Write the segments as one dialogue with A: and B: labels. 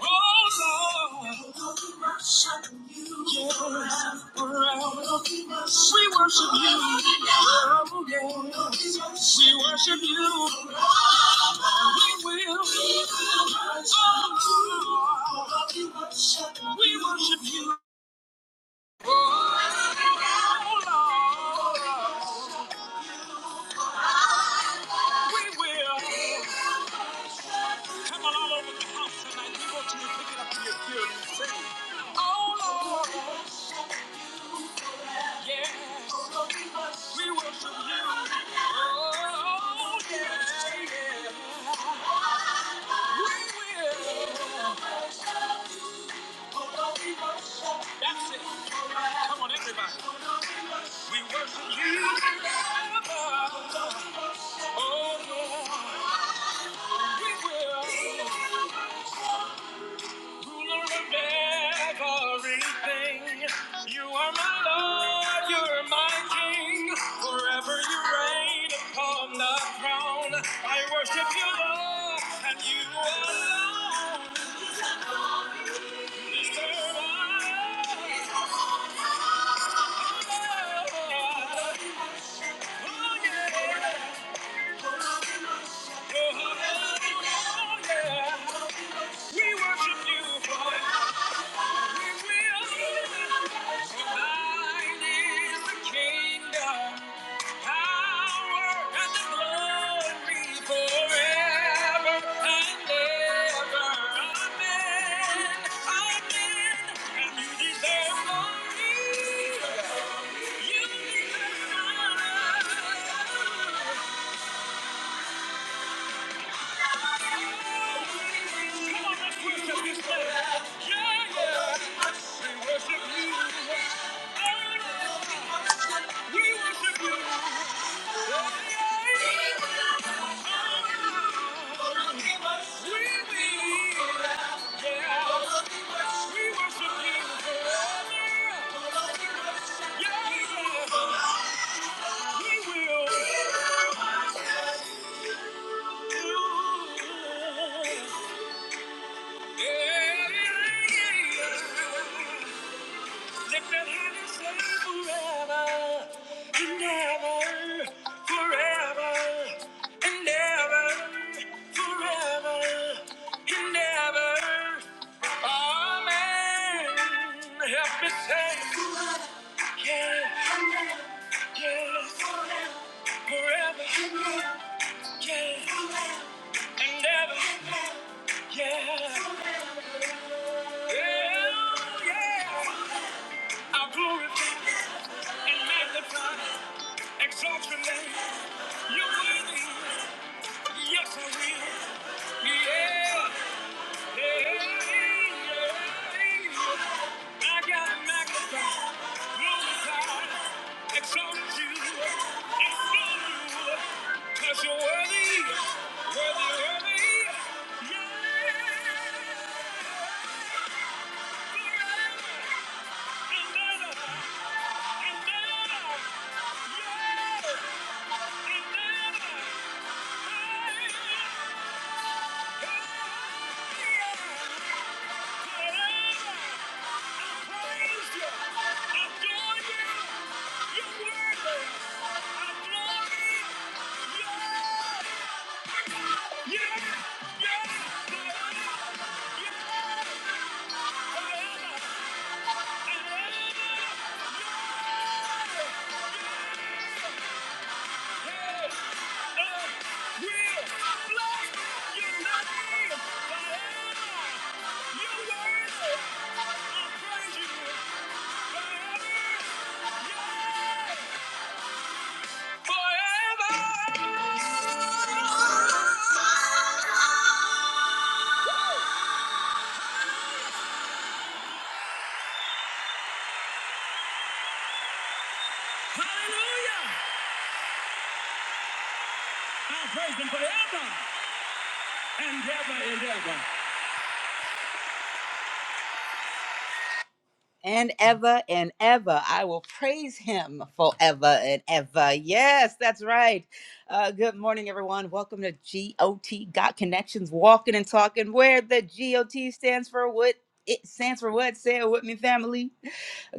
A: Oh, Lord. We worship you. Oh, yeah. We worship you. We will. Oh, Lord. We worship you. Oh, Lord. We will. Come on, all over the house tonight. We want you to pick it up in your spirit. Oh, Lord, yeah. We worship you. Oh, yeah, yeah. That's it. Come on, everybody. We worship you. forever. Oh, Lord. We will. Ruler of everything. You are my Lord. You're my King. Forever you reign upon the throne. I worship you, Lord, and you alone deserve our love. Oh, yeah. You deserve Yeah. Come worship His name. Yeah, yeah. We worship You. Oh, we worship You. Oh, yeah. We believe. Yeah. We worship You. Oh, yeah. Yeah, yeah. We will. Yeah, yeah, yeah. Lift that say forever and ever, forever and ever, forever and ever. Amen. Help me say, yeah, yeah, forever, yeah, and yeah. yeah. I'll glorify and magnify. Exalt your name. You're worthy. Yes, I will. Yeah. Yeah. yeah. yeah. I gotta magnify, glorify, exalt you, extol you, 'cause you're worthy, worthy, worthy. Yeah. Forever and ever and ever. Yeah. And ever. Hey. Yeah. And ever and ever, I will praise him forever and ever. Yes, that's right. Uh, good morning, everyone. Welcome to GOT Got Connections, walking and talking, where the GOT stands for what it stands for. What say it with me, family?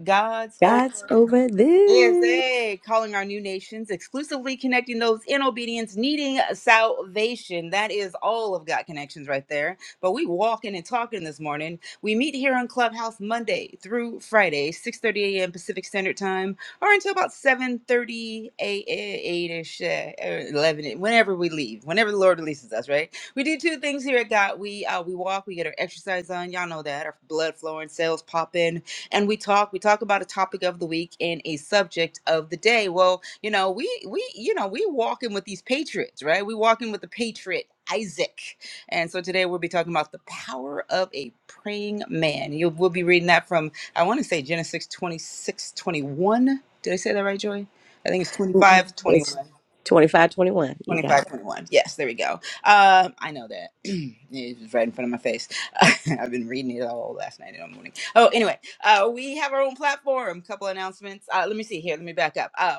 A: God's over.
B: God's over this.
A: USA, calling our new nations, exclusively connecting those in obedience, needing uh, salvation. That is all of God Connections right there. But we walking and talking this morning. We meet here on Clubhouse Monday through Friday, 6.30 a.m. Pacific Standard Time, or until about 7.30 a.m. ish, uh, 11, whenever we leave, whenever the Lord releases us, right? We do two things here at God. We, uh, we walk, we get our exercise on. Y'all know that. Our blood flowing, cells popping and we talk we talk about a topic of the week and a subject of the day well you know we we you know we walking with these patriots right we walking with the patriot Isaac. And so today we'll be talking about the power of a praying man. You will be reading that from I want to say Genesis 26 twenty-one. Did I say that right, Joy? I think it's twenty
B: Oop,
A: five 21.
B: It's 2521. You got
A: 25,
B: it.
A: 21. Yes, there we go. Um, I know that. it was right in front of my face. I've been reading it all last night and all morning. Oh, anyway, uh, we have our own platform. Couple announcements. Uh, let me see here. Let me back up. Uh,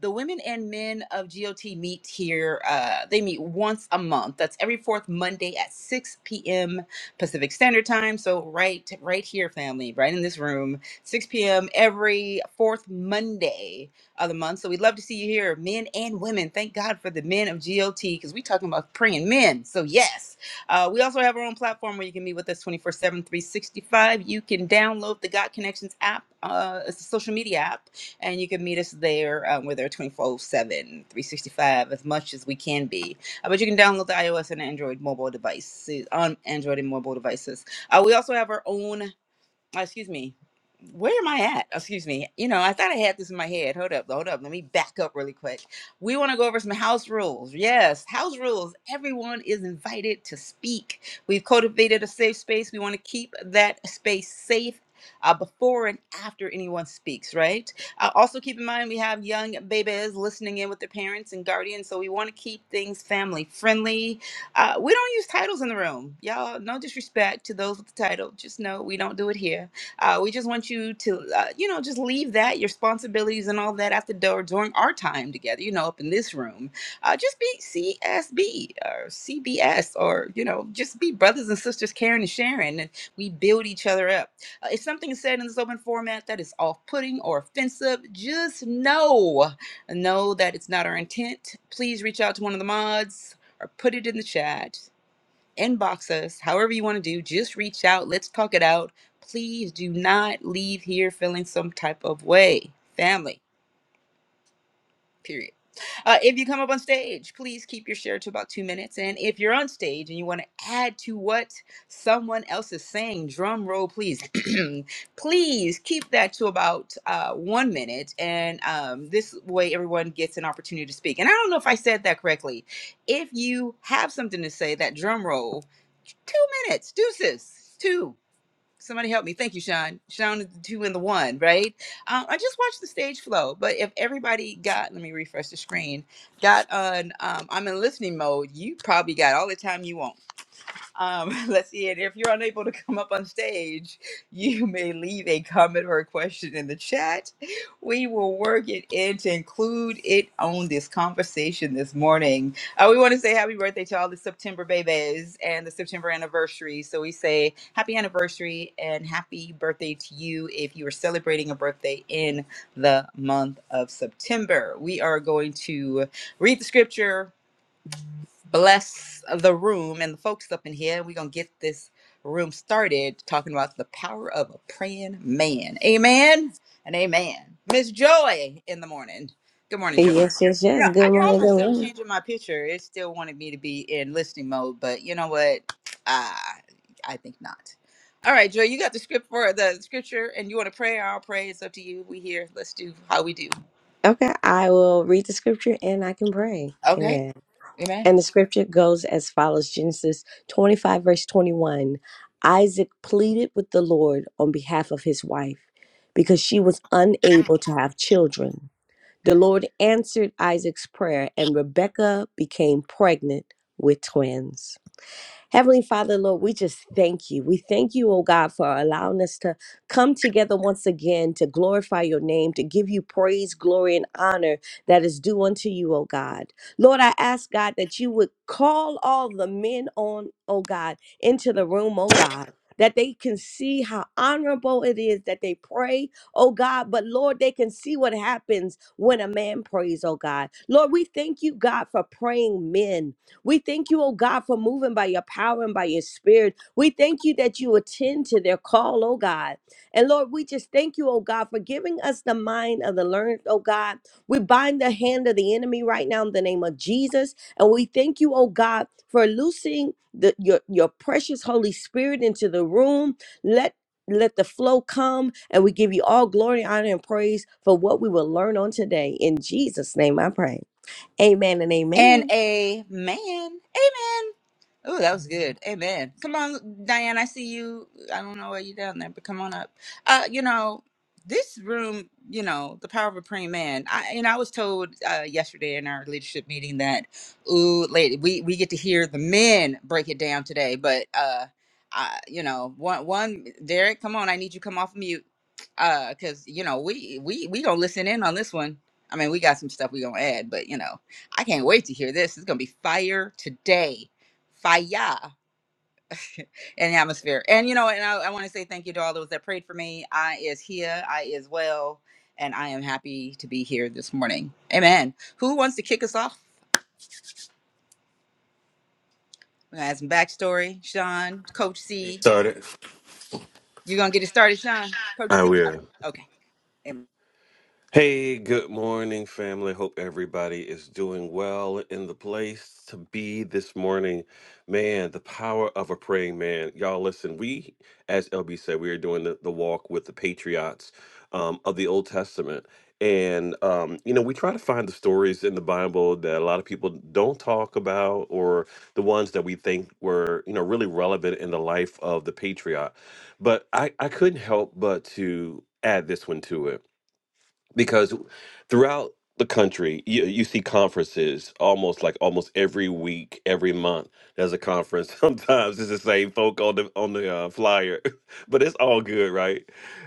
A: the women and men of GOT meet here. Uh, they meet once a month. That's every fourth Monday at 6 p.m. Pacific Standard Time. So right, right here, family, right in this room, 6 p.m. every fourth Monday of the month. So we'd love to see you here, men and women. Thank God for the men of GOT because we're talking about praying men. So, yes. Uh, we also have our own platform where you can meet with us twenty four seven, three sixty five. You can download the God Connections app, uh, it's a social media app, and you can meet us there. Um, we're there 24 seven, three sixty-five, as much as we can be. Uh, but you can download the iOS and Android mobile devices on Android and mobile devices. Uh, we also have our own uh, excuse me, where am I at? Excuse me. You know, I thought I had this in my head. Hold up, hold up. Let me back up really quick. We want to go over some house rules. Yes, house rules. Everyone is invited to speak. We've cultivated a safe space. We want to keep that space safe. Uh, before and after anyone speaks, right? Uh, also, keep in mind we have young babies listening in with their parents and guardians, so we want to keep things family friendly uh, we don't use titles in the room, y'all. No disrespect to those with the title. Just know we don't do it here. Uh, we just want you to, uh, you know, just leave that your responsibilities and all that at the door during our time together. You know, up in this room, uh, just be CSB or CBS or you know, just be brothers and sisters, caring and sharing, and we build each other up. Uh, if something is said in this open format that is off-putting or offensive, just know know that it's not our intent. Please reach out to one of the mods or put it in the chat, inbox us, however you want to do. Just reach out. Let's talk it out. Please do not leave here feeling some type of way, family period. Uh, if you come up on stage, please keep your share to about two minutes. And if you're on stage and you want to add to what someone else is saying, drum roll, please. please keep that to about uh, one minute. And um, this way, everyone gets an opportunity to speak. And I don't know if I said that correctly. If you have something to say, that drum roll, two minutes, deuces, two. Somebody help me. Thank you, Sean. Sean is the two and the one, right? Um, I just watched the stage flow, but if everybody got, let me refresh the screen, got on, um, I'm in listening mode, you probably got all the time you want. Um, let's see. And if you're unable to come up on stage, you may leave a comment or a question in the chat. We will work it in to include it on this conversation this morning. Uh, we want to say happy birthday to all the September babies and the September anniversary. So we say happy anniversary and happy birthday to you if you are celebrating a birthday in the month of September. We are going to read the scripture bless the room and the folks up in here. We're going to get this room started talking about the power of a praying man. Amen and amen. Miss Joy in the morning. Good morning, Joy.
B: Yes, yes, yes. Good
A: I called
B: morning, good
A: myself
B: morning.
A: changing my picture. It still wanted me to be in listening mode, but you know what? Ah, I think not. All right, Joy, you got the script for the scripture and you want to pray? I'll pray. It's up to you. We here. Let's do how we do.
B: Okay, I will read the scripture and I can pray.
A: Okay.
B: Amen.
A: Amen.
B: And the scripture goes as follows Genesis 25, verse 21. Isaac pleaded with the Lord on behalf of his wife because she was unable to have children. The Lord answered Isaac's prayer, and Rebekah became pregnant with twins. Heavenly Father, Lord, we just thank you. We thank you, oh God, for allowing us to come together once again to glorify your name, to give you praise, glory, and honor that is due unto you, oh God. Lord, I ask, God, that you would call all the men on, oh God, into the room, oh God. That they can see how honorable it is that they pray, oh God. But Lord, they can see what happens when a man prays, oh God. Lord, we thank you, God, for praying men, we thank you, oh God, for moving by your power and by your spirit. We thank you that you attend to their call, oh God. And Lord, we just thank you, oh God, for giving us the mind of the learned, oh God. We bind the hand of the enemy right now in the name of Jesus. And we thank you, oh God, for loosing the, your, your precious Holy Spirit into the room. Let let the flow come and we give you all glory, honor, and praise for what we will learn on today. In Jesus' name I pray. Amen and
A: And
B: amen.
A: amen. Amen. Oh, that was good. Amen. Come on, Diane. I see you. I don't know why you are down there, but come on up. Uh, you know, this room, you know, the power of a praying man. I and I was told uh yesterday in our leadership meeting that, ooh, lady, we we get to hear the men break it down today. But uh I, you know, one one Derek, come on, I need you to come off mute. Uh, cause you know, we we we gonna listen in on this one. I mean, we got some stuff we gonna add, but you know. I can't wait to hear this. It's gonna be fire today. Fire in the atmosphere. And you know, and I, I want to say thank you to all those that prayed for me. I is here, I is well, and I am happy to be here this morning. Amen. Who wants to kick us off? We're gonna have some backstory. Sean, Coach C.
C: Started.
A: You gonna get it started, Sean? Coach
C: I
A: C.
C: will.
A: Okay. Amen.
C: Hey, good morning, family. Hope everybody is doing well in the place to be this morning. Man, the power of a praying man. Y'all, listen, we, as LB said, we are doing the, the walk with the patriots um, of the Old Testament. And, um, you know, we try to find the stories in the Bible that a lot of people don't talk about or the ones that we think were, you know, really relevant in the life of the patriot. But I, I couldn't help but to add this one to it because throughout the country you, you see conferences almost like almost every week every month there's a conference sometimes it's the same folk on the on the uh, flyer but it's all good right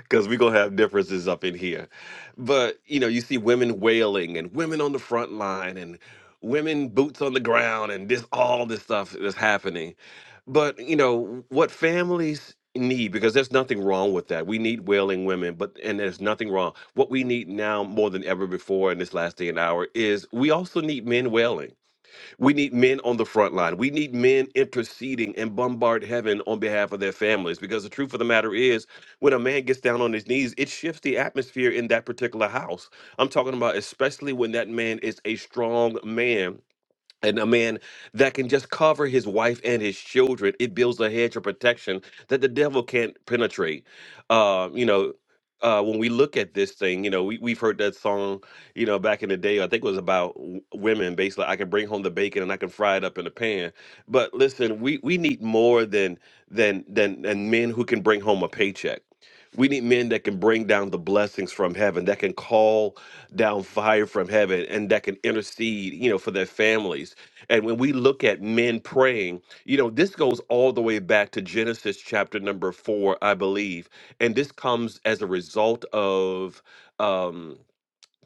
C: because we're gonna have differences up in here but you know you see women wailing and women on the front line and women boots on the ground and this all this stuff that's happening but you know what families need because there's nothing wrong with that we need wailing women but and there's nothing wrong what we need now more than ever before in this last day and hour is we also need men wailing we need men on the front line we need men interceding and bombard heaven on behalf of their families because the truth of the matter is when a man gets down on his knees it shifts the atmosphere in that particular house i'm talking about especially when that man is a strong man and a man that can just cover his wife and his children, it builds a hedge of protection that the devil can't penetrate. Uh, you know, uh, when we look at this thing, you know, we, we've heard that song, you know, back in the day, I think it was about w- women, basically, I can bring home the bacon and I can fry it up in a pan. But listen, we, we need more than, than, than, than men who can bring home a paycheck. We need men that can bring down the blessings from heaven, that can call down fire from heaven and that can intercede, you know, for their families. And when we look at men praying, you know, this goes all the way back to Genesis chapter number four, I believe. And this comes as a result of. Um,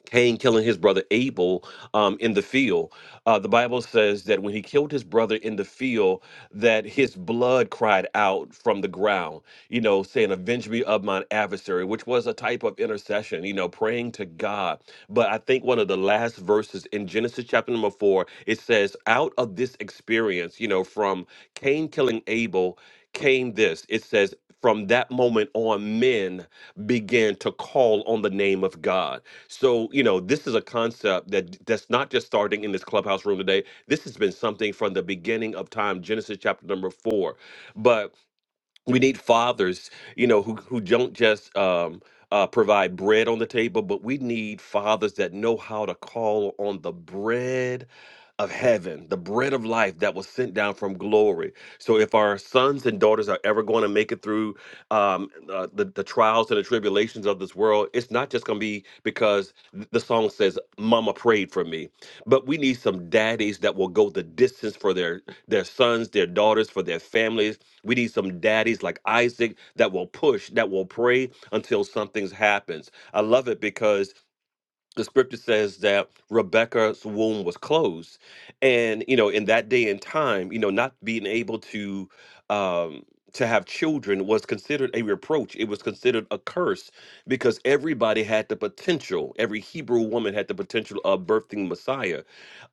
C: Cain killing his brother Abel um, in the field. Uh, the Bible says that when he killed his brother in the field, that his blood cried out from the ground, you know, saying, Avenge me of mine adversary, which was a type of intercession, you know, praying to God. But I think one of the last verses in Genesis chapter number four, it says, Out of this experience, you know, from Cain killing Abel came this. It says, From that moment on, men began to call on the name of God so, you know, this is a concept that that's not just starting in this clubhouse room today. This has been something from the beginning of time, Genesis chapter number 4. But we need fathers you know who, who don't just um, uh, provide bread on the table but we need fathers that know how to call on the bread of heaven the bread of life that was sent down from glory so if our sons and daughters are ever going to make it through um, uh, the, the trials and the tribulations of this world it's not just going to be because th- the song says mama prayed for me but we need some daddies that will go the distance for their their sons their daughters for their families we need some daddies like Isaac that will push, that will pray until something happens. I love it because the scripture says that Rebecca's womb was closed. And, you know, in that day and time, you know, not being able to um to have children was considered a reproach. It was considered a curse because everybody had the potential. Every Hebrew woman had the potential of birthing Messiah.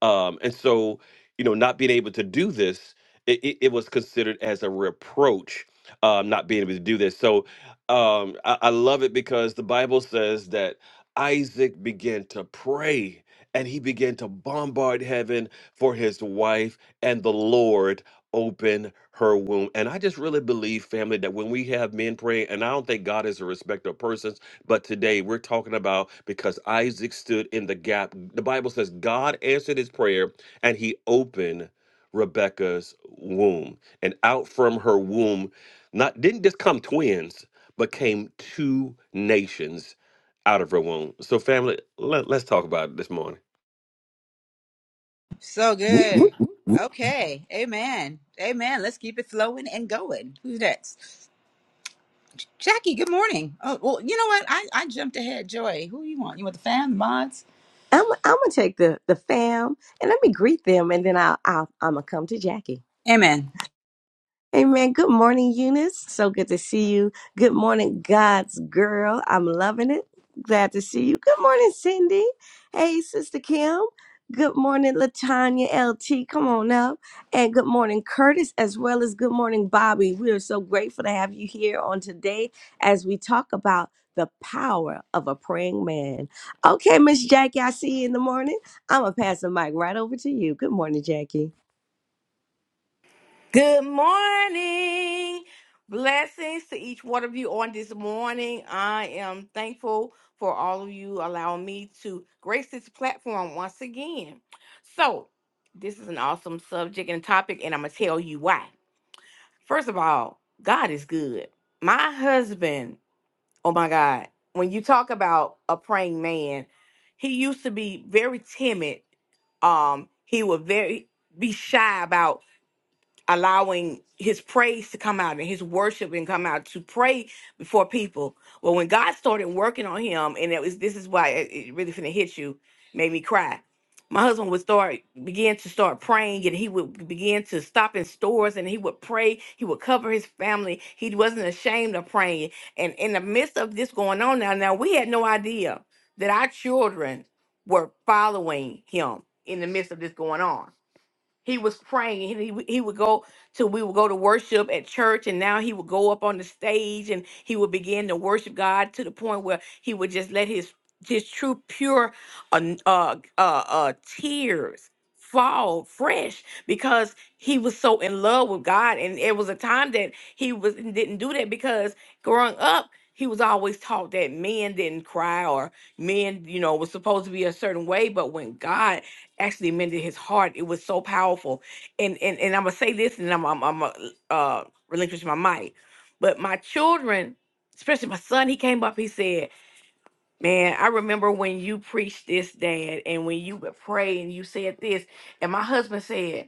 C: Um, and so, you know, not being able to do this, it, it, it was considered as a reproach, um, not being able to do this. So um, I, I love it because the Bible says that Isaac began to pray and he began to bombard heaven for his wife, and the Lord opened her womb. And I just really believe, family, that when we have men praying, and I don't think God is a respecter of persons, but today we're talking about because Isaac stood in the gap. The Bible says God answered his prayer and he opened Rebecca's womb. And out from her womb, not didn't just come twins, but came two nations out of her womb. So, family, let, let us talk about it this morning.
A: So
D: Whoop,
A: good.
D: whoop, whoop, whoop.
A: Okay. Amen. Amen. Let's keep it flowing and going. Who's next? Jackie, good morning. Oh, well, you know what? I, I jumped ahead. Joy, who you want? You want the fam, the mods?
B: I'm I'm gonna take the the fam and let me greet them, and then I'll, I'll I'm gonna come to Jackie.
A: Amen.
B: Amen. Good morning, Eunice. So good to see you. Good morning, God's girl. I'm loving it. Glad to see you. Good morning, Cindy. Hey, Sister Kim. Good morning, Latanya LT. Come on up. And good morning, Curtis, as well as good morning, Bobby. We are so grateful to have you here on today as we talk about the power of a praying man. Okay, Miss Jackie, I see you in the morning. I'm going to pass the mic right over to you. Good morning, Jackie.
E: Good morning. Blessings to each one of you on this morning. I am thankful for all of you allowing me to grace this platform once again. So, this is an awesome subject and topic, and I'm going to tell you why. First of all, God is good. My husband, oh my God, when you talk about a praying man, he used to be very timid um he would very be shy about allowing his praise to come out and his worship and come out to pray before people. Well, when God started working on him, and it was this is why it, it really finna hit you, made me cry. My husband would start begin to start praying, and he would begin to stop in stores and he would pray. He would cover his family. He wasn't ashamed of praying. And in the midst of this going on now, now we had no idea that our children were following him in the midst of this going on he was praying. and He would- he would go to we would go to worship at church, and now he would go up on the stage and he would begin to worship God to the point where he would just let his his true pure uh, n- uh, uh, uh, tears fall fresh because he was so in love with God, and it was a time that he was didn't do that because growing up he was always taught that men didn't cry or men you know was supposed to be a certain way, but when God actually mended his heart. It was so powerful. And and, and I'm gonna say this, and I'm I'm, I'm gonna uh, relinquish my mic. But my children, especially my son, he came up. He said, "Man, I remember when you preached this, Dad, and when you would pray and you said this." And my husband said.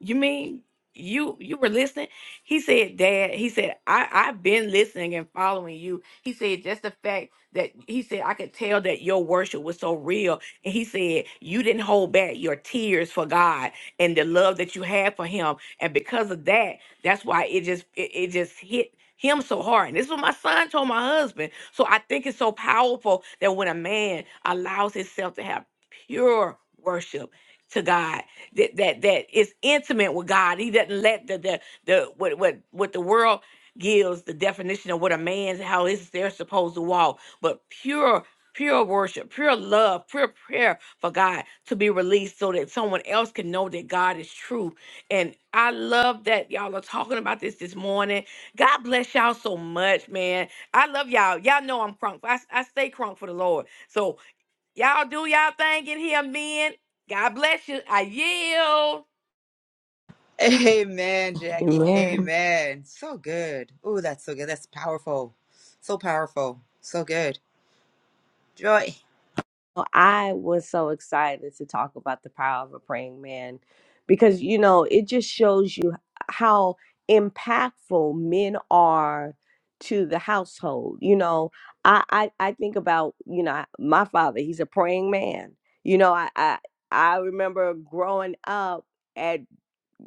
E: You mean you you were listening? He said, Dad, he said, I, I've been listening and following you. He said, just the fact that he said I could tell that your worship was so real. And he said, you didn't hold back your tears for God and the love that you had for him. And because of that, that's why it just it, it just hit him so hard. And this is what my son told my husband. So I think it's so powerful that when a man allows himself to have pure worship to God that that that is intimate with God. He doesn't let the the, the what what what the world gives the definition of what a man's how is they're supposed to walk, but pure pure worship, pure love, pure prayer for God to be released so that someone else can know that God is true. And I love that y'all are talking about this this morning. God bless y'all so much, man. I love y'all. Y'all know I'm crunk. I, I stay crunk for the Lord. So Y'all do y'all thing in here, men. God bless you. I yield.
A: Amen, Jackie.
B: Amen.
A: Amen. So good. Oh, that's so good. That's powerful. So powerful. So good. Joy.
B: Well, I was so excited to talk about the power of a praying man because, you know, it just shows you how impactful men are to the household. You know, I, I, I think about, you know, my father, he's a praying man. You know, I, I, I remember growing up at,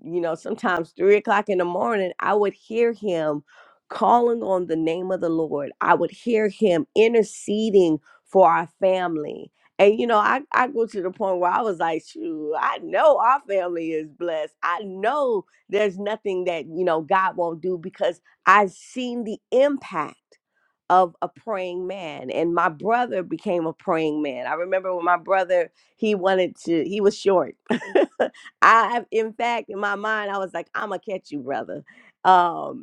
B: you know, sometimes three o'clock in the morning, I would hear him calling on the name of the Lord. I would hear him interceding for our family and you know, I, I go to the point where I was like, shoot, I know our family is blessed. I know there's nothing that, you know, God won't do because I've seen the impact of a praying man. And my brother became a praying man. I remember when my brother, he wanted to, he was short. I in fact in my mind I was like, I'ma catch you, brother. Um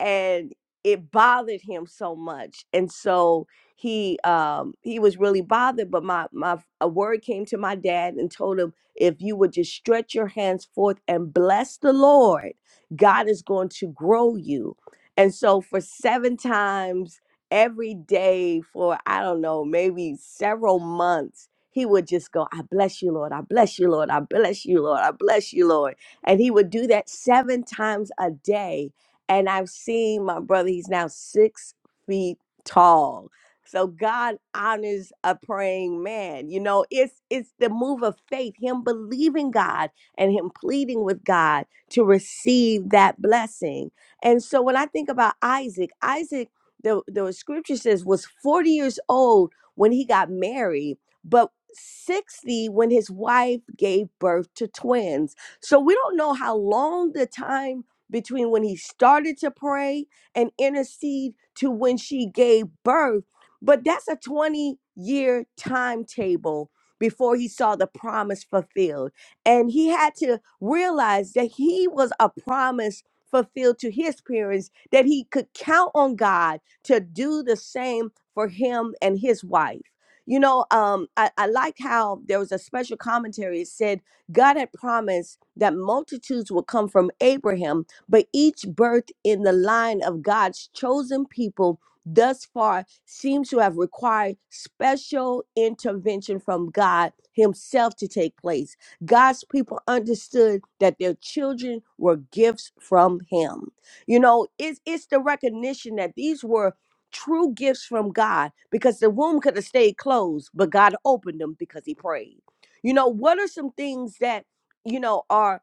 B: and it bothered him so much and so he um he was really bothered but my my a word came to my dad and told him if you would just stretch your hands forth and bless the lord god is going to grow you and so for seven times every day for i don't know maybe several months he would just go i bless you lord i bless you lord i bless you lord i bless you lord and he would do that seven times a day and I've seen my brother, he's now six feet tall. So God honors a praying man. You know, it's it's the move of faith, him believing God and him pleading with God to receive that blessing. And so when I think about Isaac, Isaac, the, the scripture says was 40 years old when he got married, but 60 when his wife gave birth to twins. So we don't know how long the time between when he started to pray and intercede to when she gave birth. But that's a 20 year timetable before he saw the promise fulfilled. And he had to realize that he was a promise fulfilled to his parents, that he could count on God to do the same for him and his wife. You know, um, I, I like how there was a special commentary. It said God had promised that multitudes would come from Abraham but each birth in the line of God's chosen people thus far seems to have required special intervention from God Himself to take place. God's people understood that their children were gifts from Him. You know, it's, it's the recognition that these were true gifts from God because the womb could have stayed closed, but God opened them because He prayed. You know, what are some things that, you know, are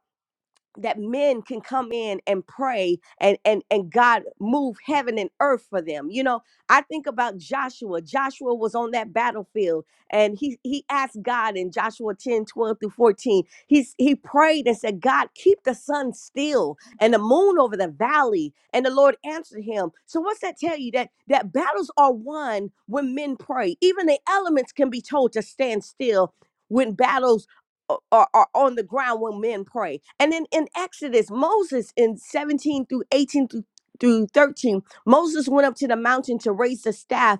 B: that men can come in and pray and and and God move heaven and earth for them. You know, I think about Joshua. Joshua was on that battlefield and he he asked God in Joshua 10 12 through 14. He's he prayed and said, God, keep the sun still and the moon over the valley. And the Lord answered him. So what's that tell you? That that battles are won when men pray. Even the elements can be told to stand still when battles o- are, are on the ground when men pray. And then in Exodus, Moses in 17 through 18 through, through 13, Moses went up to the mountain to raise the staff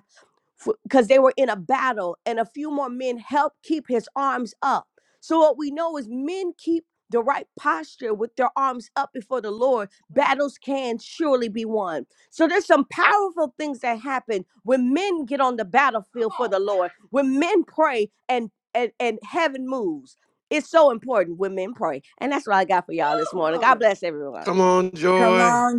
B: because they were in a battle and a few more men helped keep his arms up. So what we know is men keep the right posture with their arms up before the Lord, battles can surely be won. So there's some powerful things that happen when men get on the battlefield for the Lord, when men pray and and, and heaven moves. It's so important when men pray. And that's what I got for y'all this morning. God bless everyone.
C: Come on,
A: Come
C: Joy.
A: on,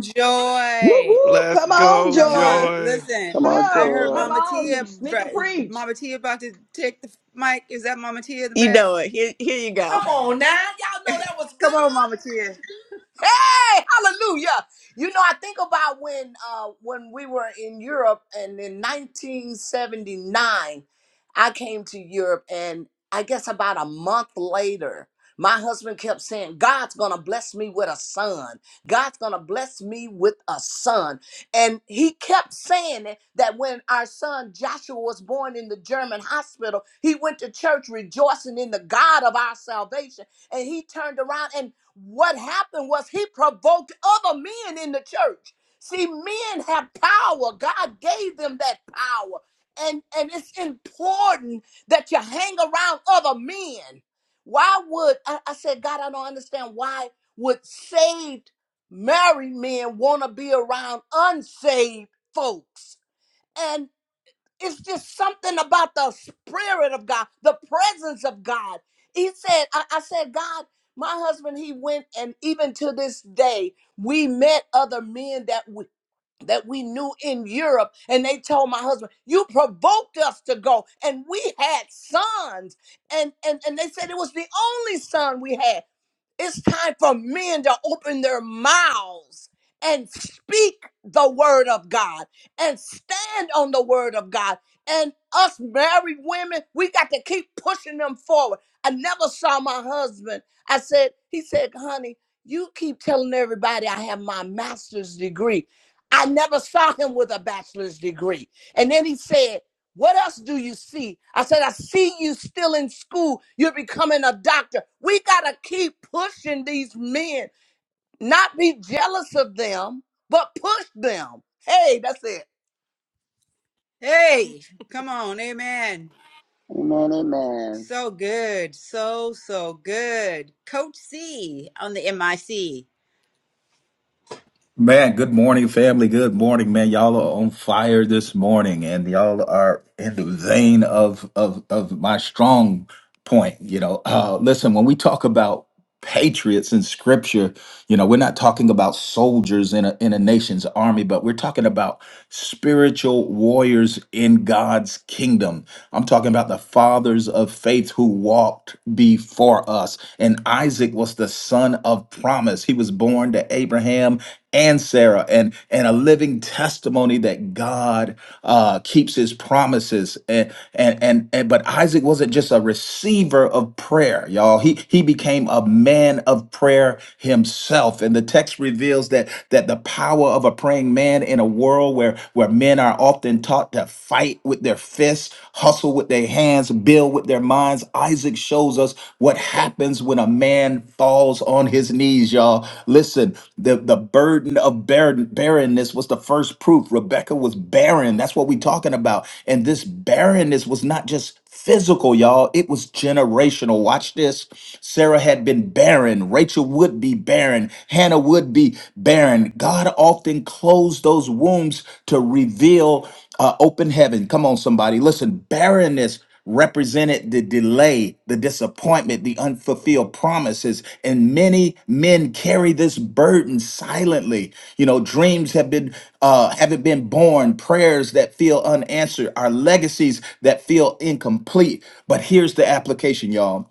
F: Whoop
A: Joy.
F: whoop!
C: Let's
F: Come on,
C: go,
A: come on.
F: Joy.
C: Joy.
A: Listen,
G: Come on,
A: I
F: Oh,
A: heard
F: come
G: Joy.
A: Mama
F: on,
A: Tia.
F: sneak and preach.
A: Mama Tia about to take the mic. Is that Mama Tia in the
B: You
A: back?
B: know it. Here, here you go. Come on now. Y'all know that was
A: Come
B: good.
A: on, Mama Tia.
B: Hey, Hallelujah. You know, I think about when uh when we were in Europe and in 1979 I came to Europe and I guess about a month later my husband kept saying, God's going to bless me with a son. God's going to bless me with a son. And he kept saying it, that when our son Joshua was born in the German hospital, he went to church rejoicing in the God of our salvation. And he turned around and what happened was he provoked other men in the church. See, men have power. God gave them that power. And and it's important that you hang around other men. Why would I, I said, God, I don't understand why would saved married men want to be around unsaved folks? and. It's just something about the spirit of God, the presence of God. He said, I, I said, God, my husband, he went, and even to this day, we met other men that we that we knew in Europe, and they told my husband, "You provoked us to go," and we had sons, and and and they said it was the only son we had. It's time for men to open their mouths and speak the word of God and stand on the word of God. And us married women, we got to keep pushing them forward. I never saw my husband. I said, he said, honey, you keep telling everybody I have my master's degree. I never saw him with a bachelor's degree. And then he said, what else do you see? I said, I see you still in school. You're becoming a doctor. We got to keep pushing these men, not be jealous of them, but push them. Hey, that's it.
A: Hey, come on. Amen.
G: Amen, amen.
A: So good. So, so good. Coach C on the MIC.
D: Man, good morning, family. Good morning, man. Y'all are on fire this morning, and y'all are in the vein of of of my strong point. You know, uh, listen, when we talk about patriots in scripture, you know, we're not talking about soldiers in a in a nation's army, but we're talking about spiritual warriors in God's kingdom. I'm talking about the fathers of faith who walked before us. And Isaac was the son of promise. He was born to Abraham and Sarah and and a living testimony that God uh, keeps His promises and, and and and but Isaac wasn't just a receiver of prayer, y'all. He he became a man of prayer himself, and the text reveals that that the power of a praying man in a world where where men are often taught to fight with their fists, hustle with their hands, build with their minds minds, Isaac shows us what happens when a man falls on his knees, y'all. Listen, the, the burden of barren, barrenness was the first proof. Rebecca was barren. That's what we're talking about. And this barrenness was not just physical, y'all. It was generational. Watch this. Sarah had been barren. Rachel would be barren. Hannah would be barren. God often closed those wombs to reveal uh, open heaven. Come on, somebody. Listen, barrenness represented the delay, the disappointment, the unfulfilled promises. And many men carry this burden silently. You know, dreams have been uh haven't been born, prayers that feel unanswered, our legacies that feel incomplete. But here's the application, y'all.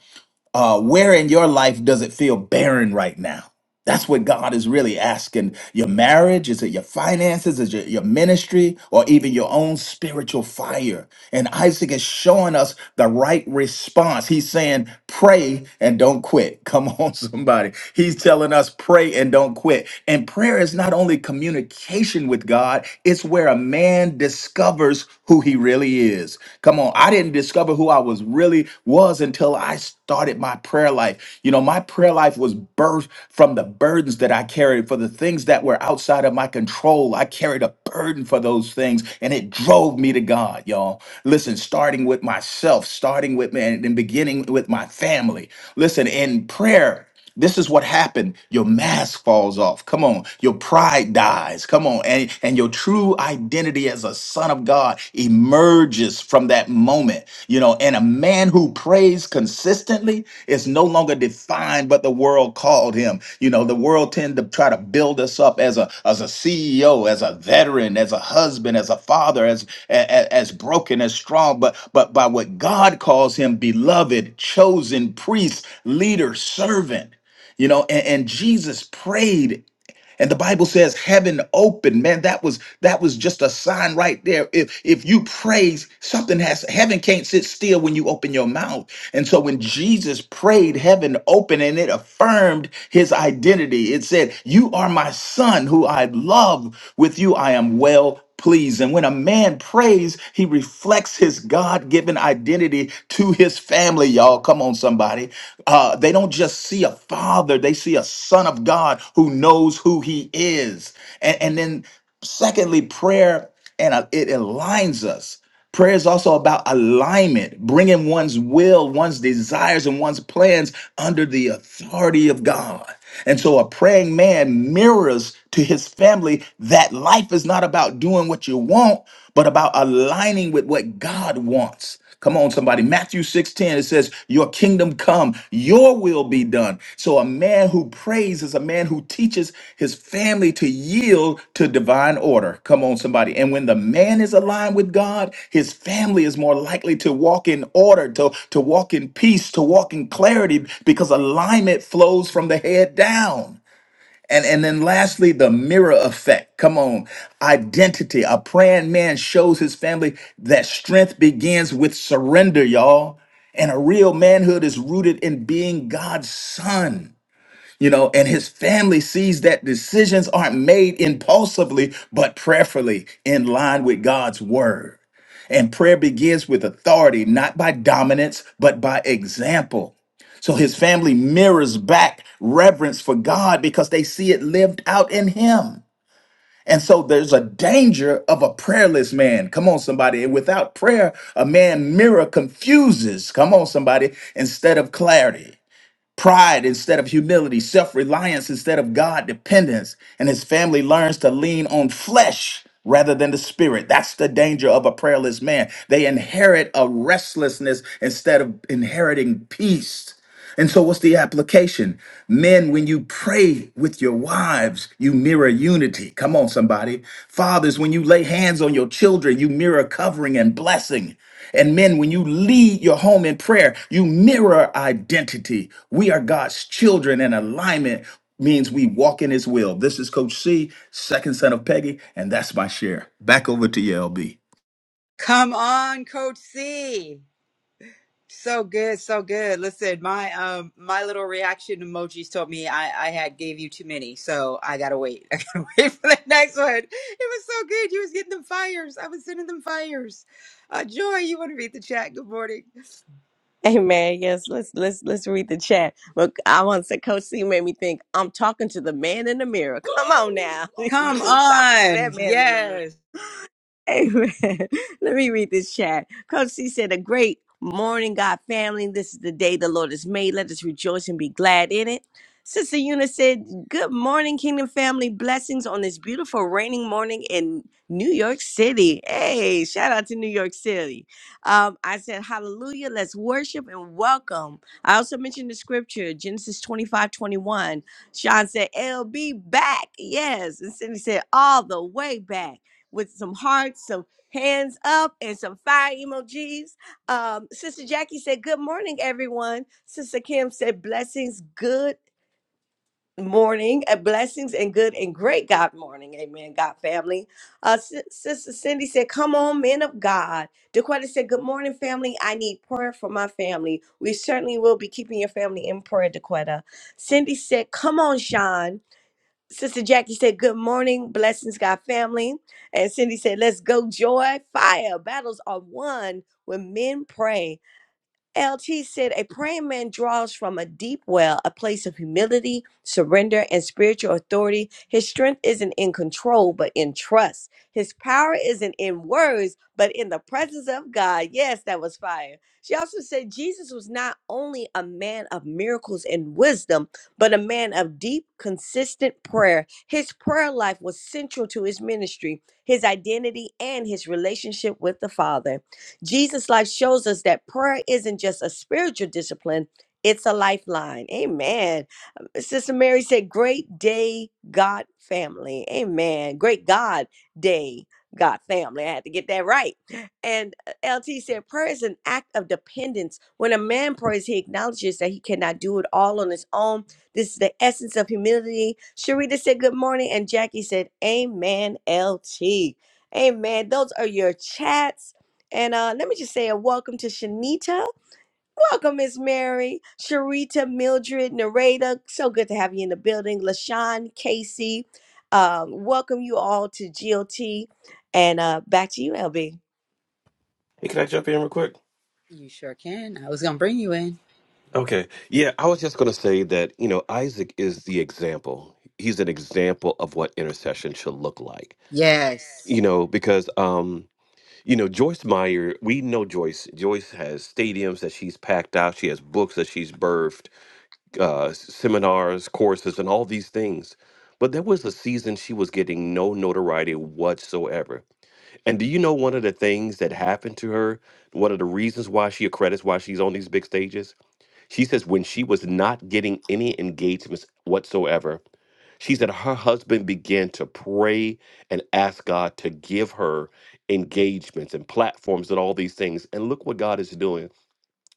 D: Uh, where in your life does it feel barren right now? That's what God is really asking. Your marriage, is it your finances, is it your ministry, or even your own spiritual fire? And Isaac is showing us the right response. He's saying, pray and don't quit. Come on, somebody. He's telling us, pray and don't quit. And prayer is not only communication with God, it's where a man discovers who he really is. Come on, I didn't discover who I was really was until I started my prayer life. You know, my prayer life was birthed from the burdens that I carried for the things that were outside of my control. I carried a burden for those things and it drove me to God, y'all. Listen, starting with myself, starting with man, and then beginning with my family. Listen, in prayer. This is what happened. Your mask falls off. Come on. Your pride dies. Come on. And, and your true identity as a son of God emerges from that moment. You know, and a man who prays consistently is no longer defined but the world called him. You know, the world tend to try to build us up as a as a CEO, as a veteran, as a husband, as a father, as as, as broken, as strong, but but by what God calls him beloved, chosen priest, leader, servant you know and, and jesus prayed and the bible says heaven opened man that was that was just a sign right there if if you praise something has heaven can't sit still when you open your mouth and so when jesus prayed heaven opened and it affirmed his identity it said you are my son who i love with you i am well pleased. And when a man prays, he reflects his God given identity to his family, y'all. Come on, somebody. Uh, they don't just see a father, they see a son of God who knows who he is. And, and then, secondly, prayer and uh, it aligns us. Prayer is also about alignment, bringing one's will, one's desires, and one's plans under the authority of God. And so a praying man mirrors to his family that life is not about doing what you want, but about aligning with what God wants. Come on, somebody. Matthew 6:10, it says, Your kingdom come, your will be done. So a man who prays is a man who teaches his family to yield to divine order. Come on, somebody. And when the man is aligned with God, his family is more likely to walk in order, to, to walk in peace, to walk in clarity, because alignment flows from the head down. And, and then lastly, the mirror effect. Come on. Identity. A praying man shows his family that strength begins with surrender, y'all. And a real manhood is rooted in being God's son you know, and his family sees that decisions aren't made impulsively, but prayerfully in line with God's word. And prayer begins with authority, not by dominance, but by example. So his family mirrors back reverence for God because they see it lived out in him. And so there's a danger of a prayerless man. Come on, somebody. And without prayer, a man mirror confuses. Come on, somebody, instead of clarity pride instead of humility, self reliance instead of God dependence, and his family learns to lean on flesh rather than the spirit. That's the danger of a prayerless man. They inherit a restlessness instead of inheriting peace. And so, what's the application? Men, when you pray with your wives, you mirror unity. Come on, somebody. Fathers, when you lay hands on your children, you mirror covering and blessing. And men, when you lead your home in prayer, you mirror identity. We are God's children, and alignment means we walk in His will. This is Coach C, second son of Peggy, and that's my share. Back over to you, LB.
A: Come on, Coach C. So good, so good. Listen, my um my little reaction emojis told me I I had gave you too many, so I gotta wait. I gotta wait for the next one. It was so good. You was getting them fires. I was sending them fires. Uh, Joy, you want to read the chat? Good morning.
B: Amen. Yes, let's let's let's read the chat. Look, I want to say, Coach C made me think. I'm talking to the man in the mirror. Come on now, you
A: Come
B: was talking to
A: on,
B: that man in the mirror.
A: yes,
B: Amen. Let me read this chat. Coach C said, A great morning, God family. This is the day the Lord has made. Let us rejoice and be glad in it. Sister Una said, Good morning, Kingdom family. Blessings on this beautiful raining morning in New York City. Hey, shout out to New York City. Um, I said, Hallelujah. Let's worship and welcome. I also mentioned the scripture, Genesis 25 21. Sean said, LB back. Yes. And Cindy said, All the way back with some hearts, some hands up, and some fire emojis. Um, Sister Jackie said, Good morning, everyone. Sister Kim said, Blessings, good morning, uh, blessings, and good and great God morning. Amen, God family. Uh, Sis- Sister Cindy said, Come on, men of God. DeQuetta said, Good morning, family. I need prayer for my family. We certainly will be keeping your family in prayer, DeQuetta. Cindy said, Come on, Sean. Sister Jackie said, Good morning, blessings, God family. And Cindy said, Let's go, joy, fire. Battles are won when men pray. LT said, A praying man draws from a deep well, a place of humility, surrender, and spiritual authority. His strength isn't in control, but in trust. His power isn't in words, but in the presence of God. Yes, that was fire. She also said, Jesus was not only a man of miracles and wisdom, but a man of deep, consistent prayer. His prayer life was central to his ministry, his identity, and his relationship with the Father. Jesus' life shows us that prayer isn't just a spiritual discipline, it's a lifeline. Amen. Uh, Sister Mary said, Great day, God family. Amen. Great God day, God family. I had to get that right. And uh, LT said, Prayer is an act of dependence. When a man prays, he acknowledges that he cannot do it all on his own. This is the essence of humility. Sharita said, Good morning. And Jackie said, Amen, LT. Amen. Those are your chats. And uh, let me just say a welcome to Shanita. Welcome, Miss Mary, Sharita, Mildred, Nareda. So good to have you in the building. LaShawn, Casey. Um, welcome you all to GLT. And uh, back to you, LB.
C: Hey, can I jump in real quick?
A: you sure can. I was gonna bring you in.
C: Okay. Yeah, I was just going to say that, you know, Isaac is the example. He's an example of what intercession should look like.
A: Yes.
C: You know, because, um, you know, Joyce Meyer, we know Joyce. Joyce has stadiums that she's packed out, she has books that she's birthed uh, s- seminars, courses, and all these things. But there was a season she was getting no notoriety whatsoever. And do you know one of the things that happened to her? One of the reasons why she accredits why she's on these big stages? She says when she was not getting any engagements whatsoever, she said her husband began to pray and ask God to give her engagements and platforms and all these things. And look what God is doing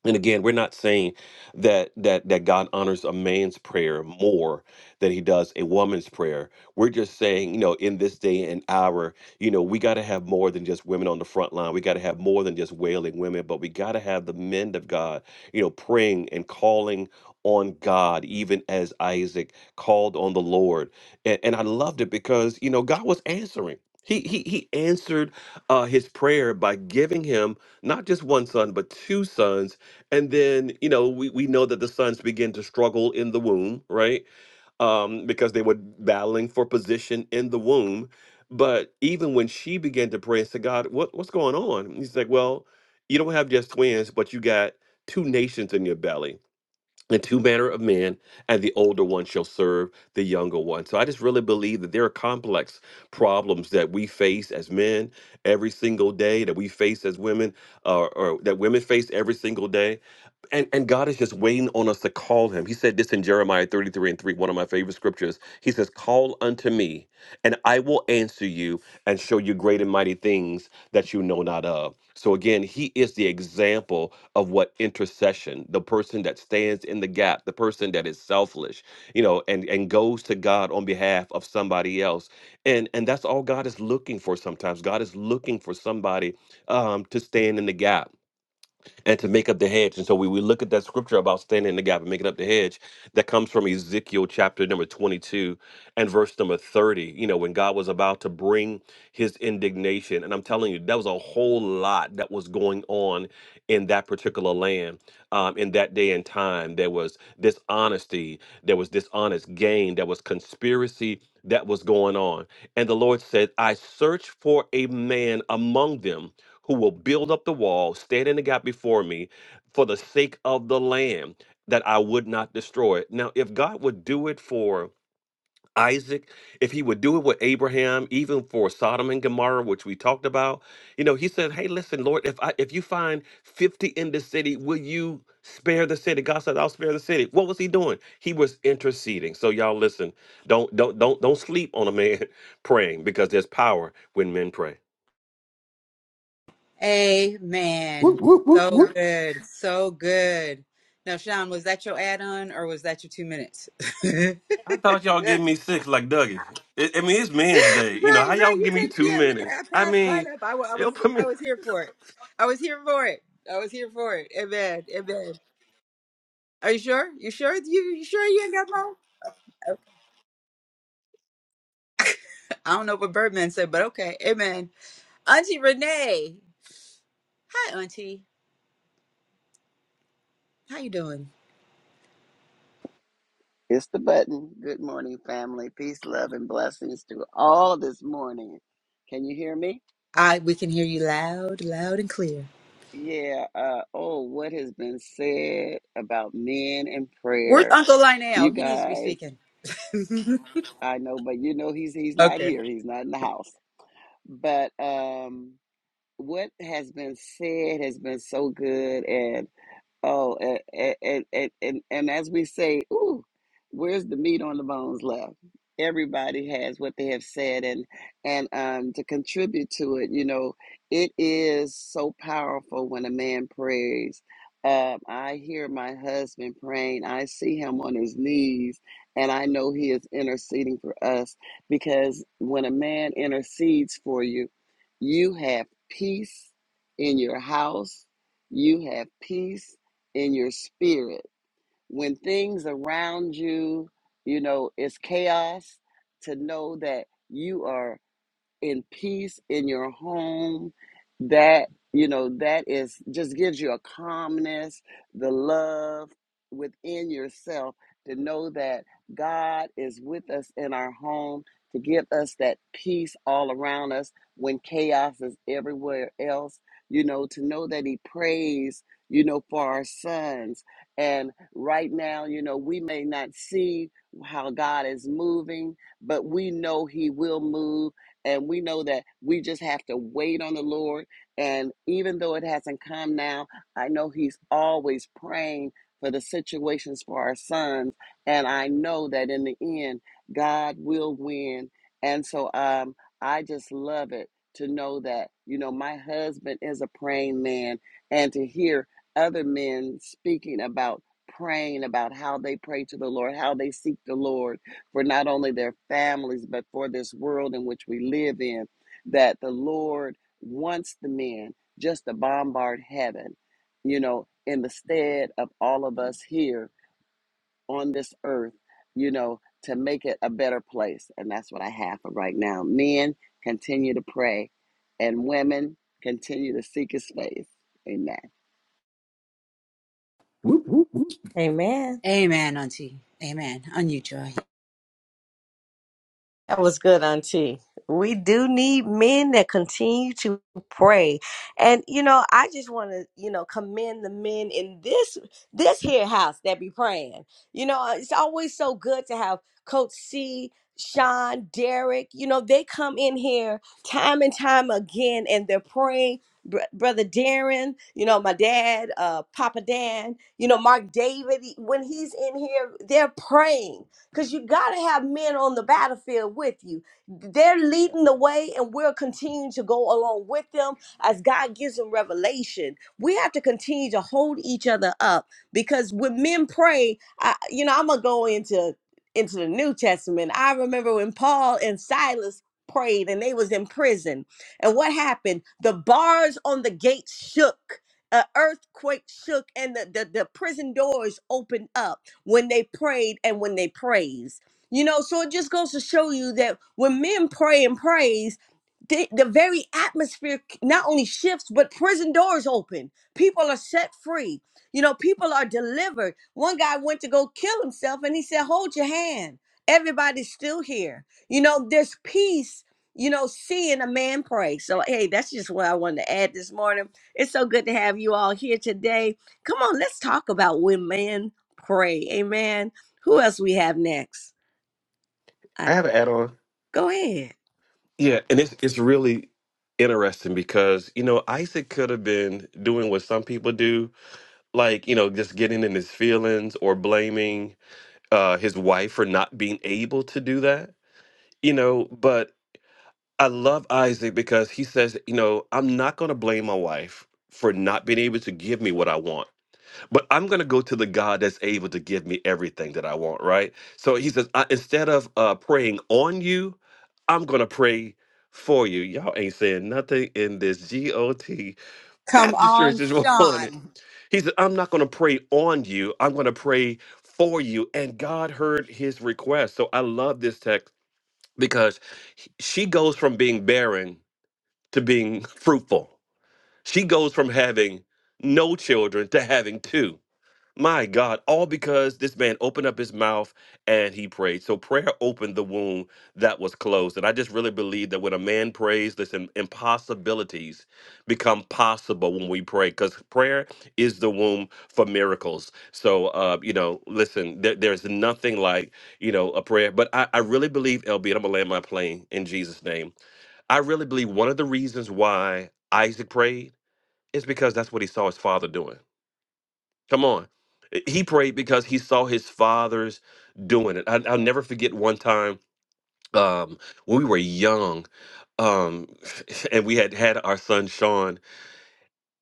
C: and again we're not saying that that that god honors a man's prayer more than he does a woman's prayer we're just saying you know in this day and hour you know we got to have more than just women on the front line we got to have more than just wailing women but we got to have the men of god you know praying and calling on god even as isaac called on the lord and, and i loved it because you know god was answering he, he, he answered uh, his prayer by giving him not just one son, but two sons and then you know we, we know that the sons begin to struggle in the womb right um, because they were battling for position in the womb but even when she began to pray and said god what, what's going on And he's like well you don't have just twins but you got two nations in your belly and two manner of men and the older one shall serve the younger one so i just really believe that there are complex problems that we face as men every single day that we face as women uh, or that women face every single day and, and God is just waiting on us to call him. He said this in Jeremiah 33 and 3, one of my favorite scriptures. He says, Call unto me, and I will answer you and show you great and mighty things that you know not of. So again, he is the example of what intercession, the person that stands in the gap, the person that is selfless, you know, and, and goes to God on behalf of somebody else. And and that's all God is looking for sometimes. God is looking for somebody um, to stand in the gap and to make up the hedge. And so we, we look at that scripture about standing in the gap and making up the hedge that comes from Ezekiel chapter number 22 and verse number 30, you know, when God was about to bring his indignation. And I'm telling you, that was a whole lot that was going on in that particular land um, in that day and time. There was dishonesty, there was dishonest gain, there was conspiracy that was going on. And the Lord said, I search for a man among them who will build up the wall, stand in the gap before me for the sake of the land that I would not destroy it. Now, if God would do it for Isaac, if he would do it with Abraham, even for Sodom and Gomorrah, which we talked about, you know, he said, Hey, listen, Lord, if I if you find 50 in the city, will you spare the city? God said, I'll spare the city. What was he doing? He was interceding. So y'all listen, don't don't don't don't sleep on a man praying because there's power when men pray.
A: Amen.
D: Whoop, whoop, whoop,
A: So
D: whoop.
A: good. So good. Now, Sean, was that your add on or was that your two minutes? right,
C: I thought y'all give me six like Dougie. It, I mean, it's Men's Day. You know
A: right.
C: how y'all
A: You
C: give me
A: take it.
C: two
A: Yeah, look,
C: minutes?
A: I
C: I
A: passed by
C: mean,
A: up. I, wa- I was
C: it'll put me.
A: I was here for it. I was here for it. I was here for it. Amen. Amen. Are you sure? You sure? You, you sure you ain't got more? I don't know what Birdman said, but okay. Amen. Auntie Renee. Hi, Auntie. How you doing?
G: It's the button. Good morning, family. Peace, love, and blessings to all this morning. Can you hear me?
A: I we can hear you loud, loud and clear.
G: Yeah. Uh, oh, what has been said about men and
A: Where's
G: prayer?
A: Uncle
G: You
A: Lionel? He needs to be
G: guys,
A: speaking.
G: I know, but you know he's he's not
A: okay.
G: here. He's not in the house. But um, what has been said has been so good, and Oh, and and and and, and as we say, ooh, where's the meat on the bones left? Everybody has what they have said, and and um, to contribute to it, you know, it is so powerful when a man prays. Um, I hear my husband praying. I see him on his knees, and I know he is interceding for us because when a man intercedes for you, you have peace in your house. You have peace in your spirit. When things around you, you know, it's chaos, to know that you are in peace in your home that you know that is just gives you a calmness the love within yourself to know that god is with us in our home to give us that peace all around us when chaos is everywhere else you know to know that he prays you know for our sons and right now you know we may not see how god is moving but we know he will move and we know that we just have to wait on the Lord. And even though it hasn't come now, I know He's always praying for the situations for our sons. And I know that in the end, God will win. And so um, I just love it to know that, you know, my husband is a praying man and to hear other men speaking about praying about how they pray to the Lord, how they seek the Lord for not only their families, but for this world in which we live in, that the Lord wants the men just to bombard heaven, you know, in the stead of all of us here on this earth, you know, to make it a better place. And that's what I have for right now. Men, continue to pray, and women, continue to seek his face. Amen.
B: Amen.
A: Amen, Auntie. Amen. On you, Joy.
B: That was good, Auntie. We do need men that continue to pray. And you know, I just want to, you know, commend the men in this this here house that be praying. You know, uh, it's always so good to have Coach C, Sean, Derek. You know, they come in here time and time again and they're praying. Br- Brother Darren, you know, my dad, uh, Papa Dan, you know, Mark David, e, when he's in here, they're praying because you got to have men on the battlefield with you. They're leading the way, and we'll continue to go along with them as God gives them revelation. We have to continue to hold each other up because when men pray, I, you know, I'm gonna go into into the New Testament. I remember when Paul and Silas prayed and they was in prison and what happened the bars on the gates shook an earthquake shook and the, the, the prison doors opened up when they prayed and when they praised. You know, so it just goes to show you that when men pray and praise, the, the very atmosphere not only shifts but prison doors open people are set free you know people are delivered one guy went to go kill himself and he said hold your hand everybody's still here you know there's peace you know seeing a man pray so hey that's just what i wanted to add this morning it's so good to have you all here today come on let's talk about when men pray amen who else we have next I,
C: I have an add on.
B: go ahead
C: Yeah, and it's it's really interesting because you know Isaac could have been doing what some people do, like you know just getting in his feelings or blaming uh, his wife for not being able to do that. You know, but I love Isaac because he says, you know, I'm not going to blame my wife for not being able to give me what I want but I'm going to go to the God that's able to give me everything that I want, right? So he says, I, instead of uh, praying on you, I'm going to pray for you. Y'all ain't saying nothing in this GOT
A: Come
C: Baptist church
A: on,
C: this morning.
A: Sean.
C: He said, I'm not going to pray on you, I'm going to pray for you. And God heard his request. So I love this text because he- she goes from being barren to being fruitful, she goes from having no children to having two. My God, all because this man opened up his mouth and he prayed. So prayer opened the wound that was closed. And I just really believe that when a man prays, listen, impossibilities become possible when we pray because prayer is the womb for miracles. So, uh, you know, listen, there, there's nothing like, you know, a prayer. But I, I really believe, LB, and I'm going to land my plane in Jesus' name. I really believe one of the reasons why Isaac prayed is because that's what he saw his father doing. Come on. Eh, He prayed because he saw his fathers doing it. I, I'll never forget one time um, when we were young um, and we had had our son Sean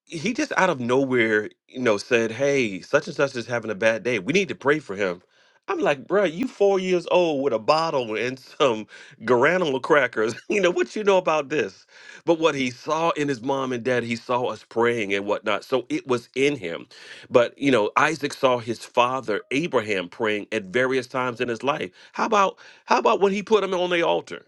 C: he just out of nowhere, you know, said, "Hey, such and such is having a bad day. We need to pray for him." I'm like, bruh, you four years old with a bottle and some granola crackers. You know what you know about this?" But what he saw in his mom and dad, he saw us praying and whatnot, so it was in him. But you know, Isaac saw his father Abraham praying at various times in his life. How about how about when he put him on the altar?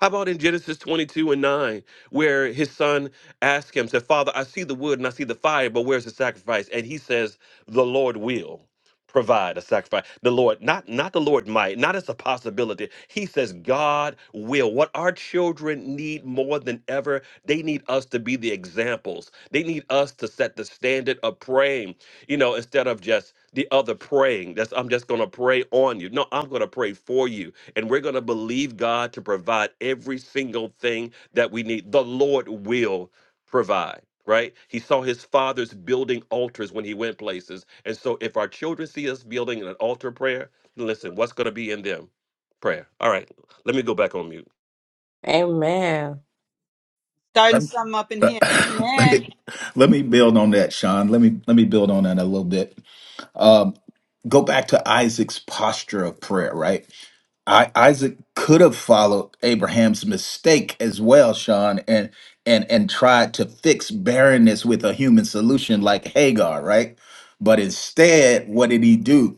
C: How about in Genesis 22 and 9, where his son asks him, said, Father, I see the wood and I see the fire, but where's the sacrifice? And he says, The Lord will provide a sacrifice. The Lord, not, not the Lord might, not as a possibility. He says, God will. What our children need more than ever, they need us to be the examples. They need us to set the standard of praying, you know, instead of just the other praying. That's I'm just gonna pray on you. No, I'm gonna pray for you and we're going to believe God to provide every single thing that we need. The Lord will provide, right? He saw his fathers building altars when he went places. And so if our children see us building an altar prayer, listen, what's going to be in them? Prayer. All right, let me go back on mute.
B: Amen.
A: Starting something up in
D: Uh,
A: here.
D: let me
A: Amen.
D: let me build on that, Sean. Let me let me build on that a little bit. Um, go back to Isaac's posture of prayer, right? I, Isaac could have followed Abraham's mistake as well, Sean, and and and tried to fix barrenness with a human solution like Hagar, right? But instead, what did he do?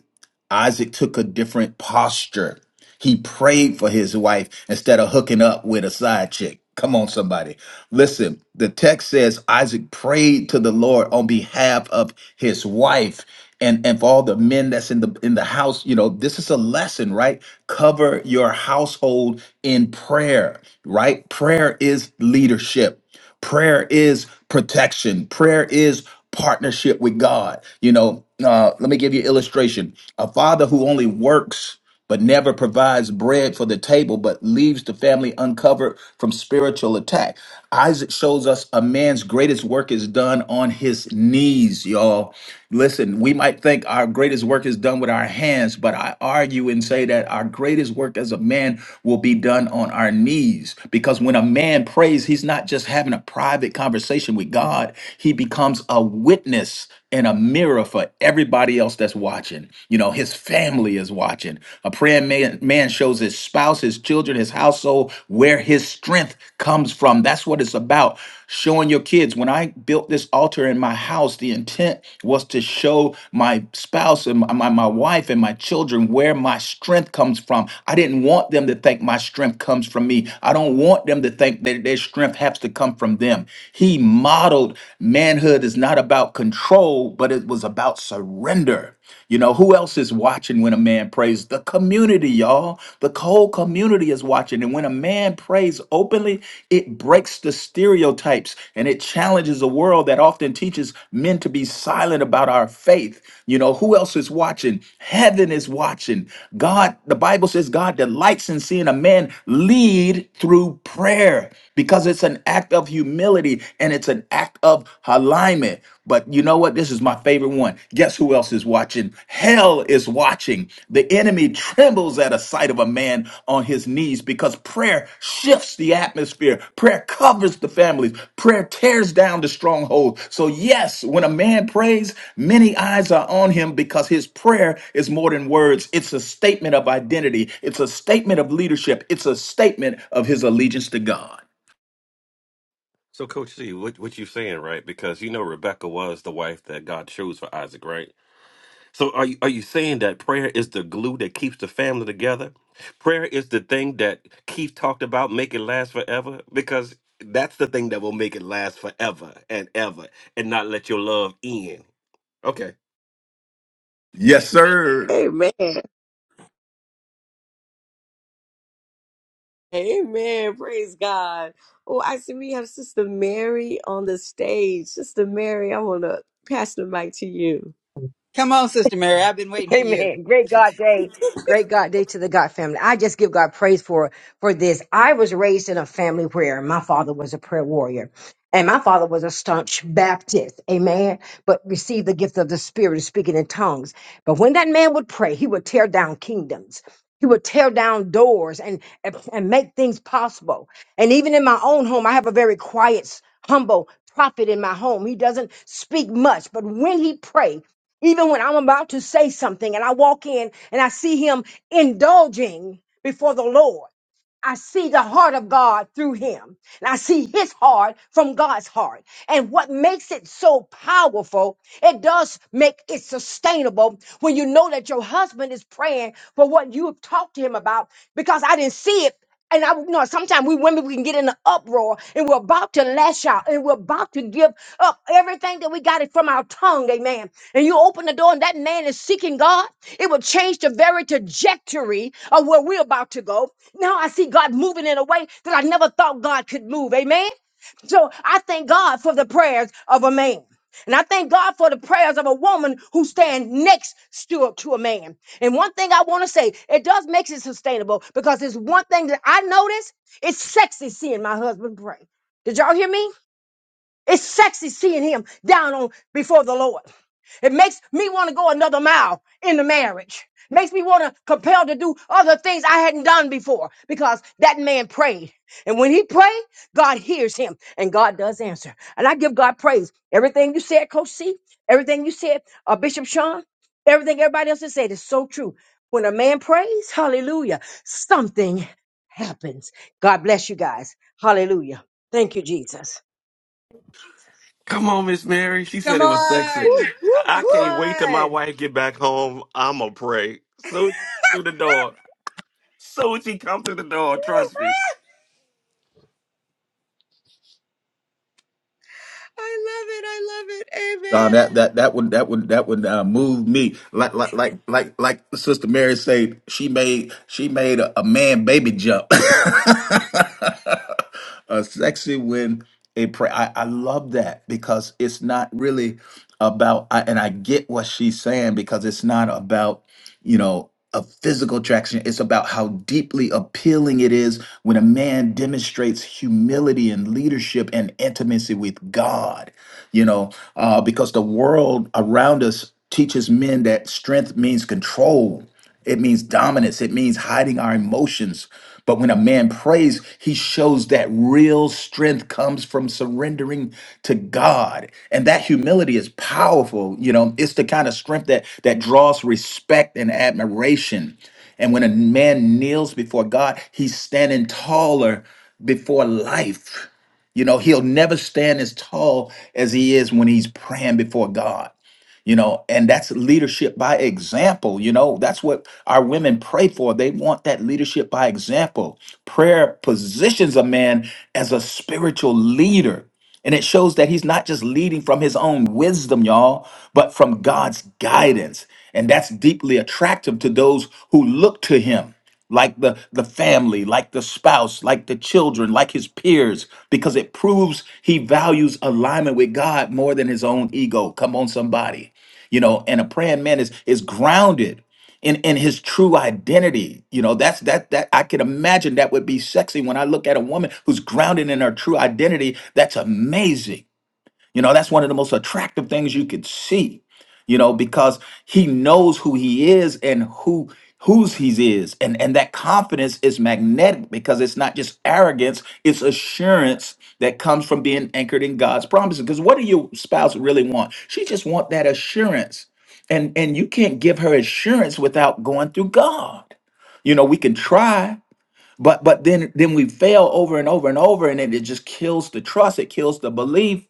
D: Isaac took a different posture. He prayed for his wife instead of hooking up with a side chick. Come on, somebody. Listen, the text says Isaac prayed to the Lord on behalf of his wife and and for all the men that's in the in the house. You know, this is a lesson, right? Cover your household in prayer, right? Prayer is leadership. Prayer is protection. Prayer is partnership with God. You know, uh, let me give you an illustration. A father who only works but never provides bread for the table, but leaves the family uncovered from spiritual attack. Isaac shows us a man's greatest work is done on his knees, y'all. Listen, we might think our greatest work is done with our hands, but I argue and say that our greatest work as a man will be done on our knees because when a man prays, he's not just just having a private conversation with God, he becomes a witness and a mirror for everybody else that's watching. You know, his family is watching. A praying man, man shows his spouse, his children, his household where his strength comes from. That's what it's about. Showing your kids. When I built this altar in my house, the intent was to show my spouse and my, my my wife and my children where my strength comes from. I didn't want them to think my strength comes from me. I don't want them to think that their strength strength has to come from them. He modeled manhood is not about control, but it was about surrender. You know, who else is watching when a man prays? The community, y'all. The whole community is watching. And when a man prays openly, it breaks the stereotypes and it challenges a world that often teaches men to be silent about our faith. You know, who else is watching? Heaven is watching. God, the Bible says God delights in seeing a man lead through prayer because because it's an act of humility and it's an act of alignment. But you know what? This is my favorite one. Guess who else is watching? Hell is watching. The enemy trembles at a sight of a man on his knees because prayer shifts the atmosphere. Prayer covers the families. Prayer tears down the stronghold. So yes, when a man prays, many eyes are on him because his prayer is more than words. It's a statement of identity. It's a statement of leadership. It's a statement of his allegiance to God.
C: So, Coach C, what what you saying, right? Because you know Rebecca was the wife that God chose for Isaac, right? So are you are you saying that prayer is the glue that keeps the family together? Prayer is the thing that Keith talked about, make it last forever? Because that's the thing that will make it last forever and ever and not let your love end. Okay.
D: Yes, sir.
B: Amen. Amen. Praise God. Oh, I see we have Sister Mary on the stage. Sister Mary, I want to pass the mic to you.
A: Come on, Sister Mary. I've been waiting for you.
H: Amen. Great God day. Great God day to the God family. I just give God praise for for this. I was raised in a family where my father was a prayer warrior. And my father was a staunch Baptist, amen, but received the gift of the Spirit of speaking in tongues. But when that man would pray, he would tear down kingdoms. He would tear down doors and, and and make things possible. And even in my own home, I have a very quiet, humble prophet in my home. He doesn't speak much, but when he prays, even when I'm about to say something and I walk in and I see him indulging before the Lord, I see the heart of God through him and I see his heart from God's heart. And what makes it so powerful, it does make it sustainable when you know that your husband is praying for what you have talked to him about because I didn't see it and I know sometimes we women we can get in an uproar and we're about to lash out and we're about to give up everything that we got it from our tongue, amen. And you open the door and that man is seeking God, it will change the very trajectory of where we're about to go. Now I see God moving in a way that I never thought God could move, amen. So I thank God for the prayers of a man. And I thank God for the prayers of a woman who stand next to, to a man. And one thing I want to say, it does make it sustainable because it's one thing that I notice. It's sexy seeing my husband pray. Did y'all hear me? It's sexy seeing him down on before the Lord. It makes me want to go another mile in the marriage. Makes me want to compelled to do other things I hadn't done before because that man prayed. And when he prayed, God hears him and God does answer. And I give God praise. Everything you said, Coach C, everything you said, uh, Bishop Sean, everything everybody else has said is so true. When a man prays, hallelujah, something happens. God bless you guys. Hallelujah. Thank you, Jesus.
C: Come on, Miss Mary. She said
A: Come
C: it was sexy.
A: on.
B: Woo,
C: I I
A: Come
B: woo.
C: can't wait till my
A: on.
C: wife get back home. I'ma pray. Soon she come through the door. Soon she come through the door, trust me.
A: I love it. I love it.
D: Uh,
A: Amen.
D: that that that would that would that would uh, move me like like like like like Sister Mary said she made she made a, a man baby jump. uh, sexy when a pray. I, I love that because it's not really about. I, and I get what she's saying because it's not about you know, of physical attraction. It's about how deeply appealing it is when a man demonstrates humility and leadership and intimacy with God, you know, uh, because the world around us teaches men that strength means control it means dominance. It means hiding our emotions. But when a man prays, he shows that real strength comes from surrendering to God. And that humility is powerful. You know, it's the kind of strength that that draws respect and admiration. And when a man kneels before God, he's standing taller before life. You know, he'll never stand as tall as he is when he's praying before God you know and that's leadership by example you know that's what our women pray for they want that leadership by example prayer positions a man as a spiritual leader and it shows that he's not just leading from his own wisdom y'all but from god's guidance and that's deeply attractive to those who look to him like the the family like the spouse like the children like his peers because it proves he values alignment with god more than his own ego come on somebody you know and a praying man is is grounded in in his true identity you know that's that that i can imagine that would be sexy when i look at a woman who's grounded in her true identity that's amazing you know, that's one of the most attractive things you could see, you know, because he knows who he is and who whose he is. And and that confidence is magnetic because it's not just arrogance, it's assurance that comes from being anchored in God's promises. Because what do your spouse really want? She just want that assurance. And and you can't give her assurance without going through God. You know, we can try, but but then then we fail over and over and over and it, it just kills the trust, it kills the belief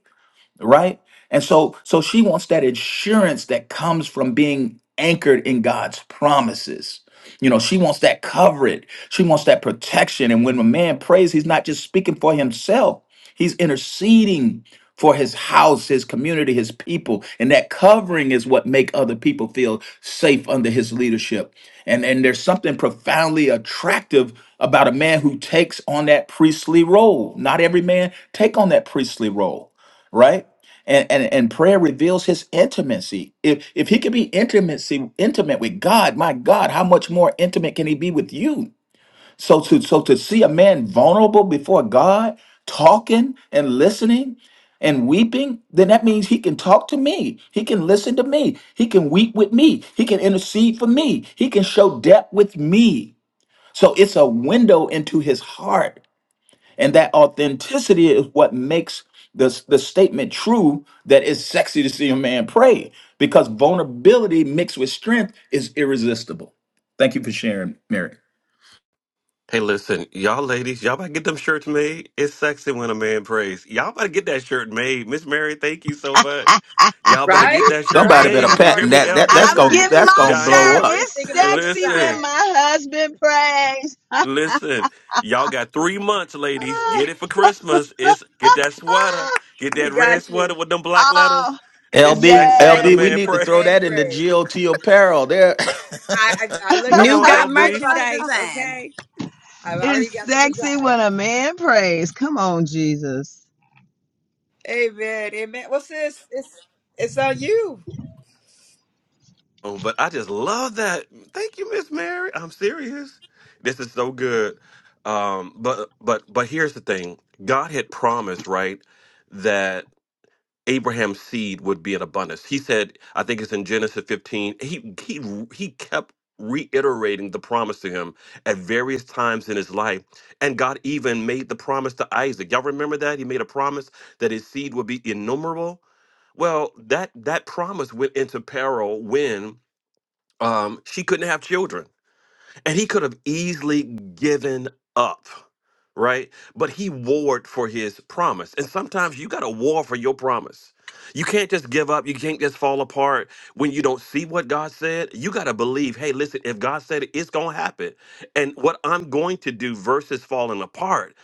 D: right? And so so she wants that assurance that comes from being anchored in God's promises. You know, she wants that coverage. She wants that protection. And when a man prays, he's not just speaking for himself. He's interceding for his house, his community, his people. And that covering is what make other people feel safe under his leadership. And and there's something profoundly attractive about a man who takes on that priestly role. Not every man take on that priestly role, right? and, and and prayer reveals his intimacy if if he can be intimacy intimate with god my god how much more intimate can he be with you so to so to see a man vulnerable before god talking and listening and weeping then that means he can talk to me he can listen to me he can weep with me he can intercede for me he can show depth with me so it's a window into his heart and that authenticity is what makes the, the statement true that it's sexy to see a man pray because vulnerability mixed with strength is irresistible. Thank you for sharing, Mary.
C: Hey, listen, y'all ladies, y'all about to get them shirts made. It's sexy when a man prays. Y'all about to get that shirt made. Miss Mary, thank you so much. Y'all better get
A: Right?
C: that shirt
D: Somebody
A: Right.
D: better
A: Look,
C: made.
A: I'm
C: You hear
D: patent
A: already
C: me,
D: that.
A: thinking of
D: That
A: the
D: that's
C: LB?
F: I'm
D: gonna
A: design.
F: giving
D: that's
F: my
D: gonna blow
A: I'm
F: shirt.
C: Diane,
D: up.
A: already
F: It's
A: thinking of the
F: sexy when
C: listen,
A: design.
F: my husband prays.
C: listen. Y'all got three months, ladies.
F: Oh,
C: Get it for Christmas. It's get that sweater.
F: oh,
C: Get
A: We
C: that red
A: got
C: sweater
A: you.
C: with them black letters.
F: oh
C: It's
D: LB
C: sexy when a
D: LB, we
A: Sexy
C: man
F: yes.
D: need
A: with
D: to
A: a
C: prays.
D: throw
A: man
D: that in the
A: phrase.
D: GOT apparel there.
A: I, I, I look at
C: Come
A: I'm
B: New
C: on,
A: already
B: got
A: thinking
C: LB.
A: about the
B: merchandise,
A: design.
B: okay?
A: I've already
F: it's
A: got the
F: sexy
A: design.
F: when a man prays. Come on, Jesus.
A: Amen. Amen. Well, sis, it's it's on you.
C: Oh, but I just love that. Thank you, Miss Mary. I'm serious. This is so good. Um, but but but here's the thing. God had promised, right, that Abraham's seed would be in abundance. He said, I think it's in Genesis 15. He he he kept reiterating the promise to him at various times in his life. And God even made the promise to Isaac. Y'all remember that? He made a promise that his seed would be innumerable. Well, that that promise went into peril when um, she couldn't have children. And he could have easily given up, right? But he warred for his promise. And sometimes you got to war for your promise. You can't just give up. You can't just fall apart when you don't see what God said. You got to believe, hey, listen, if God said it, it's going to happen. And what I'm going to do versus falling apart,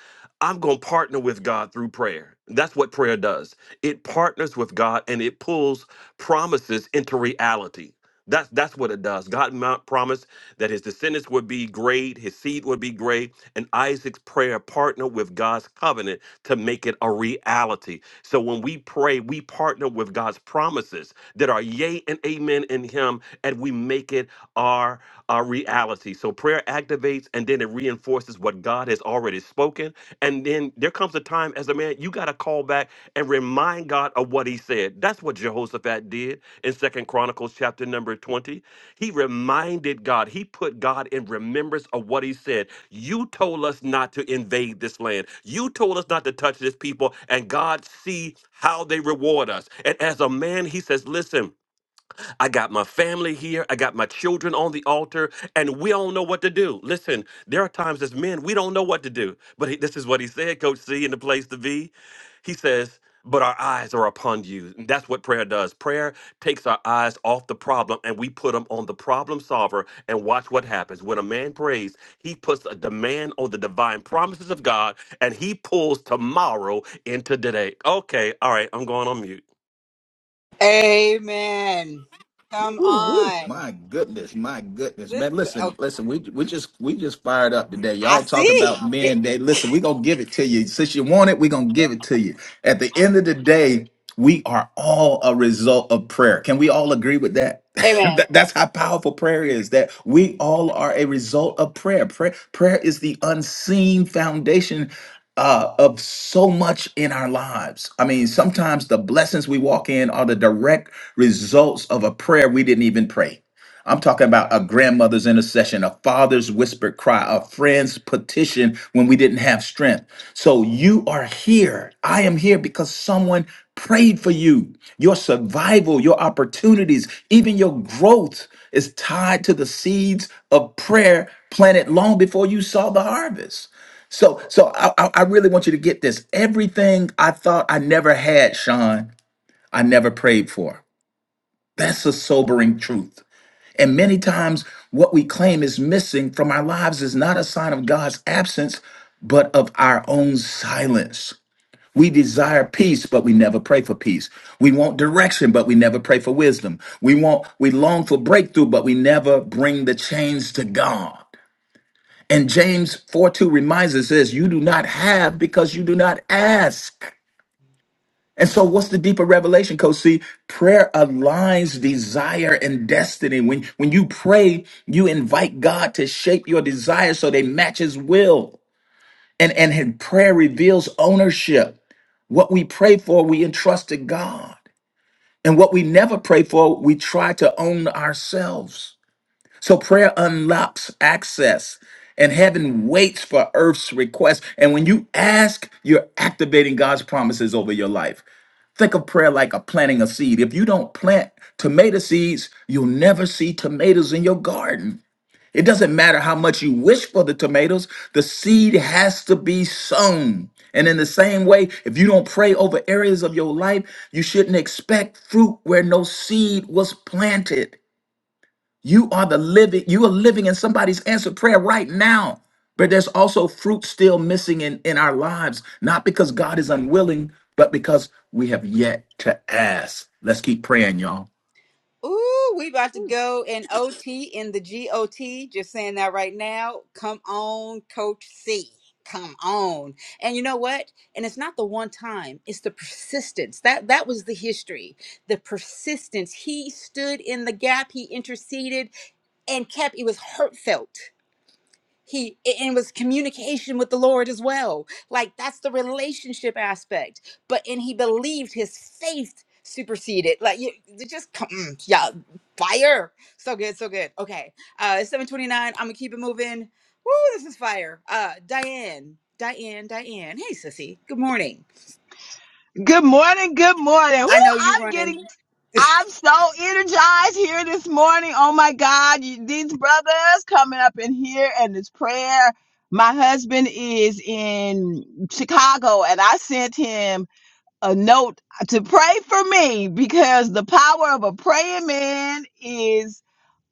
C: I'm going to partner with God through prayer. That's what prayer does. It partners with God and it pulls promises into reality that's that's what it does. God mo- promised that his descendants would be great, his seed would be great, and Isaac's prayer partnered with God's covenant to make it a reality. So when we pray, we partner with God's promises that are yea and amen in him, and we make it our uh, reality. So prayer activates and then it reinforces what God has already spoken. And then there comes a time as a man, you got to call back and remind God of what he said. That's what Jehoshaphat did in Second Chronicles chapter number 20. He reminded God, he put God in remembrance of what he said. You told us not to invade this land. You told us not to touch this people. And God see how they reward us. And as a man, he says, listen, I got my family here. I got my children on the altar, and we don't know what to do. Listen, there are times as men, we don't know what to do. But he, this is what he said, Coach C, in the place to be. He says, But our eyes are upon you. And that's what prayer does. Prayer takes our eyes off the problem, and we put them on the problem solver, and watch what happens. When a man prays, he puts a demand on the divine promises of God, and he pulls tomorrow into today. Okay, all right, I'm going on mute.
A: Amen. Come
B: Woo, woo.
A: on.
D: My goodness, my goodness,
A: This,
D: man. Listen,
A: oh,
D: listen, we we just we just fired up today.
A: I
D: Y'all talking
A: see.
D: about
A: It-
D: men day. Listen, we gonna give it to you. Since you want it, we gonna give it to you. At the end of the day, we are all a result of prayer. Can we all agree with that?
A: amen.
D: That- That's how powerful prayer is. That we all are a result of prayer. Prayer, prayer is the unseen foundation uh, of so much in our lives. I mean, sometimes the blessings we walk in are the direct results of a prayer we didn't even pray. I'm talking about a grandmother's intercession, a father's whispered cry, a friend's petition when we didn't have strength. So you are here. I am here because someone prayed for you. Your survival, your opportunities, even your growth is tied to the seeds of prayer planted long before you saw the harvest. So, so I, I I really want you to get this. Everything I thought I never had, Sean, I never prayed for. That's a sobering truth. And many times, what we claim is missing from our lives is not a sign of God's absence, but of our own silence. We desire peace, but we never pray for peace. We want direction, but we never pray for wisdom. We want, we long for breakthrough, but we never bring the change to God. And James 4 2 reminds us this you do not have because you do not ask. And so, what's the deeper revelation, Coach? See, prayer aligns desire and destiny. When, when you pray, you invite God to shape your desires so they match His will. And, and his prayer reveals ownership. What we pray for, we entrust to God. And what we never pray for, we try to own ourselves. So prayer unlocks access, and heaven waits for earth's request. And when you ask, you're activating God's promises over your life. Think of prayer like a planting a seed. If you don't plant tomato seeds, you'll never see tomatoes in your garden. It doesn't matter how much you wish for the tomatoes, the seed has to be sown. And in the same way, if you don't pray over areas of your life, you shouldn't expect fruit where no seed was planted. You are the living, you are living in somebody's answered prayer right now. But there's also fruit still missing in, in our lives, not because God is unwilling, but because we have yet to ask. Let's keep praying, y'all.
A: Ooh, we about to go in OT in the GOT. Just saying that right now. Come on, Coach C. Come on. And you know what? And it's not the one time, it's the persistence. That that was the history. The persistence. He stood in the gap, he interceded and kept it was heartfelt. he and it was communication with the lord as well like that's the relationship aspect but and he believed his faith superseded like you you just come mm, yeah fire so good so good okay uh it's 729 i'm gonna keep it moving Woo, this is fire uh diane diane diane hey sissy good morning
F: Good morning. Good morning. Woo,
A: i know you
F: I'm getting
A: running
F: I'm so energized here this morning. Oh my God, you- these brothers coming up in here and this prayer. My husband is in Chicago and I sent him a note to pray for me because the power of a praying man is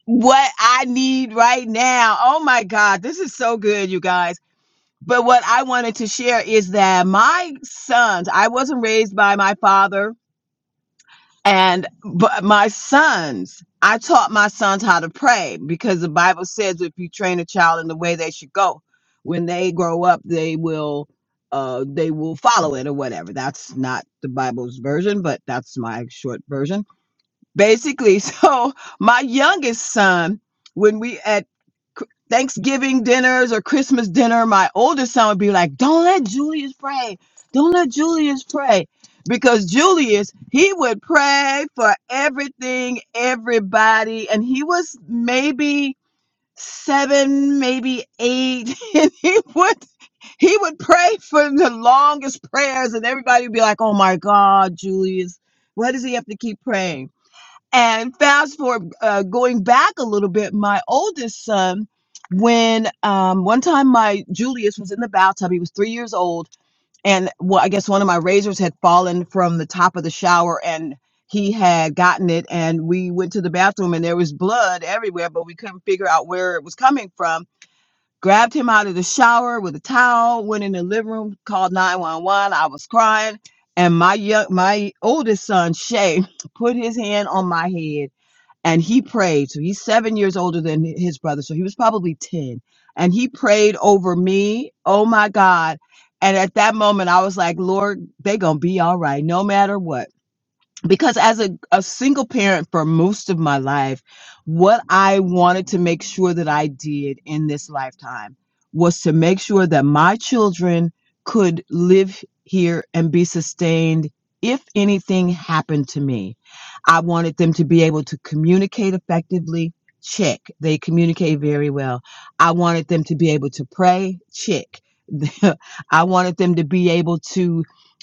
F: what I need right now. Oh my God, this is so good, you guys. But what I wanted to share is that my sons, I wasn't raised by my father and but my sons, I taught my sons how to pray because the Bible says if you train a child in the way they should go, when they grow up, they will uh they will follow it or whatever. That's not the Bible's version, but that's my short version basically so my youngest son when we at thanksgiving dinners or christmas dinner my oldest son would be like don't let julius pray don't let julius pray because julius he would pray for everything everybody and he was maybe seven maybe eight and he would he would pray for the longest prayers and everybody would be like oh my god julius why does he have to keep praying and fast forward, uh, going back a little bit, my oldest son, when um, one time my Julius was in the bathtub, he was three years old, and well, I guess one of my razors had fallen from the top of the shower and he had gotten it. And we went to the bathroom and there was blood everywhere, but we couldn't figure out where it was coming from. Grabbed him out of the shower with a towel, went in the living room, called 911. I was crying. And my young, my oldest son, Shay, put his hand on my head and he prayed. So he's seven years older than his brother. So he was probably 10. And he prayed over me. Oh my God. And at that moment, I was like, Lord, they going to be all right, no matter what because as a, a single parent for most of my life, what I wanted to make sure that I did in this lifetime was to make sure that my children could live here and be sustained if anything happened to me. I wanted them to be able to communicate effectively. Check. They communicate very well. I wanted them to be able to pray. Check. I wanted them to be able to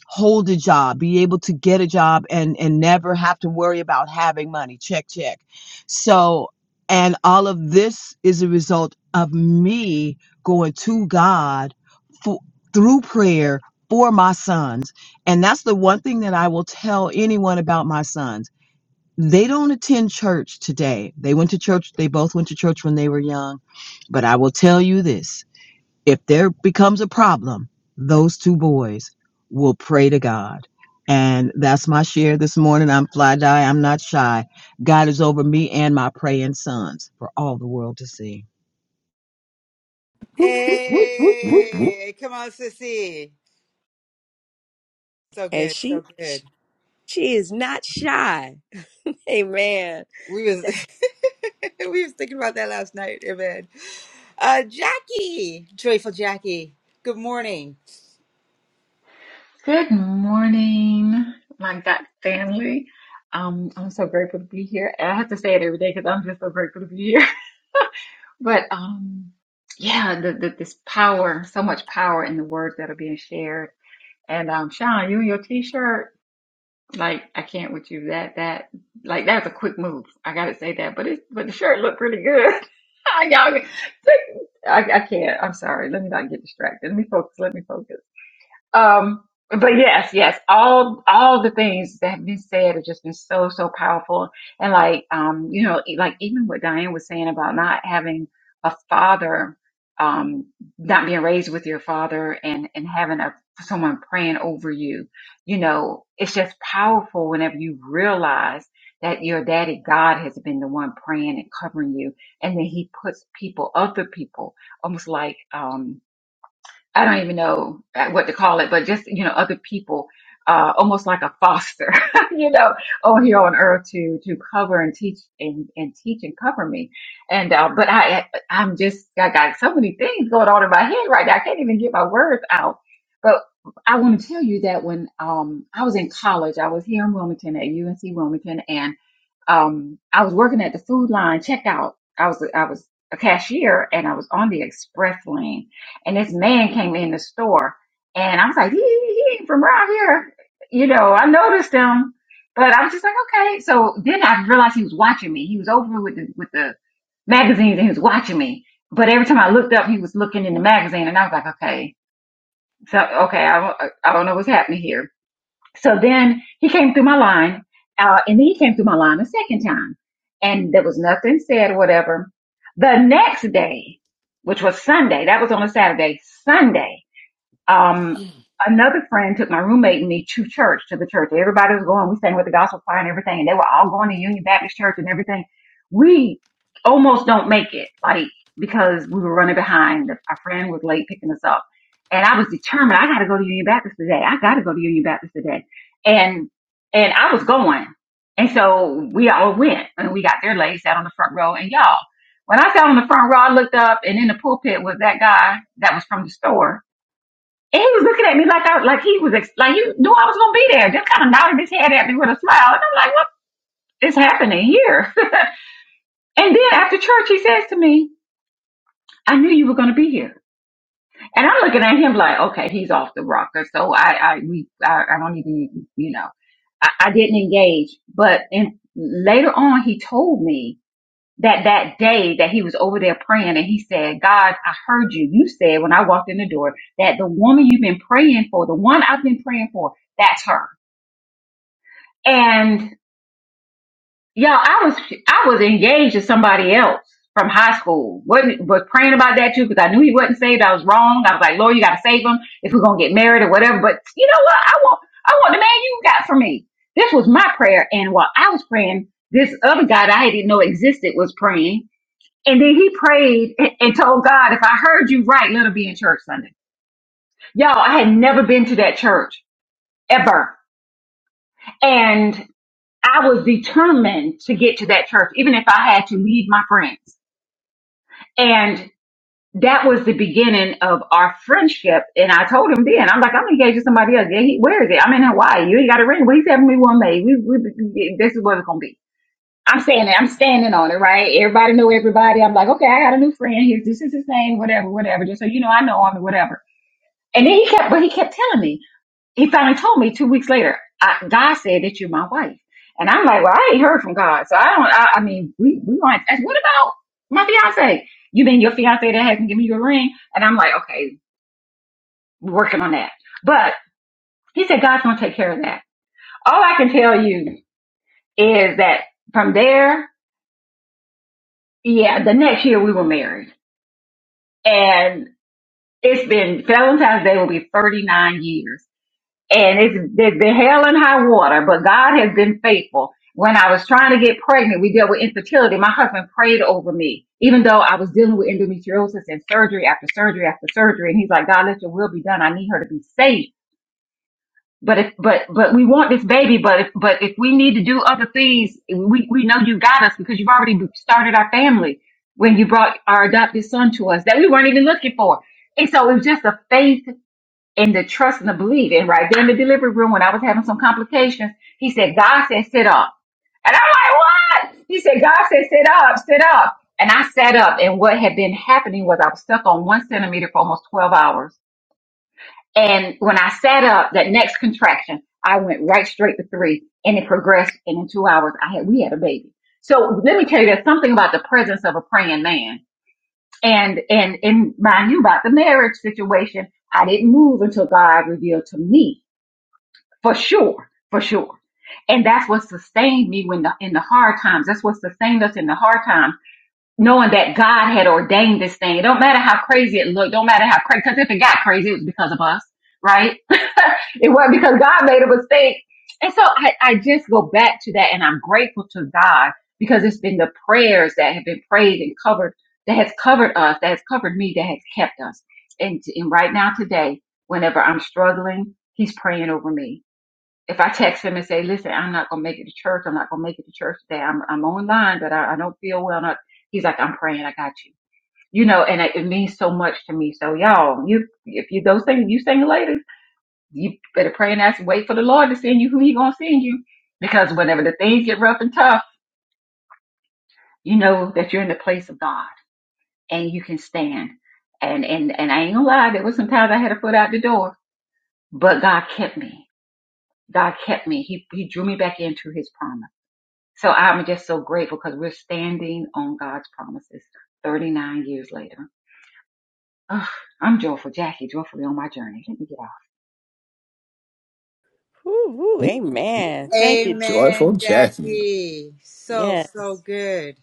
F: hold a job, be able to get a job and and never have to worry about having money. Check, check. So, and all of this is a result of me going to God for, through prayer for my sons. And that's the one thing that I will tell anyone about my sons. They don't attend church today. They went to church, they both went to church when they were young. But I will tell you this if there becomes a problem, those two boys will pray to God. And that's my share this morning. I'm fly die. I'm not shy. God is over me and my praying sons for all the world to see.
D: Whoop, whoop, whoop, whoop, whoop, whoop,
A: hey come on sissy so
B: And
A: good
B: she
A: so good
B: she is not shy. Amen.
A: We was we was thinking about that last night in bed. Uh, Jackie, joyful Jackie. Good morning.
I: Good morning, my God family. Um, I'm so grateful to be here. And I have to say it every day because I'm just so grateful to be here. But um, yeah, the, the, this power, so much power in the words that are being shared. And um, Sean, you and your T-shirt, like I can't with you. That that like that's a quick move. I gotta say that. But it but the shirt looked pretty good. Y'all, I, I can't. I'm sorry. Let me not get distracted. Let me focus. Let me focus. Um, but yes, yes, all all the things that have been said have just been so so powerful. And like um, you know, e- like even what Diane was saying about not having a father, um, not being raised with your father, and and having a someone praying over you, you know, it's just powerful whenever you realize that your daddy God has been the one praying and covering you, and then He puts people, other people, almost like um I don't even know what to call it, but just, you know, other people, uh, almost like a foster, you know, on here on earth to, to cover and teach and, and teach and cover me. And, uh, but I, I'm just, I got so many things going on in my head right now. I can't even get my words out. But I want to tell you that when, um, I was in college, I was here in Wilmington at UNC Wilmington um, I was working at the food line checkout. I was, I was a cashier and I was on the express lane and this man came in the store and I was like, he, he, ain't from around here. You know, I noticed him, but I was just like, okay. So then I realized he was watching me. He was over with the, with the magazines and he was watching me. But every time I looked up, he was looking in the magazine and I was like, okay, so, okay, I, don't- I don't know what's happening here. So then he came through my line, uh, and then he came through my line a second time, and there was nothing said or whatever. The next day, which was Sunday, that was on a Saturday, Sunday, um, another friend took my roommate and me to church, to the church. Everybody was going. We sang with the gospel choir and everything, and they were all going to Union Baptist Church and everything. We almost don't make it, like because we were running behind. Our friend was late picking us up, and I was determined. I got to go to Union Baptist today. I got to go to Union Baptist today, and and I was going. And so we all went, and we got there late, sat on the front row, and y'all. When I sat on the front row, I looked up, and in the pulpit was that guy that was from the store and he was looking at me like I like he was ex- like you knew I was gonna be there. Just kind of nodded his head at me with a smile, and I'm like, what is happening here? And then after church, he says to me, "I knew you were gonna be here." And I'm looking at him like, okay, he's off the rocker. So I I we I, I don't even you know I, I didn't engage. But in, later on, he told me that that day that he was over there praying, and he said, "God, I heard you. You said when I walked in the door that the woman you've been praying for, the one I've been praying for, that's her." And y'all, I was I was engaged to somebody else from high school. wasn't was praying about that too because I knew he wasn't saved. I was wrong. I was like, Lord, you got to save him if we're gonna get married or whatever. But you know what? I want I want the man you got for me. This was my prayer, and while I was praying, this other guy that I didn't know existed was praying. And then he prayed and, and told God, if I heard you right, let him be in church Sunday. Y'all, I had never been to that church ever. And I was determined to get to that church, even if I had to leave my friends. And that was the beginning of our friendship. And I told him then, I'm like, I'm engaged to somebody else. Yeah, he, where is it? I'm in Hawaii. You ain't got a ring. Well, he's having me one May. We, we, this is what it's gonna be. I'm saying it. I'm standing on it, right? Everybody know everybody. I'm like, okay, I got a new friend. Here's this is his name, whatever, whatever. Just so you know, I know him, whatever. And then he kept, but he kept telling me. He finally told me two weeks later, I, God said that you're my wife. And I'm like, well, I ain't heard from God. So I don't, I, I mean, we, we want, and what about my fiance? You mean your fiance that hasn't given you a ring? And I'm like, okay, we're working on that. But he said, God's going to take care of that. All I can tell you is that from there, yeah, the next year we were married and it's been Valentine's Day will be 39 years. and it's there's been hell and high water, but God has been faithful. When I was trying to get pregnant, we dealt with infertility. My husband prayed over me, even though I was dealing with endometriosis and surgery after surgery after surgery. And he's like, God, let your will be done. I need her to be safe. But if, but, but we want this baby. But if, but if we need to do other things, we, we know you got us because you've already started our family when you brought our adopted son to us that we weren't even looking for. And so it was just a faith and the trust and the belief. And right there in the delivery room, when I was having some complications, he said, God said, sit up. And I'm like, what? He said, God said, sit up, sit up. And I sat up. And what had been happening was I was stuck on one centimeter for almost 12 hours. And when I sat up, that next contraction, I went right straight to three and it progressed. And in two hours, I had, we had a baby. So let me tell you, there's something about the presence of a praying man and and and mind you about the marriage situation, I didn't move until God revealed to me, for sure, for sure. And that's what sustained me when the, in the hard times. That's what sustained us in the hard times knowing that God had ordained this thing. It don't matter how crazy it looked, don't matter how crazy, because if it got crazy, it was because of us, right? it wasn't because God made a mistake. And so I, I just go back to that and I'm grateful to God because it's been the prayers that have been prayed and covered, that has covered us, that has covered me, that has kept us. And, and right now today, whenever I'm struggling, he's praying over me if I text him and say, listen, I'm not gonna make it to church. I'm not gonna make it to church today. I'm I'm online, but I, I don't feel well. Not he's like, I'm praying. I got you. You know, and it, it means so much to me. So y'all, you if you those things you sing later, you better pray and ask. Wait for the Lord to send you who He gonna send you, because whenever the things get rough and tough, you know that you're in the place of God and you can stand. And and and I ain't gonna lie, there was some times I had a foot out the door, but God kept me. God kept me. He He drew me back into His promise So I'm just so grateful because we're standing on God's promises 39 years later. Ugh, I'm joyful, Jackie, joyfully on my journey. Let me get off.
B: Woo, woo.
D: whoop, whoop.
B: Amen. Thank you.
A: Amen,
D: Joyful Jackie.
A: Jackie. So
B: Yes.
A: so good.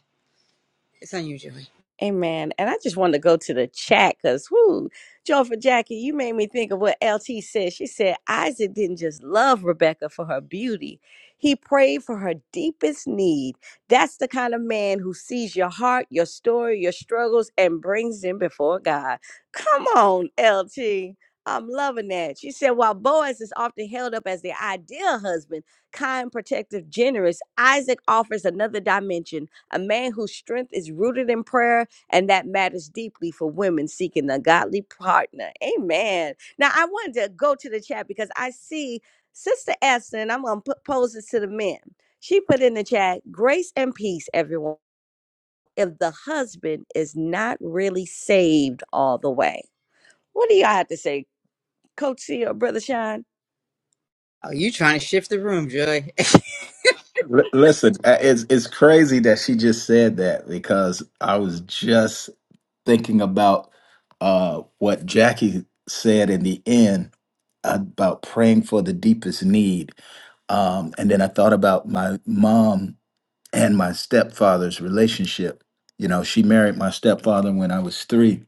A: It's on you, Joy.
B: Amen. And I just wanted to go to the chat because, whoo, Joy for Jackie, you made me think of what LT said. She said Isaac didn't just love Rebecca for her beauty, he prayed for her deepest need. That's the kind of man who sees your heart, your story, your struggles, and brings them before God. Come on, LT. I'm loving that. She said, while Boaz is often held up as the ideal husband, kind, protective, generous, Isaac offers another dimension a man whose strength is rooted in prayer and that matters deeply for women seeking a godly partner. Amen. Now, I wanted to go to the chat because I see Sister Esther, and I'm going to pose this to the men. She put in the chat, grace and peace, everyone, if the husband is not really saved all the way. What do y'all have to say, Coach C or Brother Sean?
A: Oh, you trying to shift the room, Joy?
D: L- listen, uh, it's it's crazy that she just said that because I was just thinking about uh, what Jackie said in the end about praying for the deepest need. Um, and then I thought about my mom and my stepfather's relationship. You know, she married my stepfather when I was three,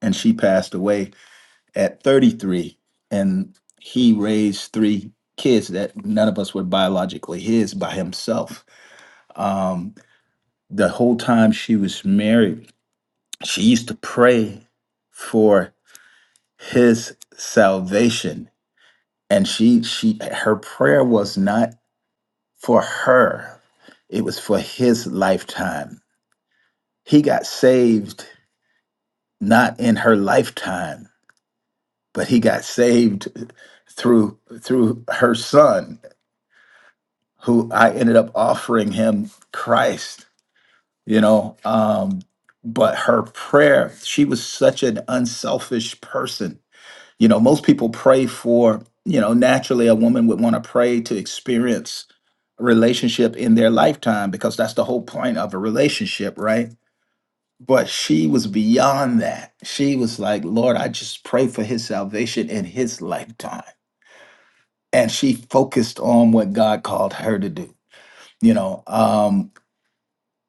D: and she passed away at 33. And he raised three kids that none of us were biologically his by himself. Um, the whole time she was married, she used to pray for his salvation and she she her prayer was not for her it was for his lifetime he got saved not in her lifetime but he got saved through through her son who i ended up offering him christ you know um but her prayer she was such an unselfish person You know, most people pray for, you know, naturally a woman would want to pray to experience a relationship in their lifetime because that's the whole point of a relationship, right? But she was beyond that. She was like, Lord, I just pray for his salvation in his lifetime. And she focused on what God called her to do, you know, um,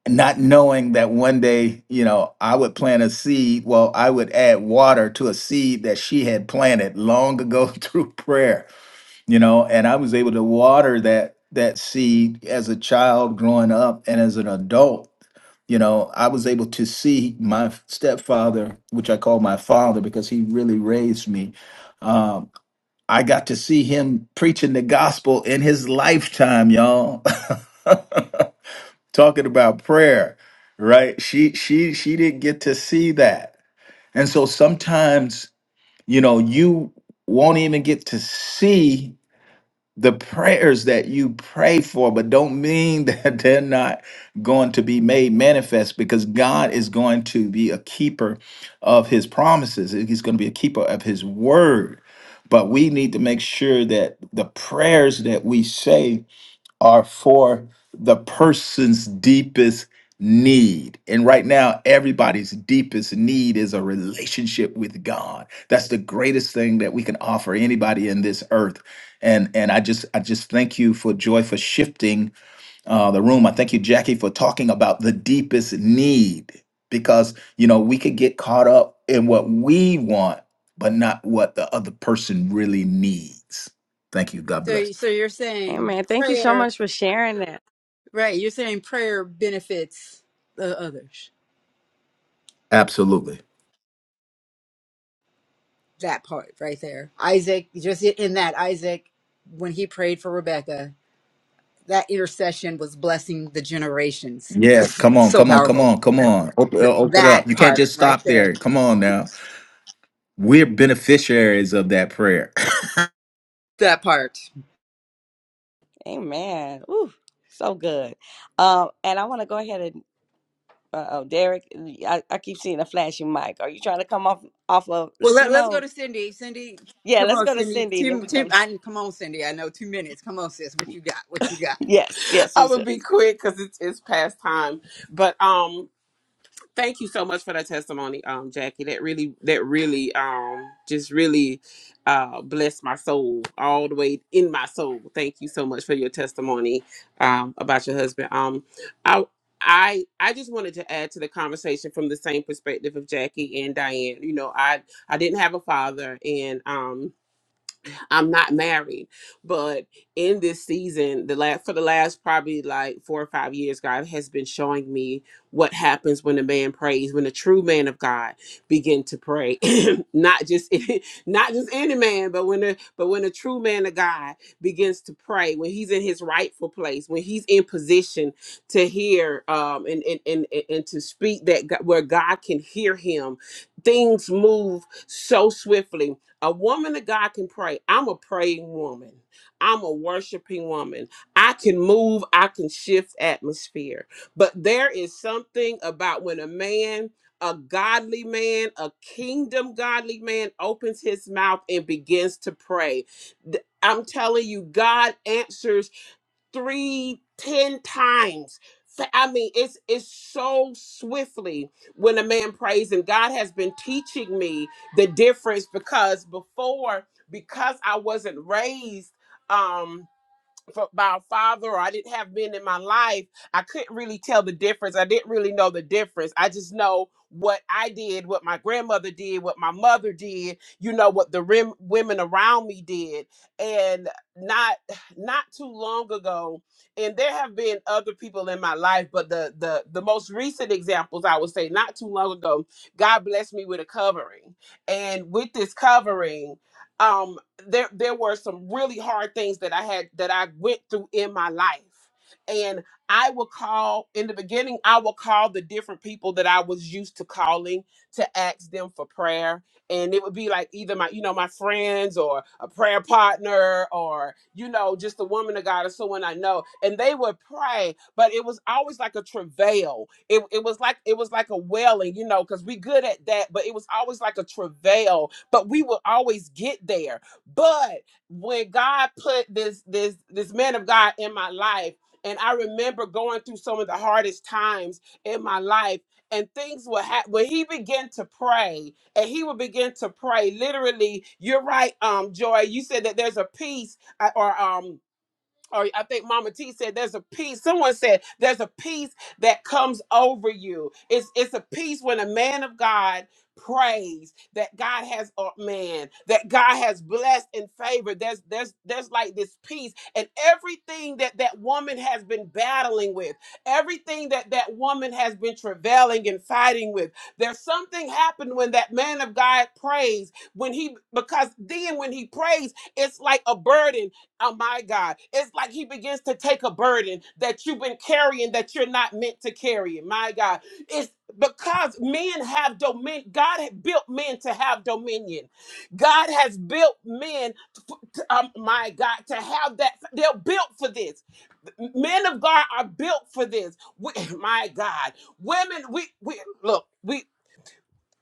D: not knowing that one day, you know, I would plant a seed. Well, I would add water to a seed that she had planted long ago through prayer you know and i was able to water that that seed as a child growing up and as an adult you know i was able to see my stepfather which i call my father because he really raised me um, i got to see him preaching the gospel in his lifetime y'all talking about prayer right she she she didn't get to see that and so sometimes you know you won't even get to see the prayers that you pray for, but don't mean that they're not going to be made manifest because God is going to be a keeper of his promises. He's going to be a keeper of his word. But we need to make sure that the prayers that we say are for the person's deepest need. And right now, everybody's deepest need is a relationship with God. That's the greatest thing that we can offer anybody in this earth. And and I just I just thank you for joy for shifting uh, the room. I thank you, Jackie, for talking about the deepest need because you know we could get caught up in what we want, but not what the other person really needs. Thank you. God bless.
A: so so you're saying
B: Amen. Thank you so
A: prayer,
B: much for sharing that.
A: right? You're saying prayer benefits the others.
D: Absolutely.
A: That part right there, Isaac. Just in that Isaac, when he prayed for Rebecca, that intercession was blessing the generations.
D: Yes, come on,
A: so
D: come on, come
A: powerful.
D: on, come on. Open, open it up.
A: That
D: You can't
A: part
D: just
A: right
D: stop
A: there.
D: there. Come on now. We're beneficiaries of that prayer.
A: That part.
B: Amen. Ooh, so good. Um, and I want to go ahead and uh, oh, Derek, I, I keep seeing a flashing mic. Are you trying to come off off of
A: Well, let,
B: listening
A: let's go
B: mode?
A: to Cindy. Cindy,
B: Yeah,
A: come
B: let's
A: on,
B: go to
A: Cindy.
B: Cindy and then
A: Tim,
B: we
A: Tim,
B: come.
A: I come on, Cindy. I know two minutes. Come on, sis. What you got? What you got?
B: yes, yes,
J: I
B: yes,
J: would
B: yes.
J: be quick because it's it's past time. But um, thank you so much for that testimony, um, Jackie. That really that really um just really uh blessed my soul all the way in my soul. Thank you so much for your testimony um about your husband. Um, I. I, I just wanted to add to the conversation from the same perspective of Jackie and Diane. You know, I I didn't have a father, and um, I'm not married, but in this season, the last for the last probably like four or five years, God has been showing me what happens when a man prays, when a true man of God begin to pray, not just not just any man, but when a but when a true man of God begins to pray, when he's in his rightful place, when he's in position to hear um and and and, and and to speak that God, where God can hear him, things move so swiftly a woman of God can pray. I'm a praying woman. I'm a worshiping woman. I can move, I can shift atmosphere. But there is something about when a man, a godly man, a kingdom godly man opens his mouth and begins to pray. Th- I'm telling you, God answers three, ten times. Fa- I mean, it's it's so swiftly when a man prays, and God has been teaching me the difference because before, because I wasn't raised. Um, for, by a father or I didn't have men in my life, I couldn't really tell the difference. I didn't really know the difference. I just know what I did, what my grandmother did, what my mother did, you know, what the rim, women around me did. And not not too long ago, and there have been other people in my life, but the the the most recent examples I would say not too long ago, God blessed me with a covering. And with this covering, um there there were some really hard things that I had that I went through in my life. And I would call in the beginning, I would call the different people that I was used to calling to ask them for prayer and it would be like either my you know my friends or a prayer partner or you know just a woman of god or someone i know and they would pray but it was always like a travail it, it was like it was like a wailing you know because we good at that but it was always like a travail but we would always get there but when god put this this this man of god in my life and i remember going through some of the hardest times in my life and things were hap- when he began to pray and he would begin to pray. Literally, you're right, um, Joy. You said that there's a peace uh, or um or I think Mama T said there's a peace. Someone said there's a peace that comes over you. It's it's a peace when a man of God prays that God has a man, that God has blessed and favored. There's there's there's like this peace and everything that that woman has been battling with, everything that that woman has been travailing and fighting with. There's something happened when that man of God prays when he because then when he prays it's like a burden Oh my God. It's like he begins to take a burden that you've been carrying that you're not meant to carry. My God. It's because men have dominion. God had built men to have dominion. God has built men, f- to, um, my God, to have that. They're built for this. Men of God are built for this. We- my God. Women, we, we look. we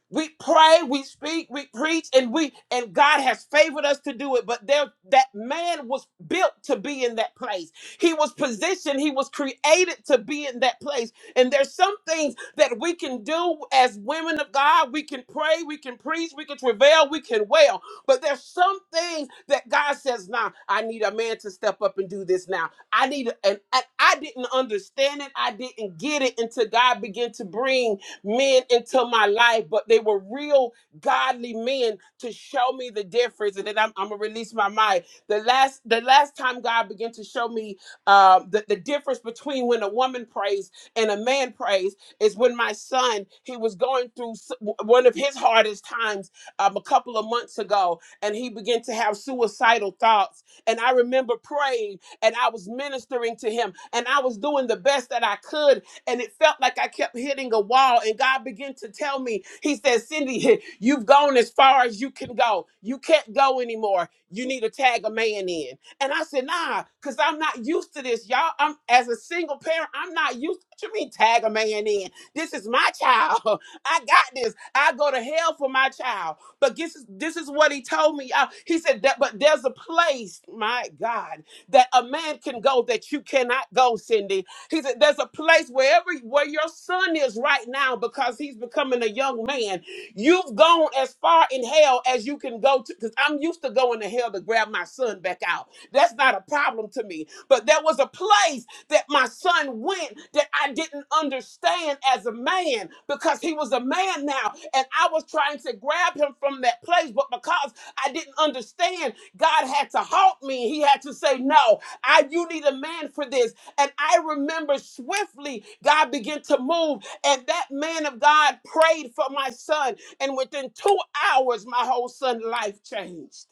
J: we pray we speak we preach and we and god has favored us to do it but there that man was built to be in that place he was positioned he was created to be in that place and there's some things that we can do as women of god we can pray we can preach we can travail we can wail but there's some things that god says now i need a man to step up and do this now i need a, and, and i didn't understand it i didn't get it until god began to bring men into my life, but they were real godly men to show me the difference. And then I'm, I'm gonna release my mind. The last the last time God began to show me uh, the, the difference between when a woman prays and a man prays is when my son he was going through s- w- one of his hardest times um, a couple of months ago, and he began to have suicidal thoughts. And I remember praying and I was ministering to him and I was doing the best that I could and it felt like I kept hitting a wall. And God began to tell me, He said, Cindy, you've gone as far as you can go. You can't go anymore. You need to tag a man in. And I said, Nah, because I'm not used to this, y'all. I'm as a single parent, I'm not used to me tag a man in. This is my child. I got this. I go to hell for my child. But this is this is what he told me. y'all. he said that, but there's a place, my God, that a man can go that you cannot go, Cindy. He said, "There's a place wherever where your son is right now, because he's becoming a young man. You've gone as far in hell as you can go to. Because I'm used to going to hell to grab my son back out. That's not a problem to me. But there was a place that my son went that I didn't understand as a man because he was a man now, and I was trying to grab him from that place, but because I didn't understand, God had to halt me. He had to say, "No, I. You need a man for this." And I remember swiftly God began to move. And that man of God prayed for my son. And within two hours, my whole son's life changed.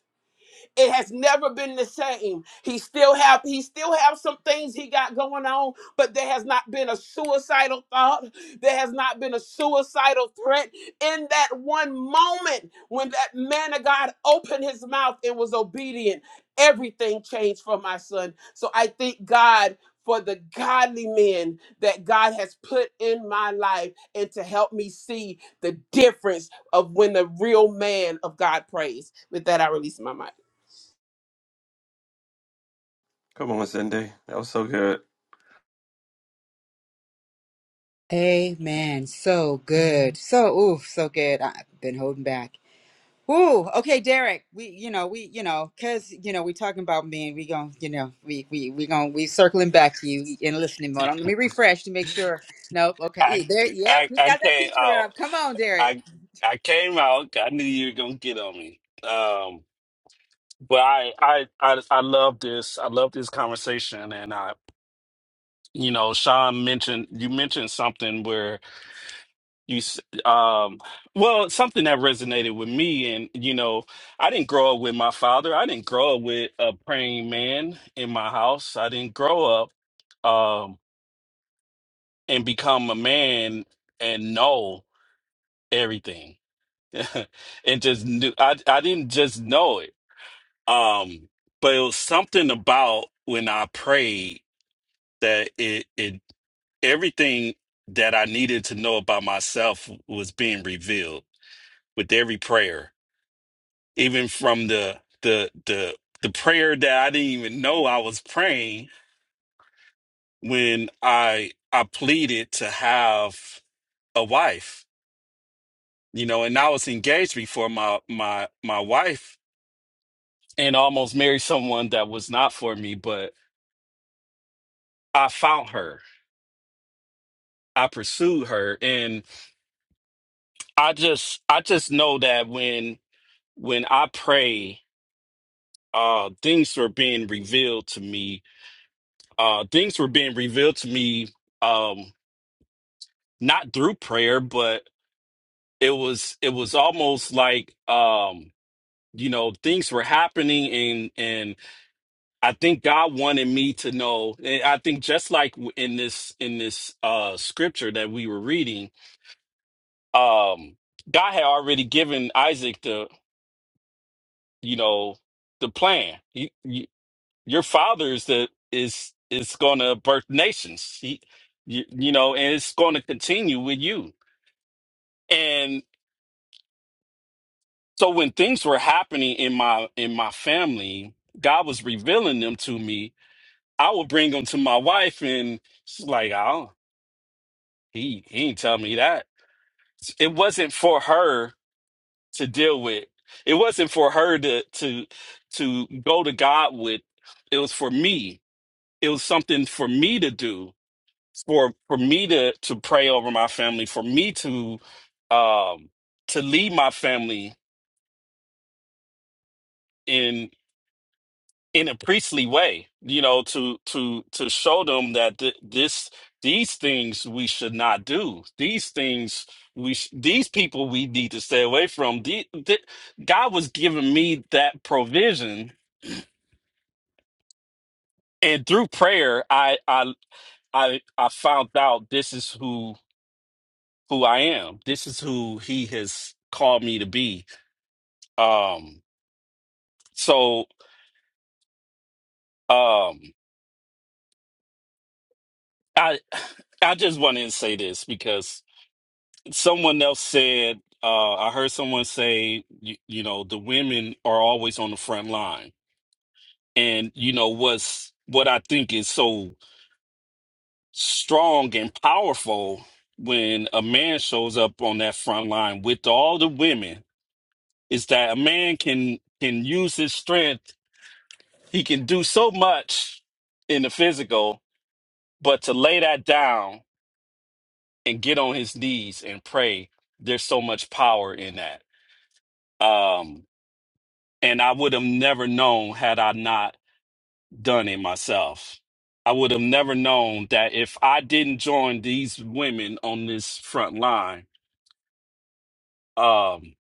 J: It has never been the same. He still have he still have some things he got going on, but there has not been a suicidal thought. There has not been a suicidal threat in that one moment when that man of God opened his mouth and was obedient. Everything changed for my son. So I thank God for the godly men that God has put in my life and to help me see the difference of when the real man of God prays. With that, I release my mic.
C: Come on, Cindy. That was so good.
A: Amen. So good. So ooh, so good. I've been holding back. Ooh, okay, Derek. We, you know, we, you know, cause you know, we talking about men. We gon' you know, we we we gon' we circling back to you in listening mode. Let me refresh to make sure. Nope. Okay.
K: I,
A: Yeah, There. Yep.
K: I,
A: We
K: I
A: got that
K: came
A: picture
K: out.
A: up. Come on, Derek.
K: I, I came out. I knew you were gonna get on me. Um, but I, I, I, I love this. I love this conversation. And I, you know, Sean mentioned you mentioned something where you, s- um, well, something that resonated with me. And you know, I didn't grow up with my father. I didn't grow up with a praying man in my house. I didn't grow up um, and become a man and know everything and just knew I I didn't just know it. Um, but it was something about when I prayed that it it everything that I needed to know about myself was being revealed with every prayer, even from the the the the prayer that I didn't even know I was praying when I I pleaded to have a wife, you know, and I was engaged before my my my wife and almost married someone that was not for me, but I found her. I pursued her and I just I just know that when when I pray, uh things were being revealed to me. Uh things were being revealed to me um not through prayer, but it was it was almost like um you know things were happening and and I think God wanted me to know. and I think just like in this in this uh scripture that we were reading um, God had already given Isaac the, you know, the plan. He, you, your father is the is is going to birth nations. He, you, you know, and it's going to continue with you. And so when things were happening in my in my family, God was revealing them to me. I would bring them to my wife, and she's like, "Oh, he he ain't tell me that." It wasn't for her to deal with. It wasn't for her to to to go to God with. It was for me. It was something for me to do. For for me to to pray over my family. For me to um to lead my family in in a priestly way. You know, to to to show them that th- this these things we should not do. These things we sh- these people we need to stay away from. The, the, God was giving me that provision and through prayer I, I i i found out this is who who i am this is who he has called me to be um so um i i just wanted to say this because someone else said uh i heard someone say you, you know the women are always on the front line and you know what's what i think is so strong and powerful when a man shows up on that front line with all the women is that a man can can use his strength he can do so much in the physical but to lay that down and get on his knees and pray there's so much power in that um and i would have never known had i not done it myself i would have never known that if i didn't join these women on this front line um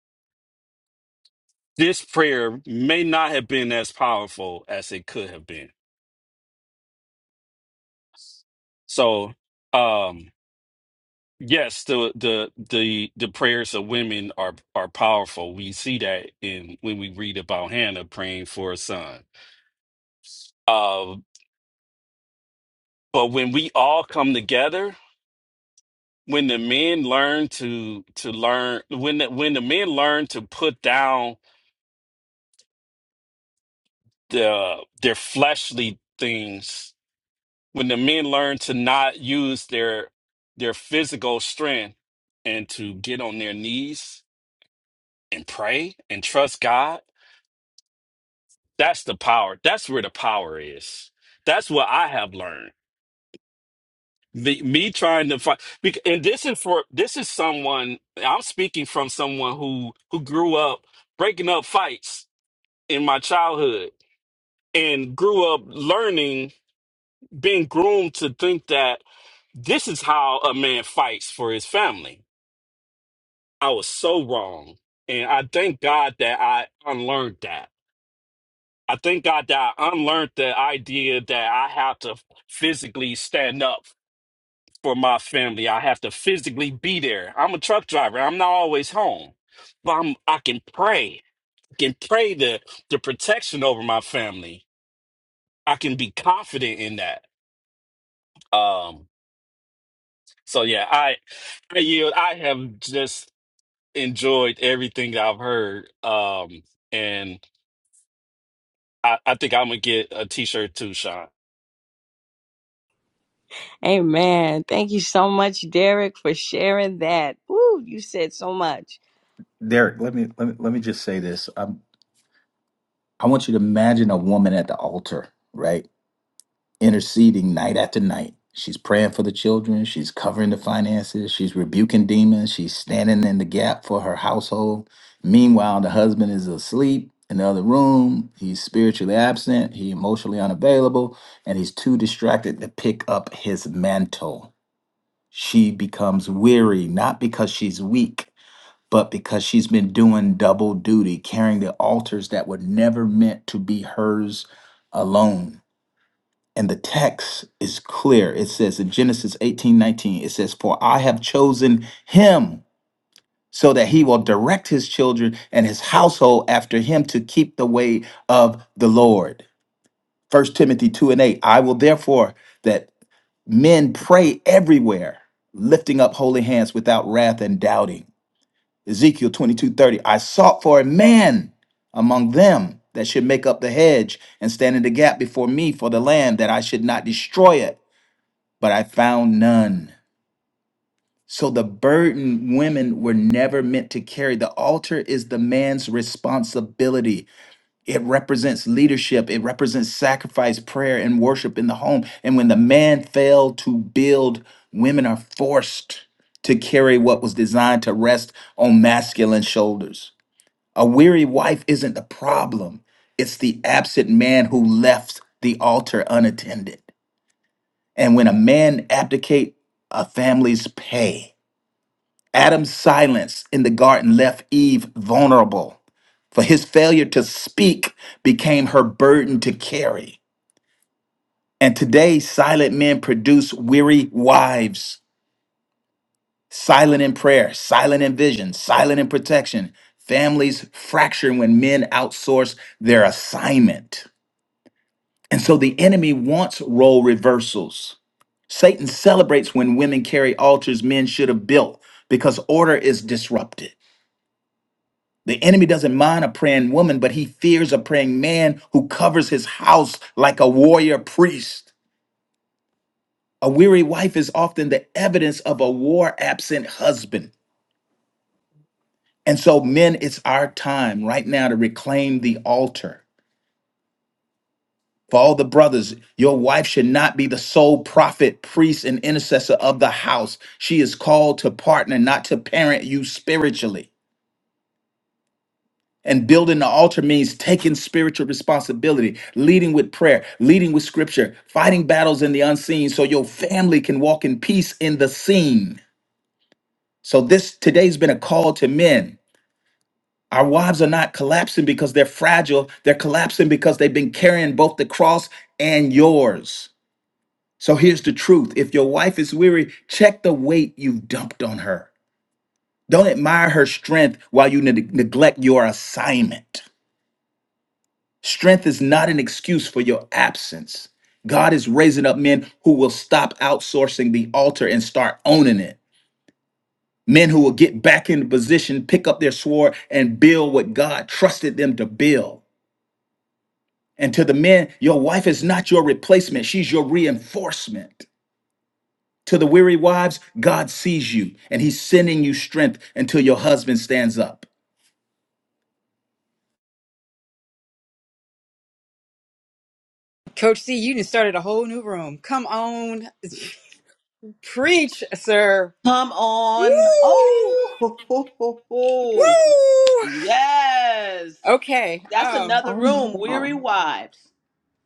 K: this prayer may not have been as powerful as it could have been so um Yes, the the the the prayers of women are are powerful. We see that in when we read about Hannah praying for a son. Uh, but when we all come together, when the men learn to to learn when the, when the men learn to put down the their fleshly things, when the men learn to not use their their physical strength and to get on their knees and pray and trust God That's the power. That's where the power is. That's what I have learned. The, me trying to find, bec- and this is for this is someone I'm speaking from someone who who grew up breaking up fights in my childhood and grew up learning, being groomed to think that this is how a man fights for his family. I was so wrong, and I thank God that I unlearned that I thank God that I unlearned the idea that I have to physically stand up for my family. I have to physically be there. I'm a truck driver. I'm not always home, but I'm, I can pray. I can pray the the protection over my family. I can be confident in that. Um. So yeah, I I yield. I have just enjoyed everything that I've heard. Um. And I, I think I'm gonna get a T-shirt too,
B: Amen. Thank you so much, Derek, for sharing that. Ooh, you said so much.
D: Derek, let me let me let me just say this. Um, I want you to imagine a woman at the altar, right? interceding night after night. She's praying for the children. She's covering the finances. She's rebuking demons. She's standing in the gap for her household. Meanwhile, the husband is asleep in the other room. He's spiritually absent. He's emotionally unavailable, and he's too distracted to pick up his mantle. She becomes weary, not because she's weak, but because she's been doing double duty, carrying the altars that were never meant to be hers alone. And the text is clear. It says in Genesis 18 19, it says, For I have chosen him so that he will direct his children and his household after him to keep the way of the Lord. First Timothy 2 and 8, I will therefore that men pray everywhere, lifting up holy hands without wrath and doubting. Ezekiel 22 30. I sought for a man among them that should make up the hedge and stand in the gap before me for the land that I should not destroy it but I found none. So the burden women were never meant to carry. The altar is the man's responsibility. It represents leadership, it represents sacrifice, prayer, and worship in the home. And when the man failed to build, women are forced to carry what was designed to rest on masculine shoulders. A weary wife isn't the problem, it's the absent man who left the altar unattended. And when a man abdicate, a family's pay. Adam's silence in the garden left Eve vulnerable, for his failure to speak became her burden to carry. And today, silent men produce weary wives, silent in prayer, silent in vision, silent in protection. Families fracture when men outsource their assignment. And so the enemy wants role reversals. Satan celebrates when women carry altars men should have built because order is disrupted. The enemy doesn't mind a praying woman, but he fears a praying man who covers his house like a warrior priest. A weary wife is often the evidence of a war absent husband. And so, men, it's our time right now to reclaim the altar For all the brothers, your wife should not be the sole prophet, priest, and intercessor of the house. She is called to partner, not to parent you spiritually. And building the altar means taking spiritual responsibility, leading with prayer, leading with scripture, fighting battles in the unseen so your family can walk in peace in the seen. So this today's been a call to men. Our wives are not collapsing because they're fragile. They're collapsing because they've been carrying both the cross and yours. So here's the truth if your wife is weary, check the weight you've dumped on her. Don't admire her strength while you neg- neglect your assignment. Strength is not an excuse for your absence. God is raising up men who will stop outsourcing the altar and start owning it. Men who will get back into position, pick up their sword, and build what God trusted them to build. And to the men, your wife is not your replacement, she's your reinforcement. To the weary wives, God sees you and he's sending you strength until your husband stands up.
A: Coach C, you just started a whole new room. Come on, preach, sir.
F: Come on. Oh, ho, ho, ho, ho. yes.
A: Okay.
F: That's
A: Um.
F: another
I: Oh my
F: room,
I: God.
F: weary wives.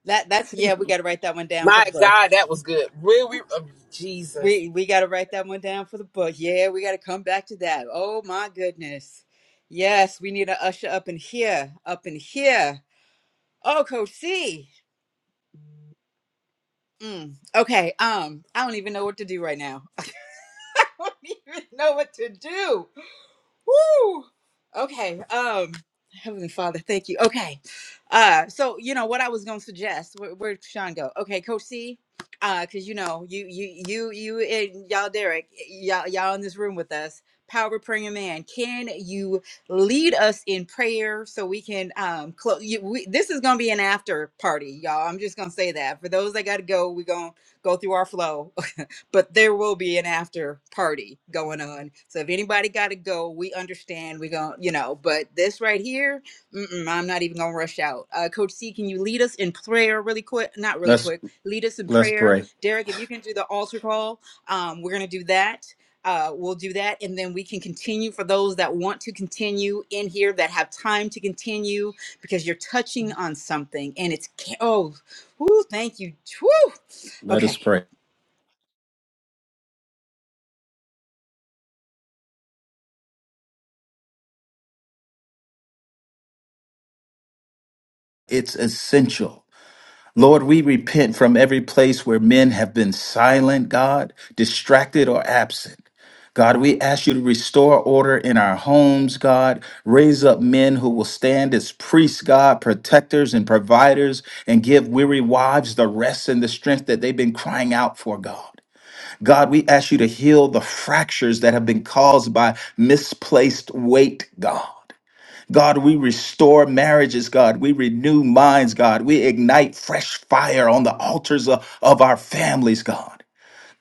A: That that's yeah. We
I: Jesus.
A: got to write that one down for
J: My
A: the book.
J: God, that was good. Really, oh, Jesus.
A: We we got to write that one down for the book. Yeah, we got to come back to that. Oh my goodness. Yes, we need to usher up in here, up in here. Oh, Coach C. Mm. Okay. Um, I don't even know what to do right now. I don't even know what to do. Woo! Okay. Um, Heavenly Father, thank you. Okay. Uh, so you know what I was gonna suggest. Where, where'd Sean go? Okay, Coach C. Uh, cause you know you you you you and y'all Derek y'all y'all in this room with us. Power praying man, can you lead us in prayer so we can um close? We, this is gonna be an after party, y'all. I'm just gonna say that for those that got to go, we gonna go through our flow but there will be an after party going on. So if anybody got to go, we understand. We going you know, but this right here, mm-mm, I'm not even gonna rush out. Uh, Coach C, can you lead us in prayer really quick? Not really
D: Let's
A: quick. Lead us in
D: let's
A: prayer,
D: pray.
A: Derek. If you can do the altar call, um, we're gonna do that. Uh, we'll do that, and then we can continue for those that want to continue in here that have time to continue because you're touching on something, and it's ca- oh, whoo, thank you, whoo.
D: Let us
A: Okay,
D: pray. It's essential. Lord, we repent from every place where men have been silent, God, distracted or absent. God, we ask you to restore order in our homes, God. Raise up men who will stand as priests, God, protectors and providers, and give weary wives the rest and the strength that they've been crying out for, God. God, we ask you to heal the fractures that have been caused by misplaced weight, God. God, we restore marriages, God. We renew minds, God. We ignite fresh fire on the altars of, of our families, God.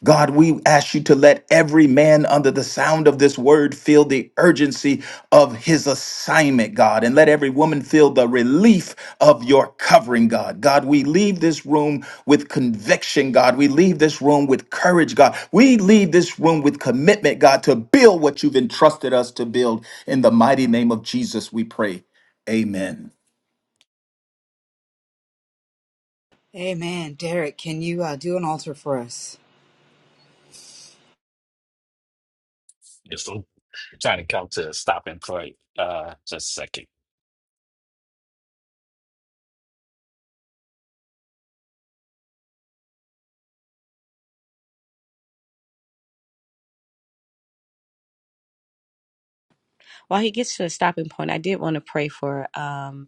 D: God, we ask you to let every man under the sound of this word feel the urgency of his assignment, God, and let every woman feel the relief of your covering, God. God, we leave this room with conviction, God. We leave this room with courage, God. We leave this room with commitment, God, to build what you've entrusted us to build. In the mighty name of Jesus, we pray. Amen.
A: Amen. Derek, can you uh, do an altar for us?
K: Just trying to come to a stopping point. Uh, just a second.
B: While he gets to the stopping point, I did want to pray for. Um.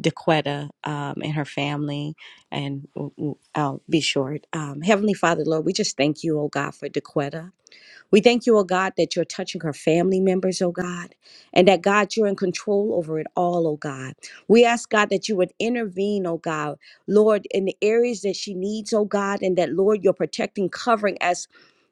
B: Dequetta um, and her family. And w- w- I'll be short. Um, Heavenly Father, Lord, we just thank you, oh God, for Dequetta. We thank you, oh God, that you're touching her family members, oh God, and that God, you're in control over it all, oh God. We ask God that you would intervene, oh God, Lord, in the areas that she needs, oh God, and that Lord, you're protecting, covering us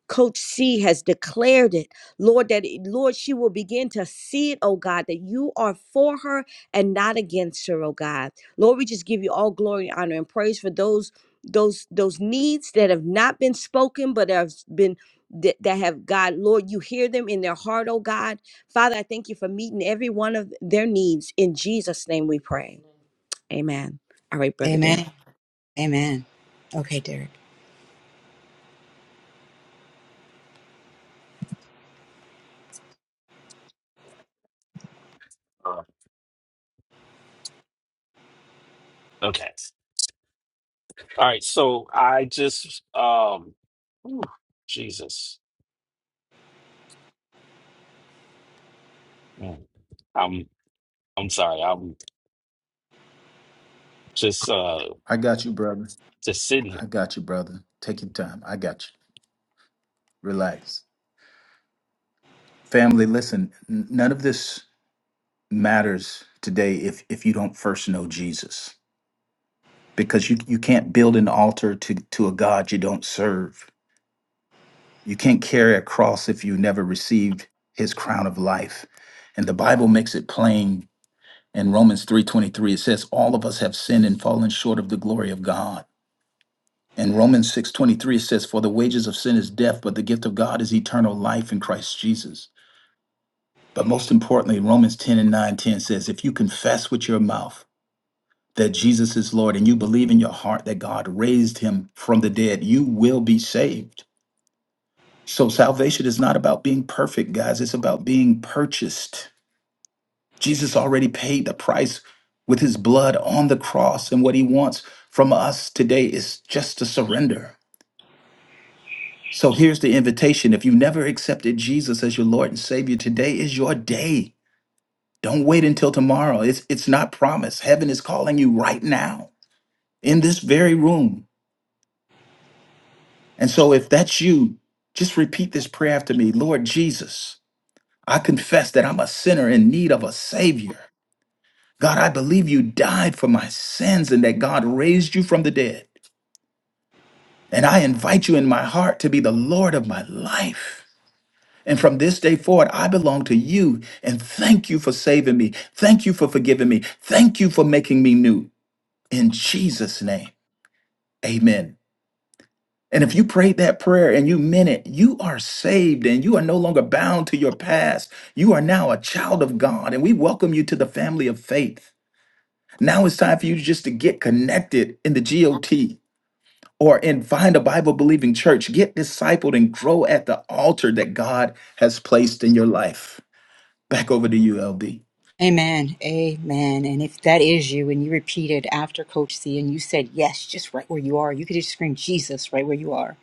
B: Coach C has declared it, Lord, that Lord, she will begin to see it, oh God, that you are for her and not against her, oh God. Lord, we just give you all glory, honor, and praise for those those those needs that have not been spoken, but have been that, that have God, Lord, you hear them in their heart, oh God. Father, I thank you for meeting every one of their needs. In Jesus' name we pray. Amen. All right, brother Darren.
A: Amen. Amen. Okay, Derek.
K: Uh, okay. All right. So I just um, whew, Jesus. Mm. I'm I'm sorry. I'm just uh
D: I got you, brother.
K: just sitting
D: I
K: here.
D: got you, brother. Take your time. I got you. Relax. Family, listen, n- none of this. matters today if if you don't first know Jesus because you you can't build an altar to to a god you don't serve. You can't carry a cross if you never received his crown of life. And the Bible makes it plain in Romans 3:23 it says all of us have sinned and fallen short of the glory of God. In Romans 6:23 it says for the wages of sin is death but the gift of God is eternal life in Christ Jesus. But most importantly Romans 10 and 9 10 says if you confess with your mouth that Jesus is Lord and you believe in your heart that God raised him from the dead, you will be saved. So salvation is not about being perfect, guys. It's about being purchased. Jesus already paid the price with his blood on the cross. And what he wants from us today is just to surrender. So here's the invitation. If you never accepted Jesus as your Lord and Savior, today is your day. Don't wait until tomorrow. It's, it's not promised. Heaven is calling you right now in this very room. And so, if that's you, just repeat this prayer after me Lord Jesus, I confess that I'm a sinner in need of a Savior. God, I believe you died for my sins and that God raised you from the dead. And I invite you in my heart to be the Lord of my life. And from this day forward, I belong to you. And thank you for saving me. Thank you for forgiving me. Thank you for making me new. In Jesus' name, amen. And if you prayed that prayer and you meant it, you are saved and you are no longer bound to your past. You are now a child of God, and we welcome you to the family of faith. Now it's time for you just to get connected in the GOT or in find a Bible believing church. Get discipled and grow at the altar that God has placed in your life. Back over to you, LD.
A: Amen. Amen. And if that is you and you repeated after Coach C and you said yes, just right where you are, you could just scream Jesus right where you are.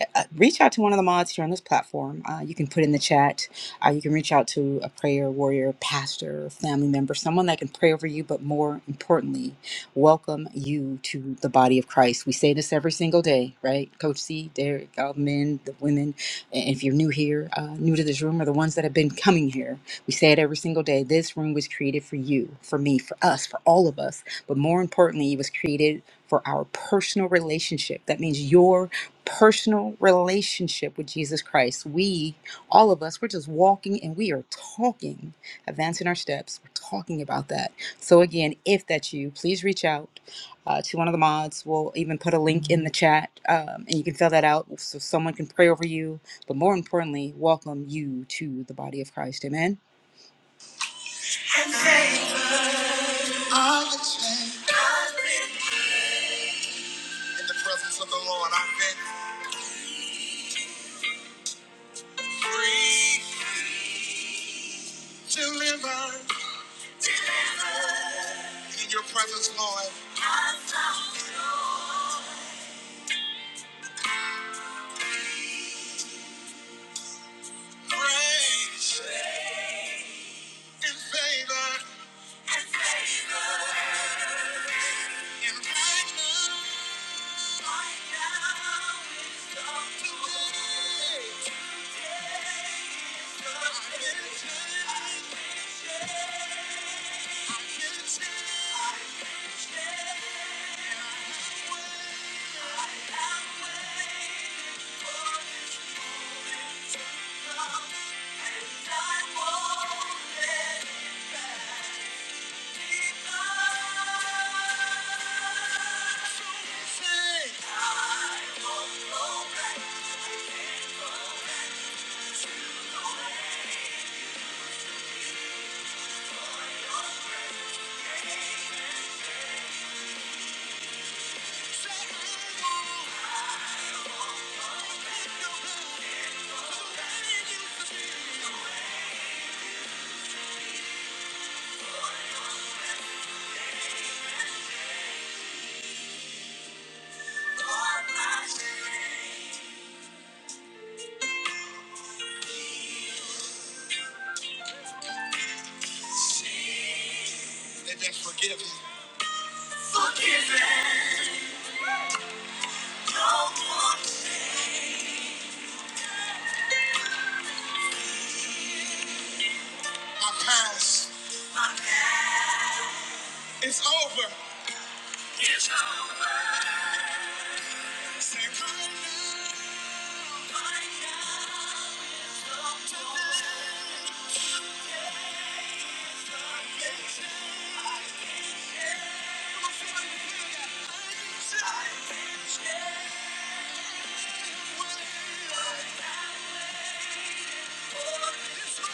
A: Uh, uh, reach out to one of the mods here on this platform. Uh, you can put in the chat. Uh, you can reach out to a prayer warrior, pastor, family member, someone that can pray over you, but more importantly, welcome you to the body of Christ. We say this every single day, right? Coach C, Derek, all the men, the women, and if you're new here, uh, new to this room, or the ones that have been coming here, we say it every single day. This room was created for you, for me, for us, for all of us. But more importantly, it was created for our personal relationship. That means your personal relationship with Jesus Christ. We, all of us, we're just walking and we are talking, advancing our steps. We're talking about that. So, again, if that's you, please reach out uh, to one of the mods. We'll even put a link in the chat um, and you can fill that out so someone can pray over you. But more importantly, welcome you to the body of Christ. Amen. I was changed In the presence of the Lord, I've been delivered. in your presence, Lord. Grace and favor and kindness. They been forgiven. My past is over. Say, Somebody say, oh.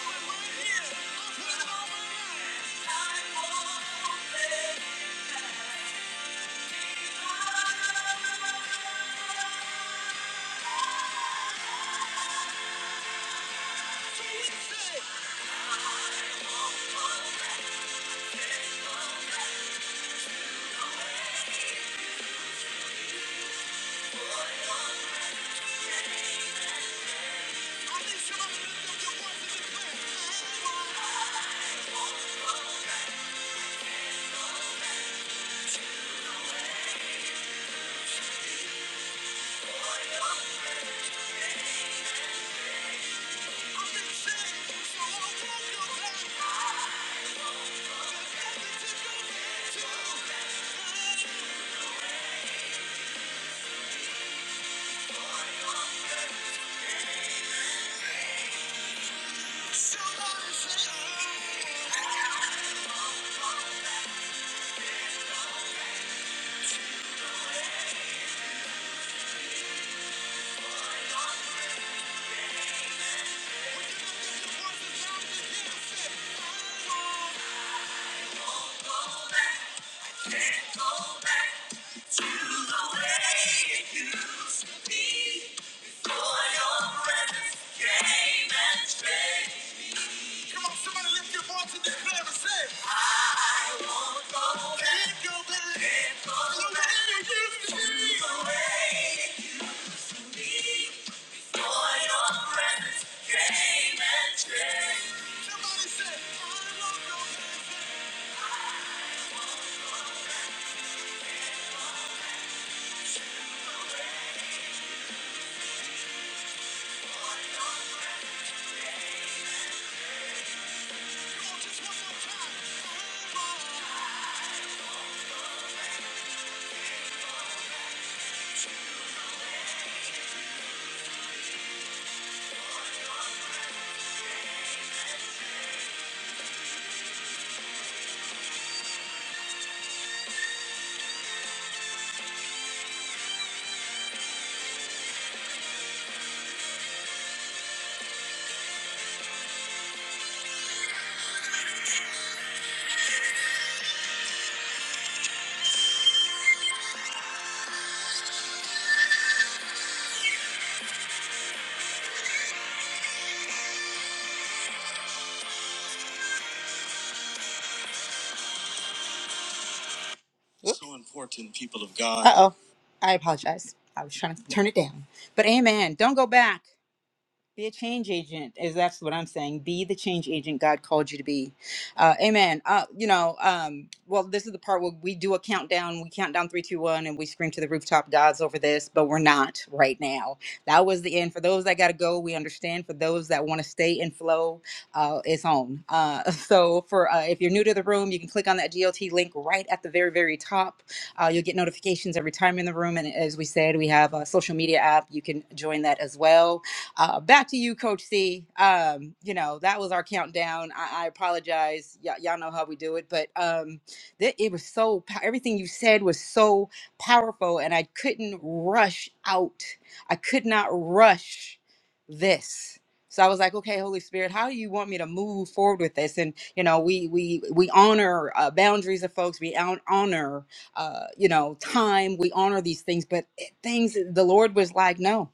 A: I don't want to be. So important, people of God. Uh oh. I apologize. I was trying to turn it down. But amen. Don't go back. Be a change agent, is that's what I'm saying. Be the change agent God called you to be. Uh, amen. Uh, you know, um, well, this is the part where we do a countdown. We count down three, two, one, and we scream to the rooftop, "God's over this," but we're not right now. That was the end. For those that got to go, we understand. For those that want to stay and flow, uh, it's on. Uh, so, for uh, if you're new to the room, you can click on that GLT link right at the very, very top. Uh, you'll get notifications every time in the room. And as we said, we have a social media app. You can join that as well uh, back to you, Coach C. Um, you know, that was our countdown. I, I apologize. Y- y'all know how we do it, but um, th- it was so, pow- everything you said was so powerful, and I couldn't rush out. I could not rush this. So I was like, okay, Holy Spirit, how do you want me to move forward with this? And you know, we we we honor uh, boundaries of folks. We hon- honor, uh, you know, time. We honor these things, but it- things the Lord was like, no,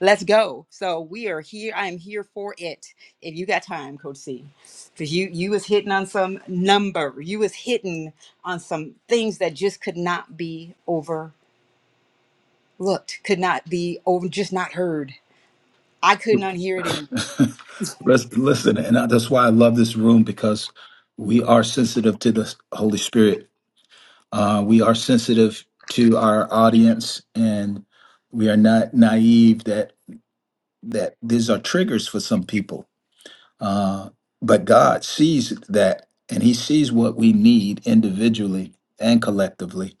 A: Let's go. So we are here. I am here for it. If you got time, Coach C, because you you was hitting on some number. You was hitting on some things that just could not be overlooked. Could not be over. Just not heard. I could not hear it anymore.
D: Let's listen, and I, that's why I love this room because we are sensitive to the Holy Spirit. Uh, we are sensitive to our audience, and we are not naive that that these are triggers for some people. Uh, but God sees that, and He sees what we need individually and collectively,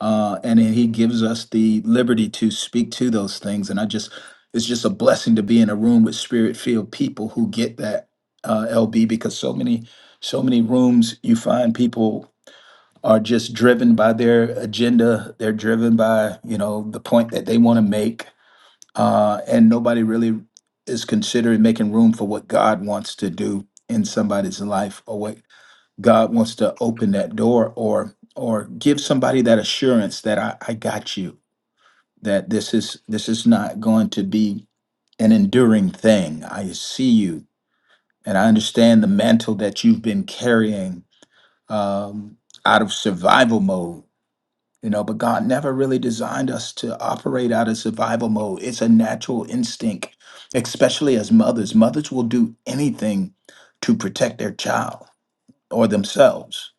D: uh, and then He gives us the liberty to speak to those things. And I just, it's just a blessing to be in a room with spirit-filled people who get that. Uh, LB, because so many, so many rooms you find people are just driven by their agenda. They're driven by you know the point that they want to make, uh, and nobody really is considering making room for what God wants to do in somebody's life, or what God wants to open that door, or or give somebody that assurance that I, I got you. That this is this is not going to be an enduring thing. I see you, and I understand the mantle that you've been carrying um, out of survival mode You know, but God never really designed us to operate out of survival mode. It's a natural instinct, especially as mothers. Mothers will do anything to protect their child or themselves,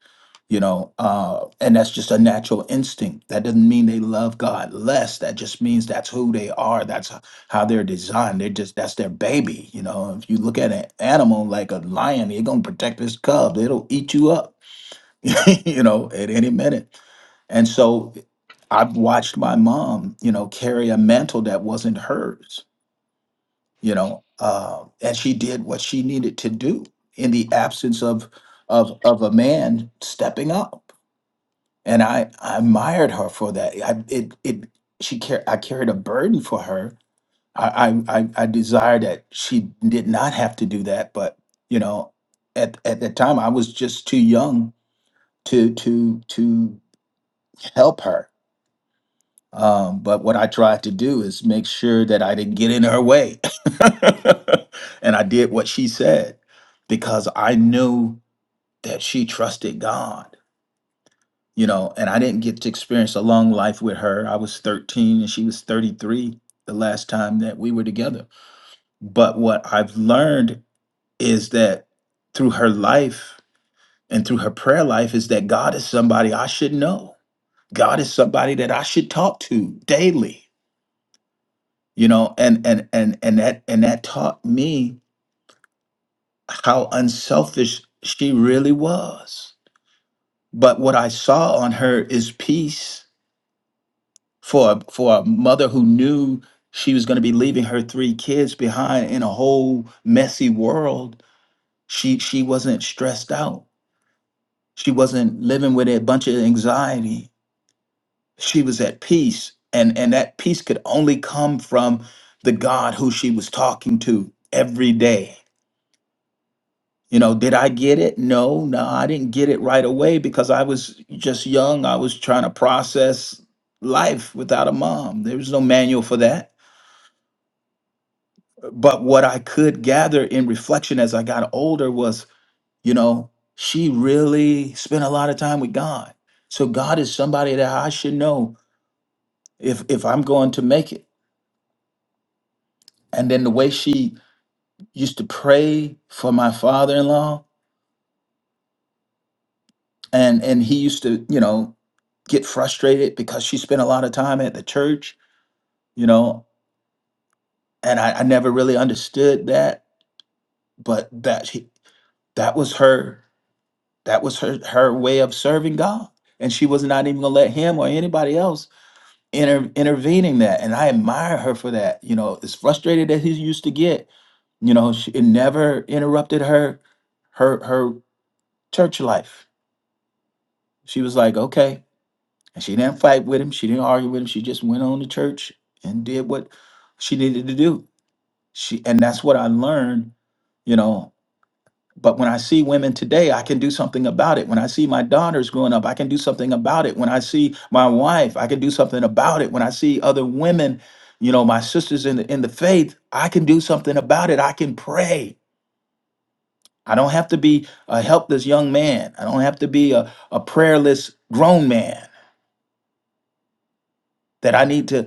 D: you know, uh, and that's just a natural instinct. That doesn't mean they love God less. That just means that's who they are. That's h- how they're designed. They're just, that's their baby. You know, if you look at an animal like a lion, they're going to protect this cub, it'll eat you up you know, at any minute. And so I've watched my mom, you know, carry a mantle that wasn't hers, you know, uh, and she did what she needed to do in the absence of of of a man stepping up. And I, I admired her for that. I it it she car- I carried a burden for her. I, I I I desire that she did not have to do that, but you know, at at that time I was just too young to to to. help her. Um, but what I tried to do is make sure that I didn't get in her way. and I did what she said because I knew that she trusted God, you know, and I didn't get to experience a long life with her. I was 13 and she was 33 the last time that we were together. But what I've learned is that through her life and through her prayer life is that God is somebody I should know. God is somebody that I should talk to daily. you know and and and and that and that taught me how unselfish she really was but what i saw on her is peace for a- for a mother who knew she was going to be leaving her three kids behind in a whole messy world she she wasn't stressed out she wasn't living with a bunch of anxiety she was at peace and and that peace could only come from the god who she was talking to every day You know, did I get it? No, no, I didn't get it right away because I was just young. I was trying to process life without a mom. There was no manual for that. But what I could gather in reflection as I got older was, you know, she really spent a lot of time with God. So God is somebody that I should know if if I'm going to make it. And then the way she used to pray for my father-in-law, and and he used to you know get frustrated because she spent a lot of time at the church you know and i, I never really understood that but that she, that was her that was her her way of serving god and she was not even gonna let him or anybody else inter, intervening that and i admire her for that you know as frustrated as he used to get you know she, it never interrupted her her her church life she was like okay And she didn't fight with him. She didn't argue with him. She just went on to church and did what she needed to do. She and that's what I learned, you know. But when I see women today, I can do something about it. When I see my daughters growing up, I can do something about it. When I see my wife, I can do something about it. When I see other women, you know, my sisters in the, in the faith, I can do something about it. I can pray. I don't have to be a helpless young man. I don't have to be a, a prayerless grown man that I need to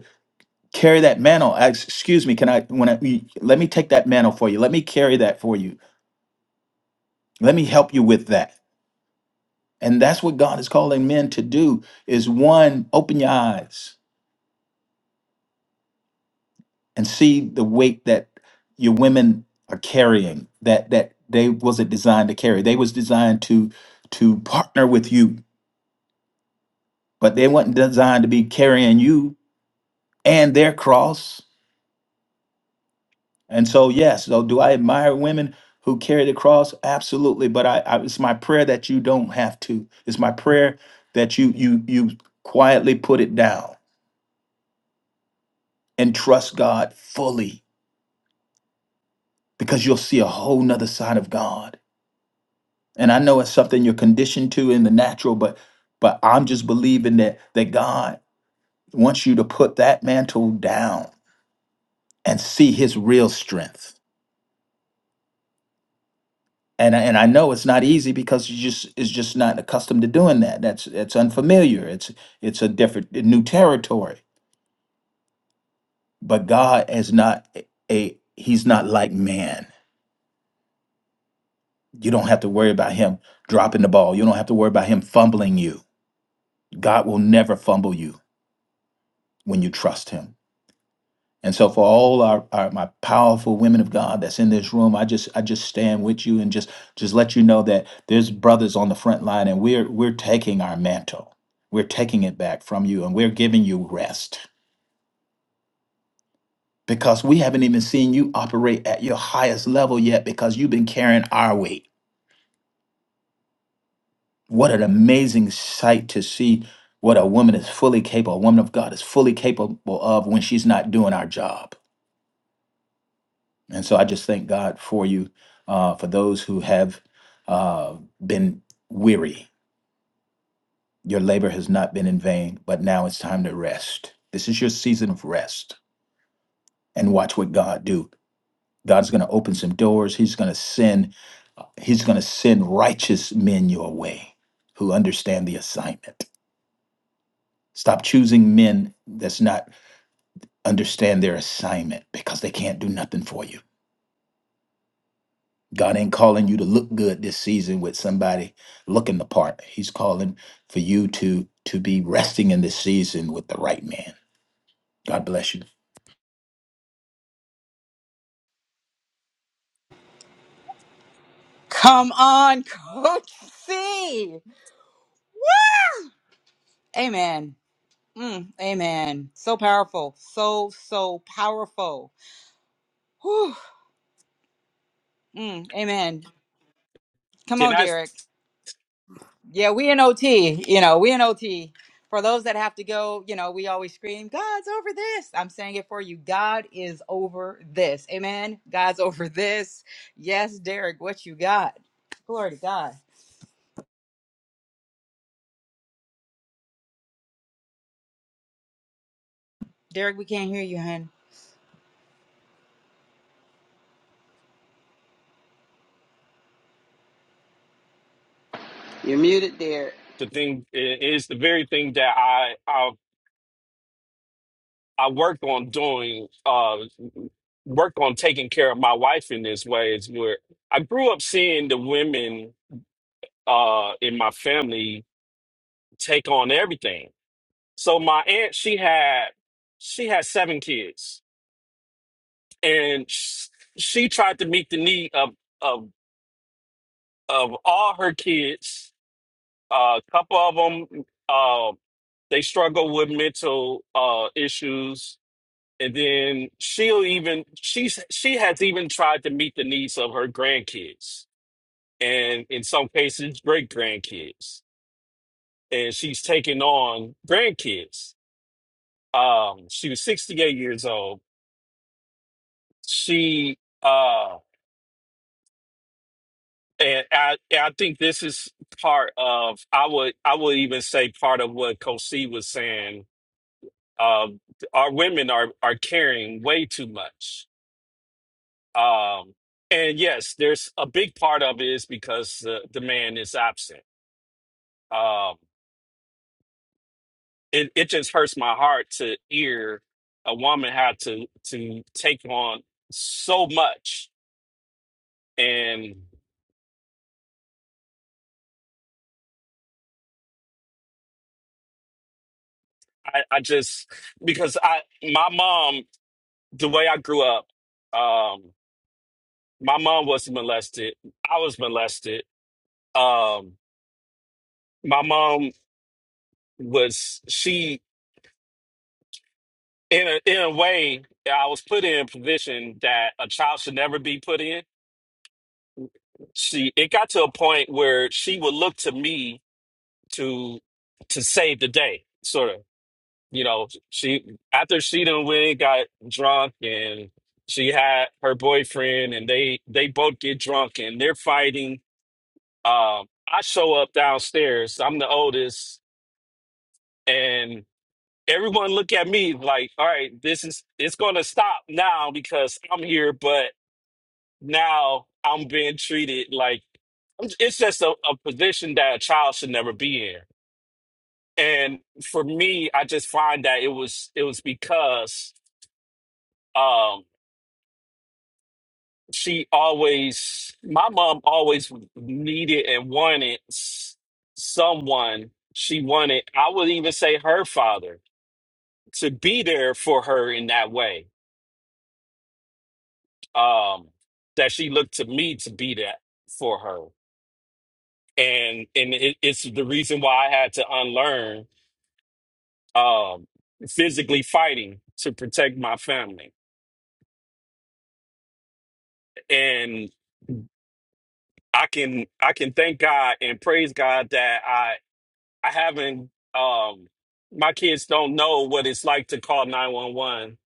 D: carry that mantle. Ex- Excuse me, can I when I let me take that mantle for you. Let me carry that for you. Let me help you with that. And that's what God is calling men to do is one, open your eyes and see the weight that your women are carrying that that they wasn't designed to carry. They was designed to to partner with you, but they wasn't designed to be carrying you and their cross And so, yes, so do I admire women who carry the cross? Absolutely. But I, I it's my prayer that you don't have to. It's my prayer that you you you quietly put it down and trust God fully because you'll see a whole nother side of God. And I know it's something you're conditioned to in the natural, but but I'm just believing that that God wants you to put that mantle down and see his real strength and I- and I know it's not easy because you just it's just not accustomed to doing that. That's it's unfamiliar. It's it's a different a new territory. But God is not a a- he's not like man. You don't have to worry about him dropping the ball. You don't have to worry about him fumbling you. God will never fumble you when you trust him. And so for all our, our my powerful women of God that's in this room, I just I just stand with you and just just let you know that there's brothers on the front line and we're we're taking our mantle. We're taking it back from you and we're giving you rest because we haven't even seen you operate at your highest level yet because you've been carrying our weight. What an amazing sight to see what a woman is fully capable, a woman of God is fully capable of when she's not doing our job And so I just thank God for you, uh, for those who have uh, been weary. Your labor has not been in vain, but now it's time to rest. This is your season of rest, and watch what God do. God's going to open some doors. He's going to send. uh, He's going to send righteous men your way, who understand the assignment. Stop choosing men that's not understand their assignment because they can't do nothing for you. God ain't calling you to look good this season with somebody looking the part. He's calling for you to to be resting in this season with the right man. God bless you.
A: Come on, Coach C. Amen. Mm, amen. So powerful. So so powerful. Whew. Mm, amen. Come
K: And
A: on,
K: that's
A: Derek. Yeah, we in OT, you know, we in OT. For those that have to go, you know, we always scream, God's over this. I'm saying it for you. God is over this. Amen. God's over this. Yes, Derek, what you got? Glory to God. Derek, we can't hear you, hun.
G: You're muted, dear.
K: the thing. It is the very thing that I I I worked on doing. Uh, worked on taking care of my wife in this way is where I grew up seeing the women uh in my family take on everything So my aunt, she had she had seven kids, and sh- she tried to meet the need of of of all her kids. A couple of them, uh, they struggle with mental uh, issues, and then she'll even she's she has even tried to meet the needs of her grandkids, and in some cases, great grandkids. And she's taking on grandkids. Um, she was sixty eight years old. She uh, And I, and I think this is part of I would I would even say part of what Coach C was saying. Um, our women are are carrying way too much. Um, and yes, there's a big part of it is because the, the man is absent. Um, it it just hurts my heart to hear a woman had to to take on so much. And I, I just because I my mom the way I grew up. um, my mom was molested. I was molested. Um, my mom was she in a, in a way I was put in a position that a child should never be put in. She it got to a point where she would look to me to to save the day, sort of. You know, she after she done went and got drunk and she had her boyfriend and they they both get drunk and they're fighting. Um, I show up downstairs. I'm the oldest and everyone look at me like, all right, this is it's gonna stop now because I'm here, but now I'm being treated like it's just a, a position that a child should never be in. And for me, I just find that it was it was because um she always my mom always needed and wanted s- someone she wanted, I would even say her father to be there for her in that way um, that she looked to me to be that for her, and and it, it's the reason why I had to unlearn um, physically fighting to protect my family, and I can I can thank God and praise God that I I haven't um, my kids don't know what it's like to call nine one one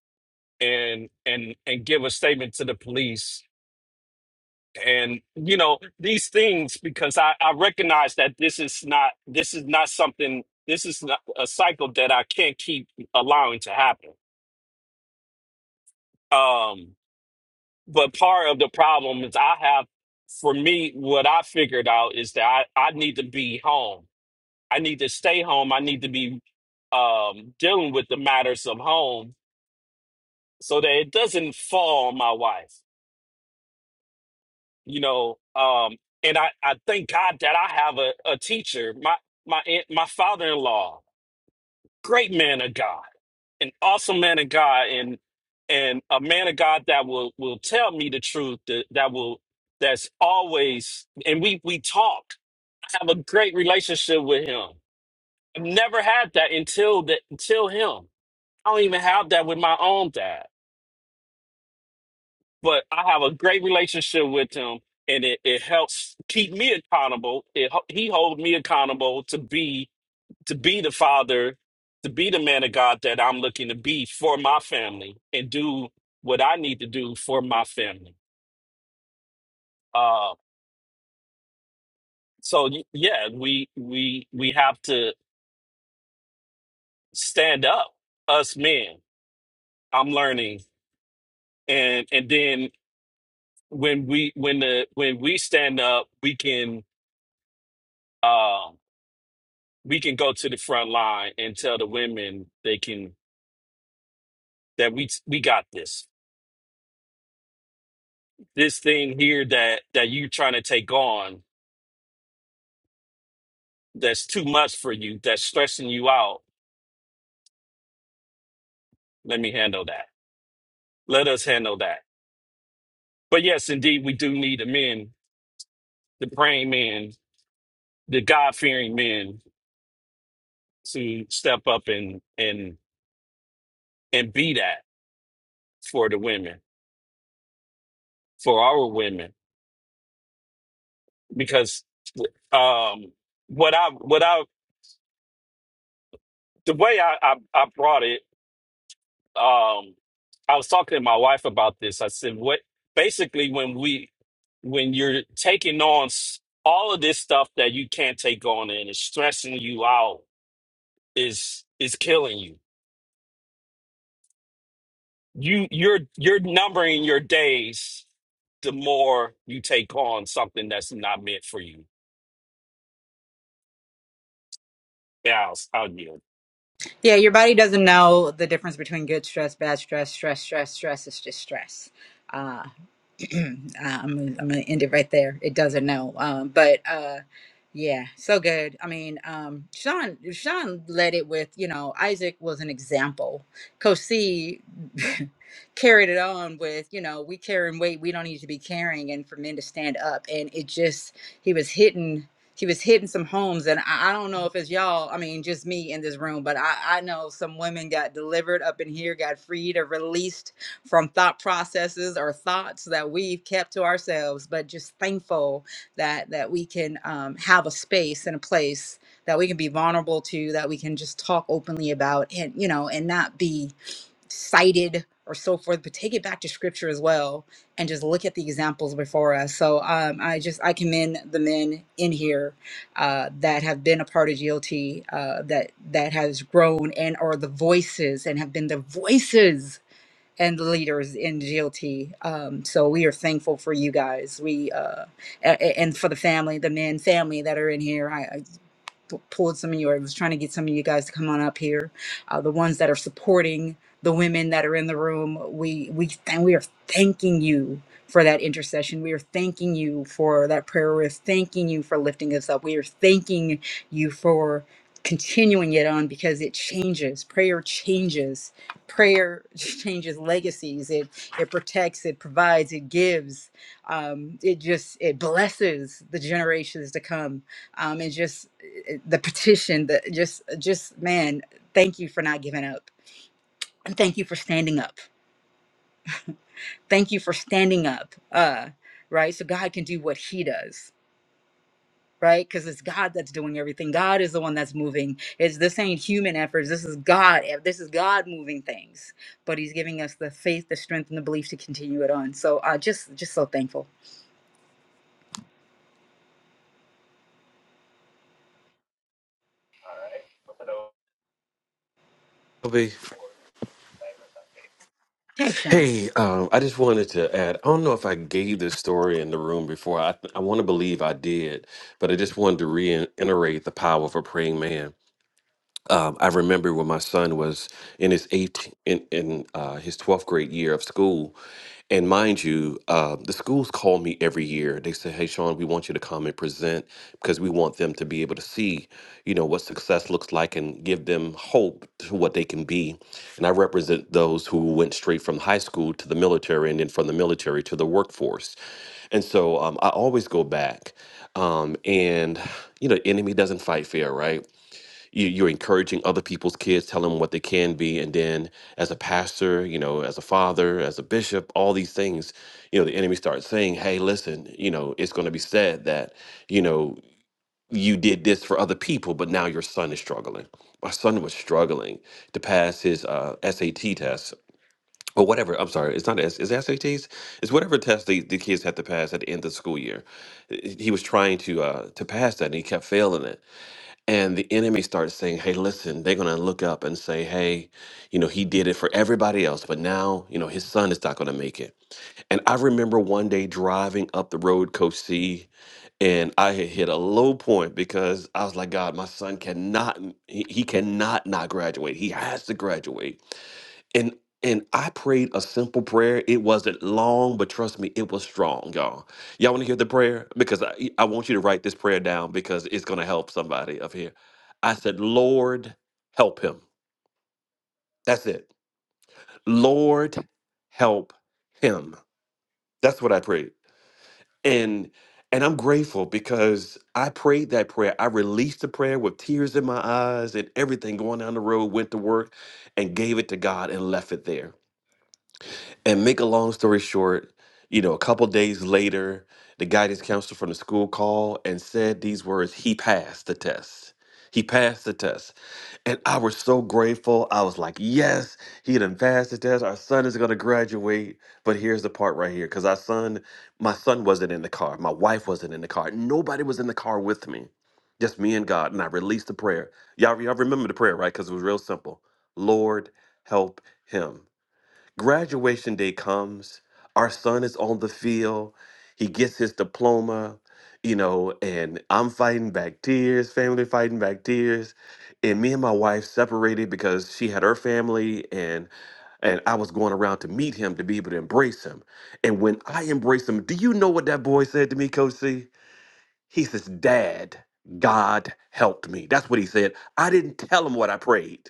K: and and and give a statement to the police and you know these things because I, I recognize that this is not this is not something this is not a cycle that i can't keep allowing to happen um but part of the problem is i have for me what i figured out is that i, I need to be home i need to stay home i need to be um dealing with the matters of home so that it doesn't fall on my wife you know um and i i thank god that i have a, a teacher my my aunt- my father-in-law great man of god an awesome man of god and and a man of god that will will tell me the truth that, that will that's always and we we talk i have a great relationship with him i've never had that until that until him i don't even have that with my own dad but I have a great relationship with him, and it, it helps keep me accountable. It, ho- he holds me accountable to be to be the father, to be the man of God that I'm looking to be for my family and do what I need to do for my family. Uh, so y- yeah, we we we have to stand up, us men. I'm learning, and and then when we when the when we stand up, we can. uh, we can go to the front line and tell the women they can that we we got this. This thing here that that you trying to take on that's too much for you, that's stressing you out. Let me handle that. Let us handle that. But yes, indeed, we do need the men, the praying men, the God fearing men to step up and and and be that for the women, for our women, because um, what I what I the way I, I I brought it um I was talking to my wife about this. I said, what basically when we when you're taking on s- all of this stuff that you can't take on and it's stressing you out is is killing you. You you're you're numbering your days the more you take on something that's not meant for you. Yeah, I'll, I'll yield.
A: Yeah, your body doesn't know the difference between good stress, bad stress, stress, stress, stress. It's just stress. Uh, I'm, I'm going to end it right there. It doesn't know. Um, but, Yeah, so good. I mean, um, Sean Sean led it with, you know, Isaac was an example. Coach C carried it on with, you know, we carrying weight we don't need to be carrying, and for men to stand up. And it just he was hitting he was hitting some homes, and I, I don't know if it's y'all. I mean, just me in this room, but I I know some women got delivered up in here, got freed or released from thought processes or thoughts that we've kept to ourselves. But just thankful that that we can um, have a space and a place that we can be vulnerable to that we can just talk openly about and you know and not be cited or so forth but take it back to scripture as well and just look at the examples before us so um, i just i commend the men in here uh, that have been a part of glt uh, that that has grown and are the voices and have been the voices and the leaders in GLT. Um, so we are thankful for you guys. We uh, a- a- and for the family, the men family that are in here. I, t- told some of you, or I was trying to get some of you guys to come on up here. Uh, the ones that are supporting the women that are in the room, we we th- we are thanking you for that intercession. We are thanking you for that prayer. We're thanking you for lifting us up. We are thanking you for continuing it on because it changes. Prayer changes. Prayer changes legacies. It it protects. It provides. It gives. Um, it just it blesses the generations to come um, and just uh, the petition the just just man thank you for not giving up and thank you for standing up thank you for standing up uh right so god can do what he does right because it's god that's doing everything god is the one that's moving it's this ain't human efforts this is god eh, this is god moving things but he's giving us the faith the strength and the belief to continue it on so uh just just so thankful hey sean
C: Hey, um, I just wanted to add. I don't know if I gave this story in the room before. I, I want to believe I did, but I just wanted to reiterate the power of a praying man. Um, I remember when my son was in his eighth in, in uh, his twelfth grade year of school, and mind you, uh, the schools call me every year. They say, "Hey, Sean, we want you to come and present because we want them to be able to see, you know, what success looks like and give them hope to what they can be." And I represent those who went straight from high school to the military, and then from the military to the workforce. And so um, I always go back, um, and you know, enemy doesn't fight fair, right? you- you're encouraging other people's kids, telling them what they can be, and then as a pastor, you know, as a father, as a bishop, all these things, you know, the enemy starts saying, "Hey, listen, you know, it's going to be said that, you know, you did this for other people, but now your son is struggling. My son was struggling to pass his uh, SAT test." Or whatever. I'm sorry. It's not S. Is it SATs? It's whatever test the, the kids have to pass at the end of the school year. Uh, He was trying to uh, to pass that, and he kept failing it and the enemy starts saying, "Hey, listen, they're gonna look up and say, hey, you know, he did it for everybody else, but now, you know, his son is not gonna make it." And I remember one day driving up the road, Coach C, and I had hit a low point because I was like, "God, my son cannot, he, he cannot not graduate. He has to graduate." and and I prayed a simple prayer. It wasn't long, but trust me, it was strong, y'all. Y'all want to hear the prayer? Because I, I want you to write this prayer down because it's going to help somebody up here. I said, Lord, help him. That's it. Lord, help him. That's what I prayed. And and I'm grateful because I prayed that prayer. I released the prayer with tears in my eyes and everything going down the road, went to work and gave it to God and left it there. And make a long story short, you know, a couple days later, the guidance counselor from the school called and said these words He passed the test. He passed the test. And I was so grateful. I was like, yes, he done passed the test. Our son is going to graduate. But here's the part right here because our son, my son wasn't in the car. My wife wasn't in the car. Nobody was in the car with me, just me and God. And I released the prayer. Y'all, y'all remember the prayer, right? Because it was real simple Lord, help him. Graduation day comes. Our son is on the field. He gets his diploma, you know, and I'm fighting back tears, family fighting back tears. And me and my wife separated because she had her family and and I was going around to meet him to be able to embrace him. And when I embraced him, do you know what that boy said to me, Coach C? He says, Dad, God helped me. That's what he said. I didn't tell him what I prayed.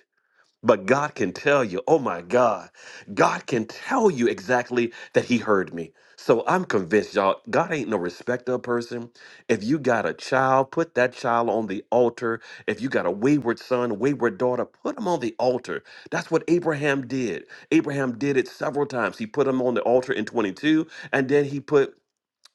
C: But God can tell you, oh my God, God can tell you exactly that He heard me. So I'm convinced, y'all, God ain't no respecter of person. If you got a child, put that child on the altar. If you got a wayward son, wayward daughter, put him on the altar. That's what Abraham did. Abraham did it several times. He put him on the altar in 22, and then he put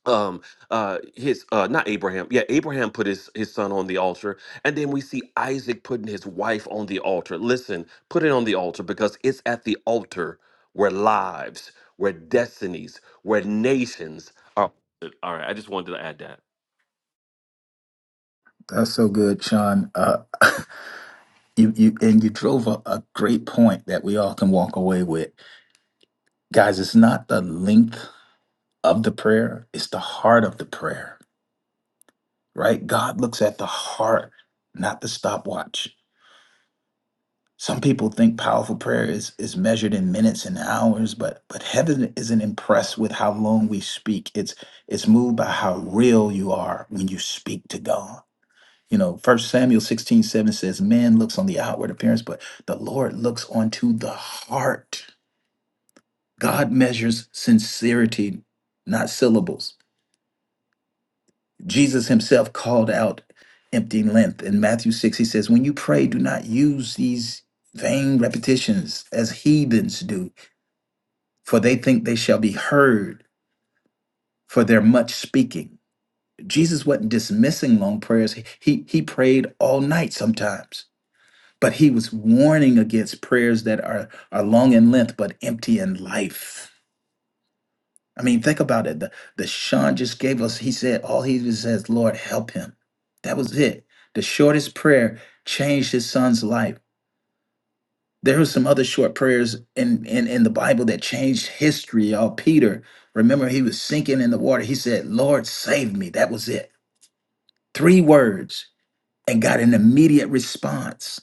C: um uh his uh not abraham yeah abraham put his his son on the altar and then we see isaac putting his wife on the altar listen put it on the altar because it's at the altar where lives where destinies where nations are all right i just wanted to add that
D: That's so good, Sean. Uh, you you and you drove a, a great point that we all can walk away with, guys. It's not the length of the prayer; it's the heart of the prayer. Right? God looks at the heart, not the stopwatch. Some people think powerful prayer is, is measured in minutes and hours, but but heaven isn't impressed with how long we speak. It's it's moved by how real you are when you speak to God. You know, first Samuel 16 7 says, Man looks on the outward appearance, but the Lord looks onto the heart. God measures sincerity, not syllables. Jesus himself called out empty length. In Matthew 6, he says, When you pray, do not use these vain repetitions as heathens do for they think they shall be heard for their much speaking. Jesus wasn't dismissing long prayers. He, he, prayed all night sometimes, but he was warning against prayers that are, are long in length but empty in life. I mean, think about it. The, the Sean just gave us, he said, all he just says, Lord, help him. That was it. The shortest prayer changed his son's life. there are some other short prayers in, in in the bible that changed history y'all peter remember he was sinking in the water he said lord save me that was it three words and got an immediate response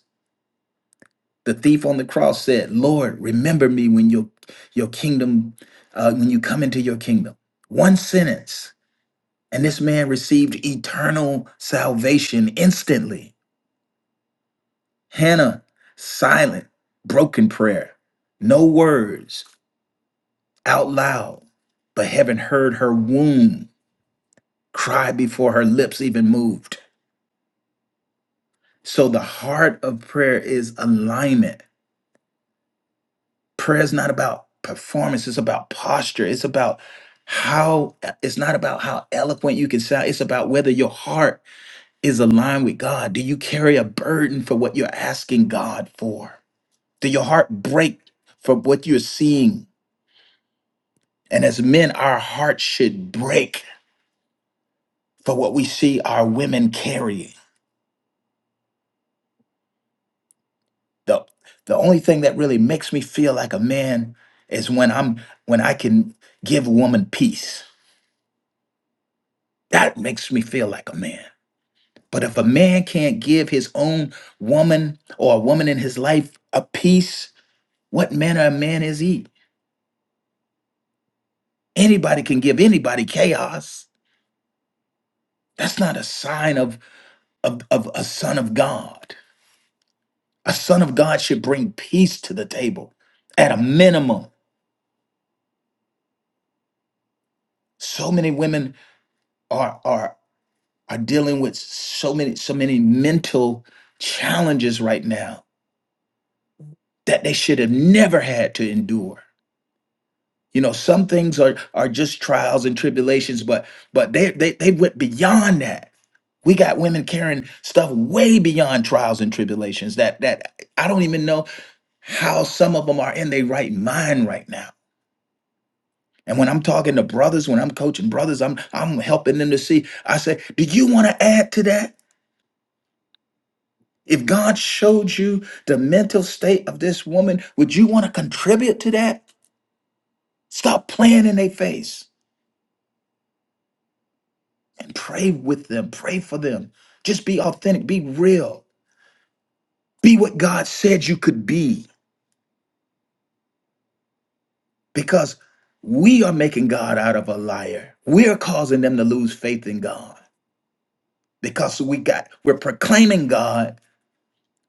D: the thief on the cross said lord remember me when your your kingdom uh, when you come into your kingdom one sentence and this man received eternal salvation instantly hannah silent broken prayer no words out loud, but heaven heard her womb cry before her lips even moved. So the heart of prayer is alignment. Prayer is not about performance, it's about posture. It's about how it's not about how eloquent you can sound, it's about whether your heart is aligned with God. Do you carry a burden for what you're asking God for? Do your heart break for what you're seeing? And as men, our hearts should break for what we see our women carrying the the only thing that really makes me feel like a man is when I'm when I can give a woman peace. That makes me feel like a man. But if a man can't give his own woman or a woman in his life a peace, what manner of man is he? Anybody can give anybody chaos. That's not a sign of, of, of a son of God. A son of God should bring peace to the table at a minimum. So many women are are. are dealing with so many so many mental challenges right now that they should have never had to endure you know some things are are just trials and tribulations but but they they, they went beyond that we got women carrying stuff way beyond trials and tribulations that that i don't even know how some of them are in their right mind right now and when i'm talking to brothers when i'm coaching brothers i'm i'm helping them to see i say do you want to add to that If God showed you the mental state of this woman, would you want to contribute to that? Stop playing in their face and pray with them, pray for them. Just be authentic, be real, be what God said you could be because we are making God out of a liar. We're causing them to lose faith in God because we got we're proclaiming God,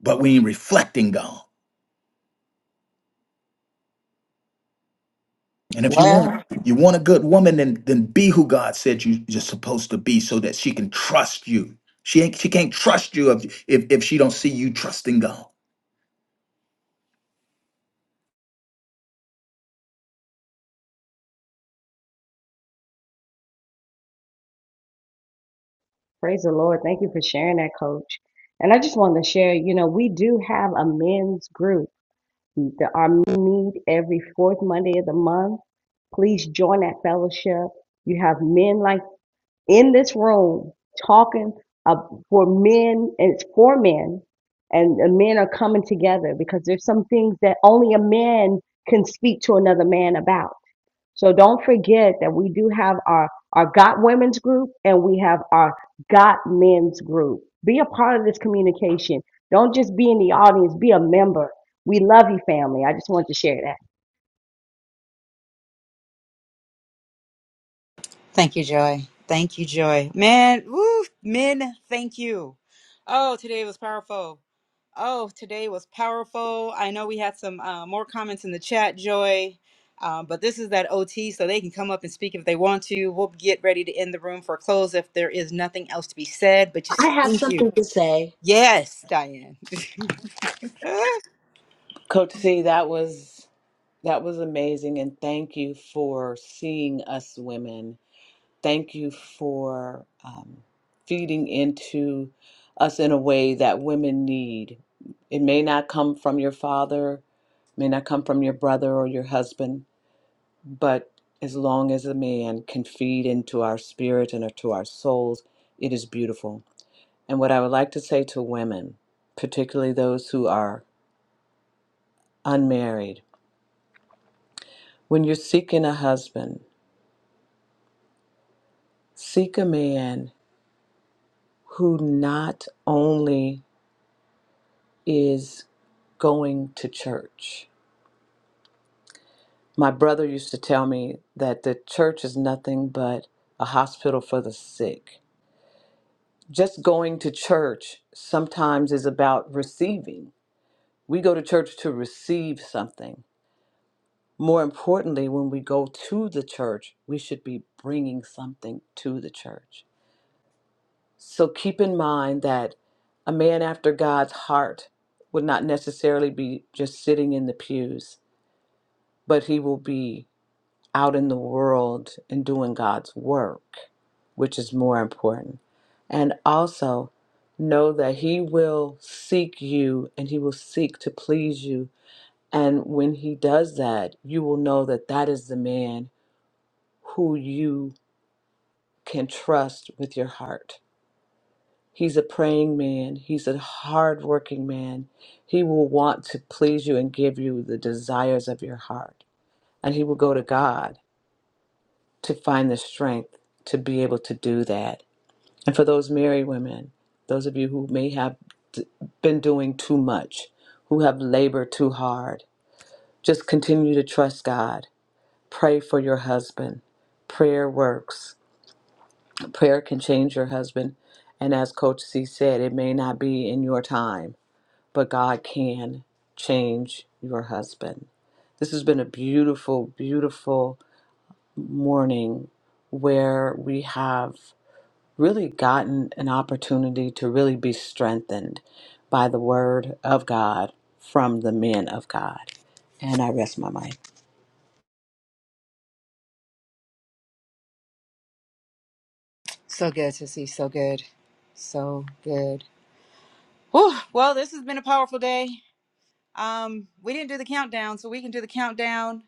D: but we ain't reflecting God. And if you want you want a good woman, then then be who God said you, you're supposed to be, so that she can trust you. She ain't she can't trust you if if, if she don't see you trusting God.
B: Praise the Lord. Thank you for sharing that, coach. And I just wanted to share, you know, we do have a men's group. The- Our meet every fourth Monday of the month. Please join that fellowship. You have men like in this room talking uh, for men, and it's for men, and the men are coming together because there's some things that only a man can speak to another man about so don't forget that we do have our, our Got Women's group and we have our Got Men's group. Be a part of this communication. Don't just be in the audience, be a member. We love you, family. I just wanted to share that.
A: Thank you, Joy. Thank you, Joy. Man, woo, men, thank you. Oh, today was powerful. Oh, today was powerful. I know we had some uh, more comments in the chat, Joy, um, but this is that OT, so they can come up and speak if they want to. We'll get ready to end the room for close if there is nothing else to be said, but just thank you. Yes, Diane.
F: Coach C, that was. That was amazing. And thank you for seeing us women. Thank you for um, feeding into us in a way that women need. It may not come from your father, may not come from your brother or your husband, but as long as a man can feed into our spirit and to our souls, it is beautiful. And what I would like to say to women, particularly those who are unmarried, when you're seeking a husband, Seek a man who not only is going to church. My brother used to tell me that the church is nothing but a hospital for the sick. Just going to church sometimes is about receiving. We go to church to receive something. More importantly, when we go to the church, we should be bringing something to the church. So keep in mind that a man after God's heart would not necessarily be just sitting in the pews, but he will be out in the world and doing God's work, which is more important. And also know that he will seek you and he will seek to please you. And when he does that, you will know that that is the man who you can trust with your heart. He's a praying man. He's a hardworking man. He will want to please you and give you the desires of your heart. And he will go to God to find the strength to be able to do that. And for those married women, those of you who may have d- been doing too much, who have labored too hard, just continue to trust God. Pray for your husband. Prayer works. Prayer can change your husband. And as Coach C said, it may not be in your time but God can change your husband. This has been a beautiful, beautiful morning where we have really gotten an opportunity to really be strengthened by the word of God from the men of God. And I rest my mind.
A: so good to see. So good. So good. Whew. Well, this has been a powerful day. Um, we didn't do the countdown, so we can do the countdown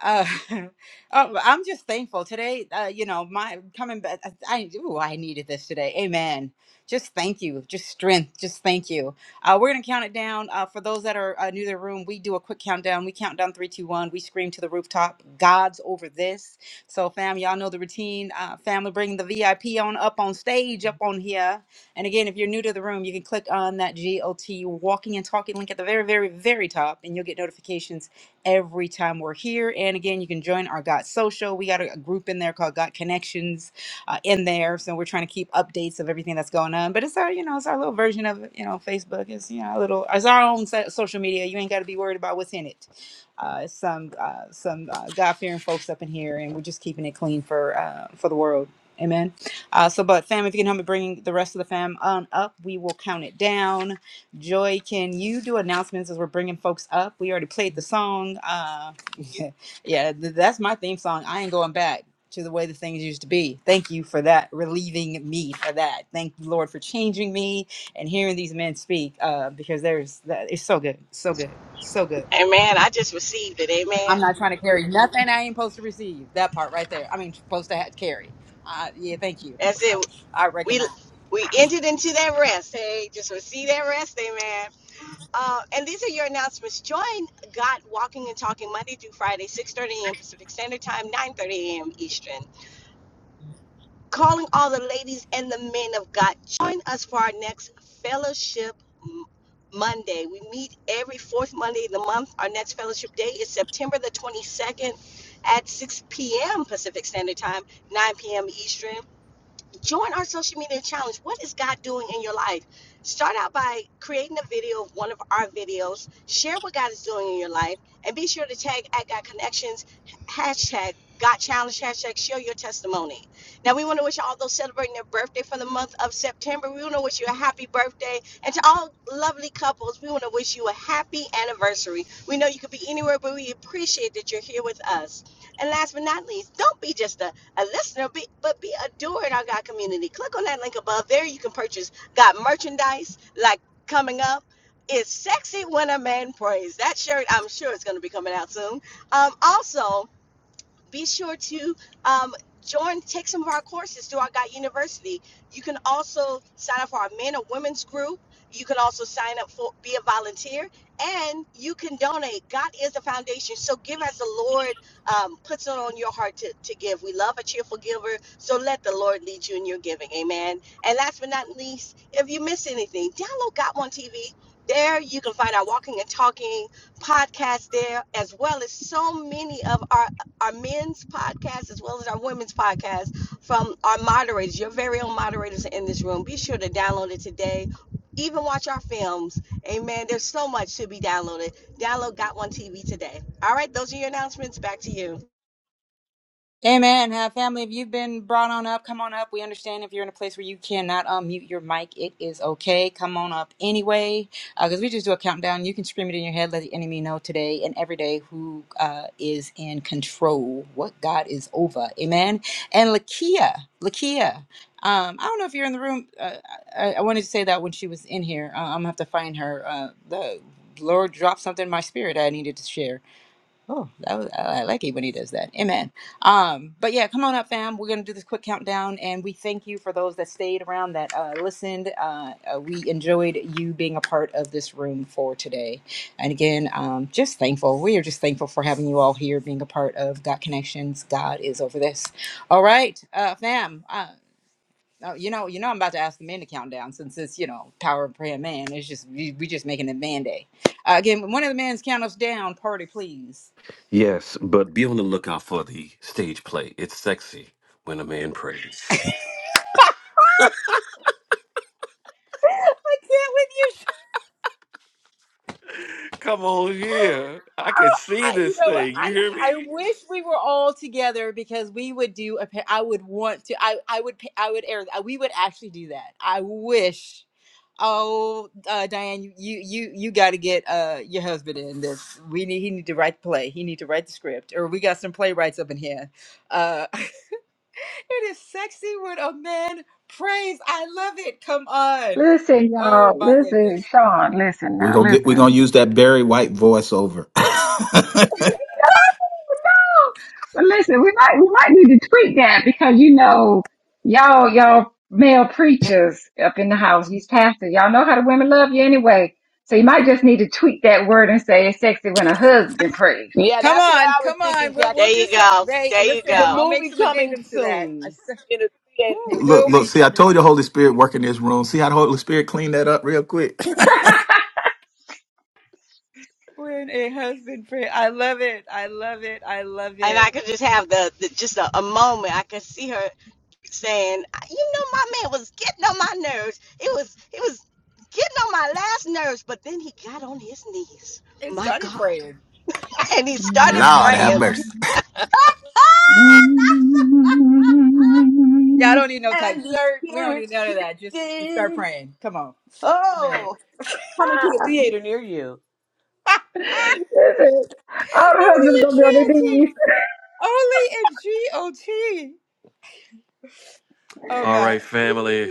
A: uh, um, I'm just thankful today. Uh, you know, my coming back. I I- ooh, I needed this today. Amen. Just thank you. Just strength. Just thank you. Uh, we're gonna count it down. Uh, for those that are uh, new to the room, we do a quick countdown. We count down three, two, one. We scream to the rooftop. God's over this. So, fam, y'all know the routine. Uh, family, bring the VIP on up on stage, up on here. And again, if you're new to the room, you can click on that GOT walking and talking link at the very, very, very top, and you'll get notifications every time we're here. And again, you can join our Got Social. We got a, a group in there called Got Connections uh, in there. So we're trying to keep updates of everything that's going on. But it's our, you know, it's our little version of, you know, Facebook. It's, you know, a little, it's our own so- social media. You ain't got to be worried about what's in it. Uh, it's some uh, some uh, God fearing folks up in here, and we're just keeping it clean for uh, for the world. Amen. Uh, so, but fam, if you can help me bring the rest of the fam on up, we will count it down Joy, can you do announcements as we're bringing folks up? We already played the song. Uh, yeah, th- that's my theme song. I ain't going back to the way the things used to be. Thank you for that, relieving me for that. Thank you, Lord, for changing me and hearing these men speak. Uh, because there's that it's so good, so good, so good.
B: Amen. I just received it. Amen.
A: I'm not trying to carry nothing I ain't supposed to receive. That part right there. I mean, supposed to ha- carry. Uh, yeah, thank you.
B: That's it.
A: I
B: We
A: recognize.
B: we entered into that rest. Hey, just receive that rest. Amen. Uh, and these are your announcements. Join God Walking and Talking Monday through Friday, 6:30 a.m. Pacific Standard Time, 9:30 a.m. Eastern. calling all the ladies and the men of God. Join us for our next fellowship M- Monday. We meet every fourth Monday of the month. Our next fellowship day is September the 22nd at 6 p.m. Pacific Standard Time, 9 p.m. Eastern join our social media challenge. What is God doing in your life? Start out by creating a video of one of our videos. Share what God is doing in your life, and be sure to tag at God Connections hashtag God Challenge hashtag Share your testimony. Now we want to wish all those celebrating their birthday for the month of September. We want to wish you a happy birthday, and to all lovely couples, we want to wish you a happy anniversary. We know you could be anywhere, but we appreciate that you're here with us. And last but not least, don't be just a a listener, be, but be a doer in our God community. Click on that link above. There you can purchase God merchandise like coming up. It's sexy when a man prays. That shirt, I'm sure, is going to be coming out soon. Um, also, be sure to um, join, take some of our courses through our Guide University. You can also sign up for our men or women's group. You can also sign up for, be a volunteer, and you can donate. God is the foundation, so give as the Lord um, puts it on your heart to, to give. We love a cheerful giver, so let the Lord lead you in your giving. Amen. And last but not least, if you miss anything, download Got One TV. There you can find our Walking and Talking podcast there, as well as so many of our our men's podcast as well as our women's podcast from our moderators, your very own moderators in this room. Be sure to download it today. Even watch our films. Amen. There's so much to be downloaded. Download Got One TV today. All right, those are your announcements. Back to you.
A: Amen. Uh, family, if you've been brought on up, come on up. We understand if you're in a place where you cannot unmute your mic, it is okay. Come on up anyway, because we just do a countdown. You can scream it in your head, let the enemy know today and every day who uh, is in control, what God is over. Amen. And Lakia, Lakia, um, I don't know if you're in the room. Uh, I, I wanted to say that when she was in here. Uh, I'm going to have to find her. Uh, the Lord dropped something in my spirit I needed to share. Oh, that was, I I like it when he does that. Amen. Um, but yeah, come on up, fam. We're gonna do this quick countdown, and we thank you for those that stayed around, that uh, listened. Uh, uh, we enjoyed you being a part of this room for today. And again, um, just thankful. We are just thankful for having you all here, being a part of God Connections. God is over this. All right, uh, fam. Uh, oh, you know, you know, I'm about to ask the men to count down since it's you know power of prayer, man. It's just we, we just making it man day. Uh, again, when one of the men's count us down, party, please.
C: yes but be on the lookout for the stage play it's sexy when a man prays
A: I can't with you.
C: come on here i can
A: Cheryl.
C: see
A: I, you
C: this
A: know, what?
C: thing you
A: I
C: hear
A: I
C: me
A: wish we were all together because we would do a. pa- I would want to. I I would. pa- I would air. uh, We would actually do that. I wish. Oh, uh, Diane, you you you, you got to get uh your husband in this. We need. He need to write the play. He need to write the script. Or we got some playwrights up in here. Uh, it is sexy when a man prays. I love it. Come on.
I: Listen,
A: Oh
I: y'all.
A: my goodness.
I: Listen, Sean. Listen
D: We're
I: now.
D: gonna get. We're
I: Listen.
D: gonna use that Barry White voiceover.
I: Oh, but listen, we might we might need to tweak that because you know y'all y'all male preachers up in the house, these pastors, y'all know how the women love you anyway. So you might just need to tweak that word and say it's sexy when a husband prays.
F: Yeah,
A: Come
F: that's what
A: on,
F: I was
A: come
F: thinking,
A: on. We'll
B: There
F: Jackie.
A: we'll do
B: you
A: some.
B: go.
A: They
B: There you
A: listen.
F: The
B: go.
A: I'll make
F: movie
A: some
F: coming
A: addendums to that. I
F: soon
A: s-
F: in a
D: Woo,
F: theater
A: It
F: near
D: look,
A: will
F: you.
D: look.
A: be
D: See, I
A: coming.
D: told you, the Holy Spirit, work in this room. See how the Holy Spirit cleaned that up real quick.
A: When a husband pray, I love it. I love it. I love
B: And I
A: it.
B: could just have the, the just a, a moment. I could see her saying, "You know, my man was getting on my nerves. It was, it was getting on my last nerves. But then he got on his knees.
A: It
B: My
A: started
B: God."
A: praying.
B: and he started
D: Lord have
B: praying.
D: mercy.
I: Listen,
A: Yeah, I don't need no tight
F: and the
A: shirt. We don't
F: spirit
A: need none of that. Just just start
F: shifted.
A: praying. Come on. Amen.
F: Oh, coming to a theater near you.
I: our
A: Only
I: husband's gonna be on their
A: in GOT.
I: knees.
A: Only in GOT. Oh
C: all
A: no.
C: right family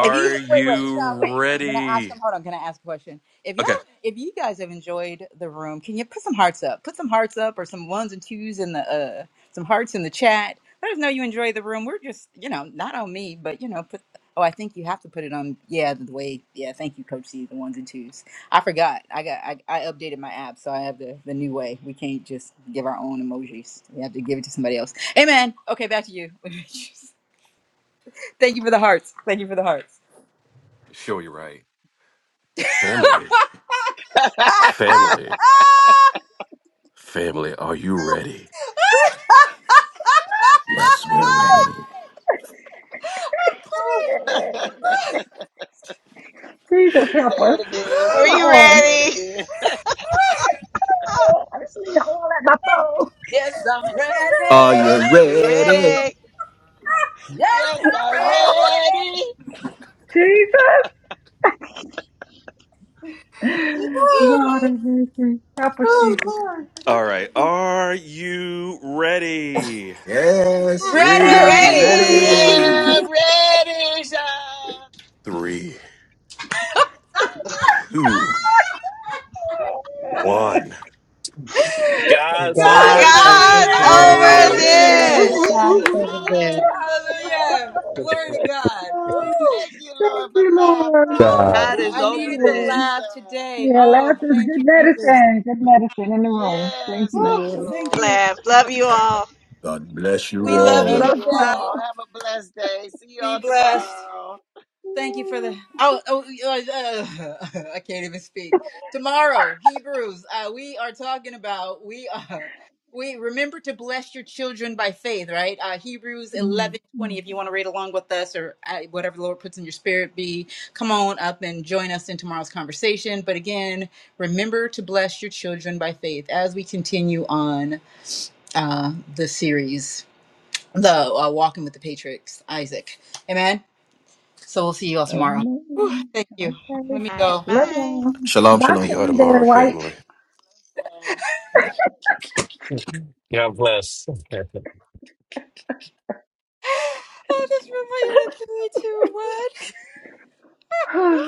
A: If you wait, wait,
C: you
A: Sean, wait, Sean, can I ask
C: ready
A: him? Hold on, can I ask a question? If y'all,
C: Okay.
A: if you guys have enjoyed the room, can you put some hearts up? Put some hearts up, or some ones and twos in the, uh, some hearts in the chat. Let us know you enjoy the room. We're just, you know, not on me, but you know, put. Oh, I think you have to put it on. Yeah, the way. Yeah, thank you, Coach C. The ones and twos. I forgot. I got. I, I updated my app, so I have the the new way. We can't just give our own emojis. We have to give it to somebody else. Amen. Okay, back to you. Thank you for the hearts. Thank you for the hearts.
C: Sure, you're right. Family, family, family, are you ready?
D: Yes, we're ready.
I: Jesus
G: Say
I: help us.
G: it again.
I: Where
G: You
I: my
B: We
G: gotta say
I: oil?
G: it
B: ready?
G: again.
I: I just need the oil at my phone.
D: Are you
B: We
D: ready?
B: ready?
G: Yes, I'm
I: Oh,
G: ready.
I: Jesus. Lord have mercy.
G: That's
I: Help us,
G: funny.
I: Jesus.
C: All right. Are you ready?
D: Yes, we're
G: As
B: Ready?
L: Hallelujah.
D: ready.
G: we're ready, shout.
C: Three, two, one.
K: God's
G: God
A: God
M: God
K: over
I: Ready.
A: over
M: over
B: God's
G: is
K: this.
M: there.
G: over
B: over
A: this.
I: Oh, my
D: Yes. Woo,
M: Yay,
D: woo, woo,
M: God
B: this.
D: woo,
G: this.
D: woo.
M: over there.
G: Hallelujah.
A: Hallelujah. Glory to
I: God.
A: God.
F: Oh,
A: Woo.
G: Thank you, Lord,
I: Thank
G: for
I: you, Lord.
G: laughter.
A: Oh my
N: uh,
F: God
A: God.
F: is
A: I
I: Thank you,
F: over
A: needed the
I: Lord.
F: this.
A: laugh
G: Hallelujah.
A: today.
I: Yeah,
A: Oh,
I: laughter is
A: thank you,
I: good
A: Jesus.
I: medicine. Good medicine in the room. Thank
G: Yes,
I: you,
G: thank
A: Oh,
G: you,
I: Lord.
A: thank
G: Lord.
A: you.
B: Laugh. Love you all.
D: God bless you
A: We love
G: Love
D: all.
A: you,
I: Love
G: you
A: family.
G: all.
I: y'all.
G: Have a blessed day. See you
A: Be
G: all
A: blessed.
G: tomorrow.
A: Thank you for
I: Mm,
A: the. Oh, oh uh, uh, I can't even speak. Tomorrow, Hebrews, uh, we are talking about we uh, we remember to bless your children by faith, right? Uh, Hebrews eleven twenty.
I: mm.
A: If you want to read along with us or uh, whatever the Lord puts in your spirit, be come on up and join us in tomorrow's conversation. But again, remember to bless your children by faith as we continue on uh, the series, the uh, Walking with the patriarchs. Isaac. Amen. So we'll see you all tomorrow.
I: Amen.
A: Thank you.
I: Okay.
A: Let me
B: All right,
A: go.
I: Love
B: bye.
I: y'all.
D: Shalom,
I: Bye,
C: The
D: shalom.
I: Sean Barry
C: Audemars
I: White.
C: family.
G: Okay.
K: God bless.
A: I just figured it through each one.